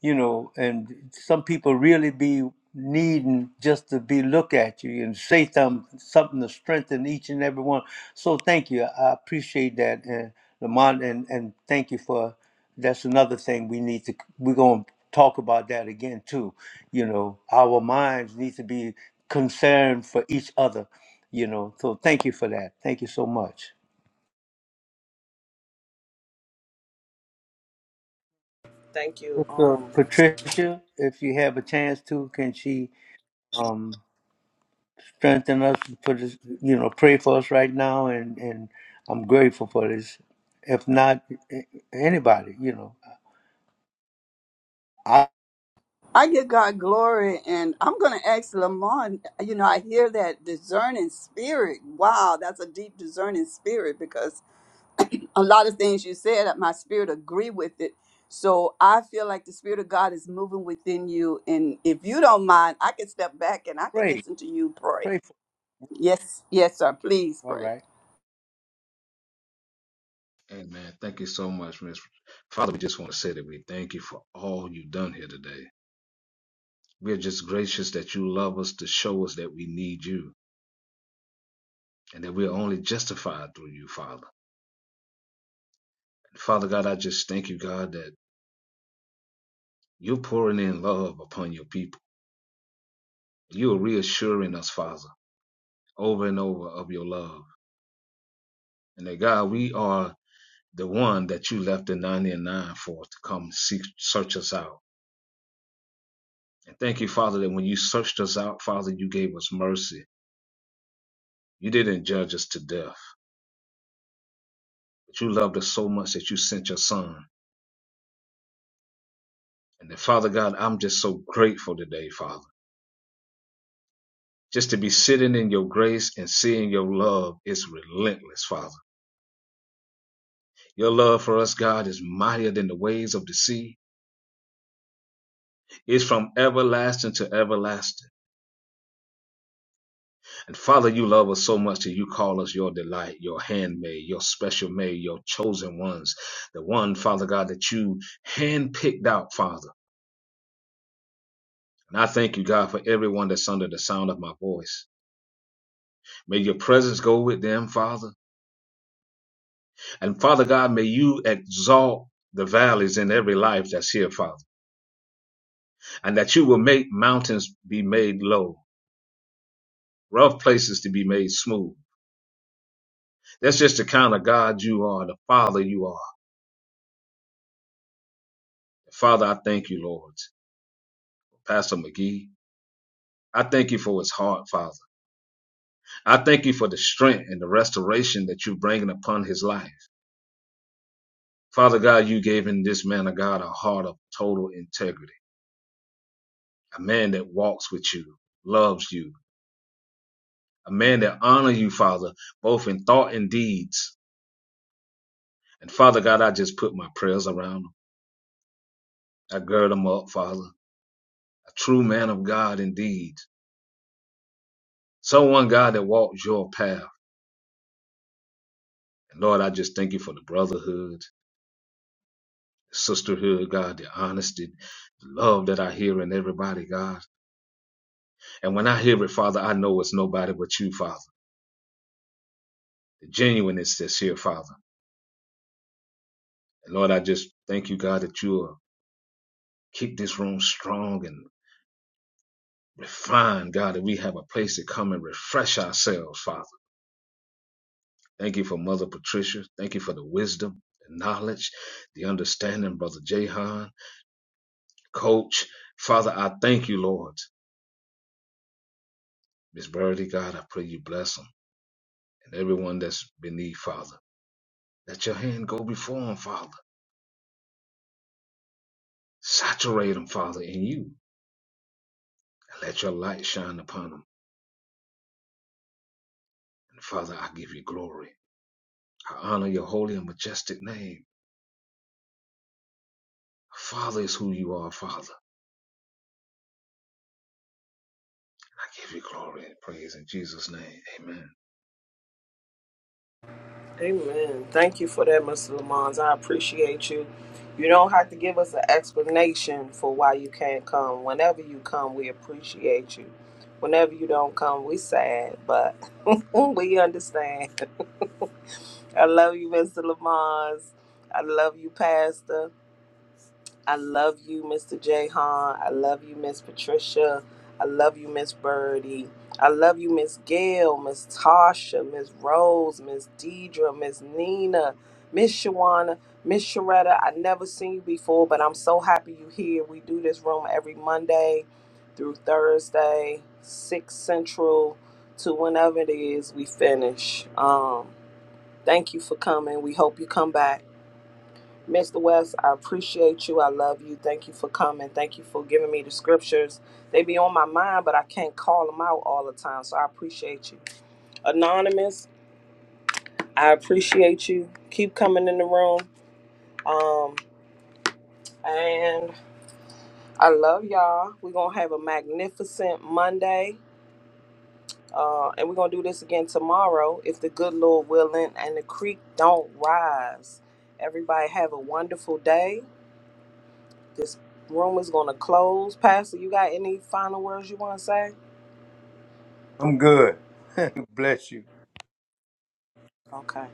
[SPEAKER 1] you know, and some people really be needing just to be look at you and say something, something to strengthen each and every one. So thank you. I appreciate that, and Lamont, and and thank you for. That's another thing we need to. We're gonna talk about that again too. You know, our minds need to be concerned for each other. You know, so thank you for that. Thank you so much,
[SPEAKER 2] thank you.
[SPEAKER 1] Sister
[SPEAKER 2] Um
[SPEAKER 1] Patricia. If you have a chance to, can she? um, Strengthen us for this, you know, pray for us right now. And, and I'm grateful for this. If not a- anybody, you know, I
[SPEAKER 4] I give God glory, and I'm going to ask Lamont. You know, I hear that discerning spirit. Wow, that's a deep discerning spirit because a lot of things you said, uh, my spirit agree with it. So I feel like the spirit of God is moving within you, and if you don't mind, I can step back and I can
[SPEAKER 1] pray,
[SPEAKER 4] listen to you pray.
[SPEAKER 1] pray for.
[SPEAKER 4] Yes, yes, sir. Please
[SPEAKER 1] All
[SPEAKER 4] pray.
[SPEAKER 1] right.
[SPEAKER 5] Amen. Thank you so much, Miss. Father, we just want to say that we thank you for all you've done here today. We're just gracious that you love us to show us that we need you and that we're only justified through you, Father. And Father God, I just thank you, God, that you're pouring in love upon your people. You are reassuring us, Father over and over of your love. And that God, we are the one that you left the 99 for to come seek, search us out. And thank you, Father, that when you searched us out, Father, you gave us mercy. You didn't judge us to death, but you loved us so much that you sent your son. And that, Father God, I'm just so grateful today, Father. Just to be sitting in your grace and seeing your love is relentless, Father. Your love for us, God, is mightier than the waves of the sea. It's from everlasting to everlasting. And Father, you love us so much that you call us your delight, your handmaid, your special maid, your chosen ones, the one, Father God, that you handpicked out, Father. And I thank you, God, for everyone that's under the sound of my voice. May your presence go with them, Father. And Father God, may you exalt the valleys in every life that's here, Father, and that you will make mountains be made low, rough places to be made smooth. That's just the kind of God you are, the Father you are. Father, I thank you, Lord. Pastor McGee, I thank you for his heart, Father. I thank you for the strength and the restoration that you're bringing upon his life. Father God, you gave in this man of God a heart of total integrity, a man that walks with you, loves you, a man that honors you, Father, both in thought and deeds. And Father God, I just put my prayers around him. I gird him up, Father, a true man of God indeed, someone, God, that walks your path. And Lord, I just thank you for the brotherhood. sisterhood, God, the honesty, the love that I hear in everybody, God. And when I hear it, Father, I know it's nobody but you, Father. The genuineness that's here, Father. And Lord, I just thank you, God, that you will keep this room strong and refined, God, that we have a place to come and refresh ourselves, Father. Thank you for Mother Patricia. Thank you for the wisdom, the knowledge, the understanding, Brother Jahan, Coach. Father, I thank you, Lord. Miss Birdie, God, I pray you bless them and everyone that's beneath, Father. Let your hand go before them, Father. Saturate them, Father, in you. And let your light shine upon them. And Father, I give you glory. I honor your holy and majestic name. Father is who you are, Father. And I give you glory and praise in Jesus' name. Amen.
[SPEAKER 2] Amen. Thank you for that, Mr. Lamont. I appreciate you. You don't have to give us an explanation for why you can't come. Whenever you come, we appreciate you. Whenever you don't come, we sad, but [laughs] we understand. I love you, Mr. Lamont. I love you, Pastor. I love you, Mr. Jahan. I love you, Miss Patricia. I love you, Miss Birdie. I love you, Miss Gail, Miss Tasha, Miss Rose, Miss Deidre, Miss Nina, Miss Shawana, Miss Sharetta. I never seen you before, but I'm so happy you here. We do this room every Monday through Thursday, six central to whenever it is we finish. Um, thank you for coming. We hope you come back. Mr. West, I appreciate you. I love you. Thank you for coming. Thank you for giving me the scriptures. They be on my mind, but I can't call them out all the time. So I appreciate you. Anonymous, I appreciate you. Keep coming in the room. Um, and I love y'all. We're going to have a magnificent Monday. Uh, and we're going to do this again tomorrow if the good Lord willing and the creek don't rise. Everybody have a wonderful day This room is going to close. Pastor, you got any final words you want to say?
[SPEAKER 1] I'm good. Bless you.
[SPEAKER 2] Okay.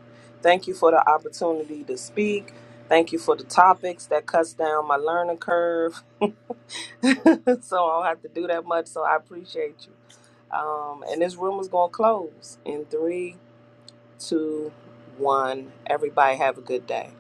[SPEAKER 2] Thank you for the opportunity to speak. Thank you for the topics that cuts down my learning curve. [laughs] so I don't have to do that much. So I appreciate you. Um, and this room is going to close in three, two, one. Everybody have a good day.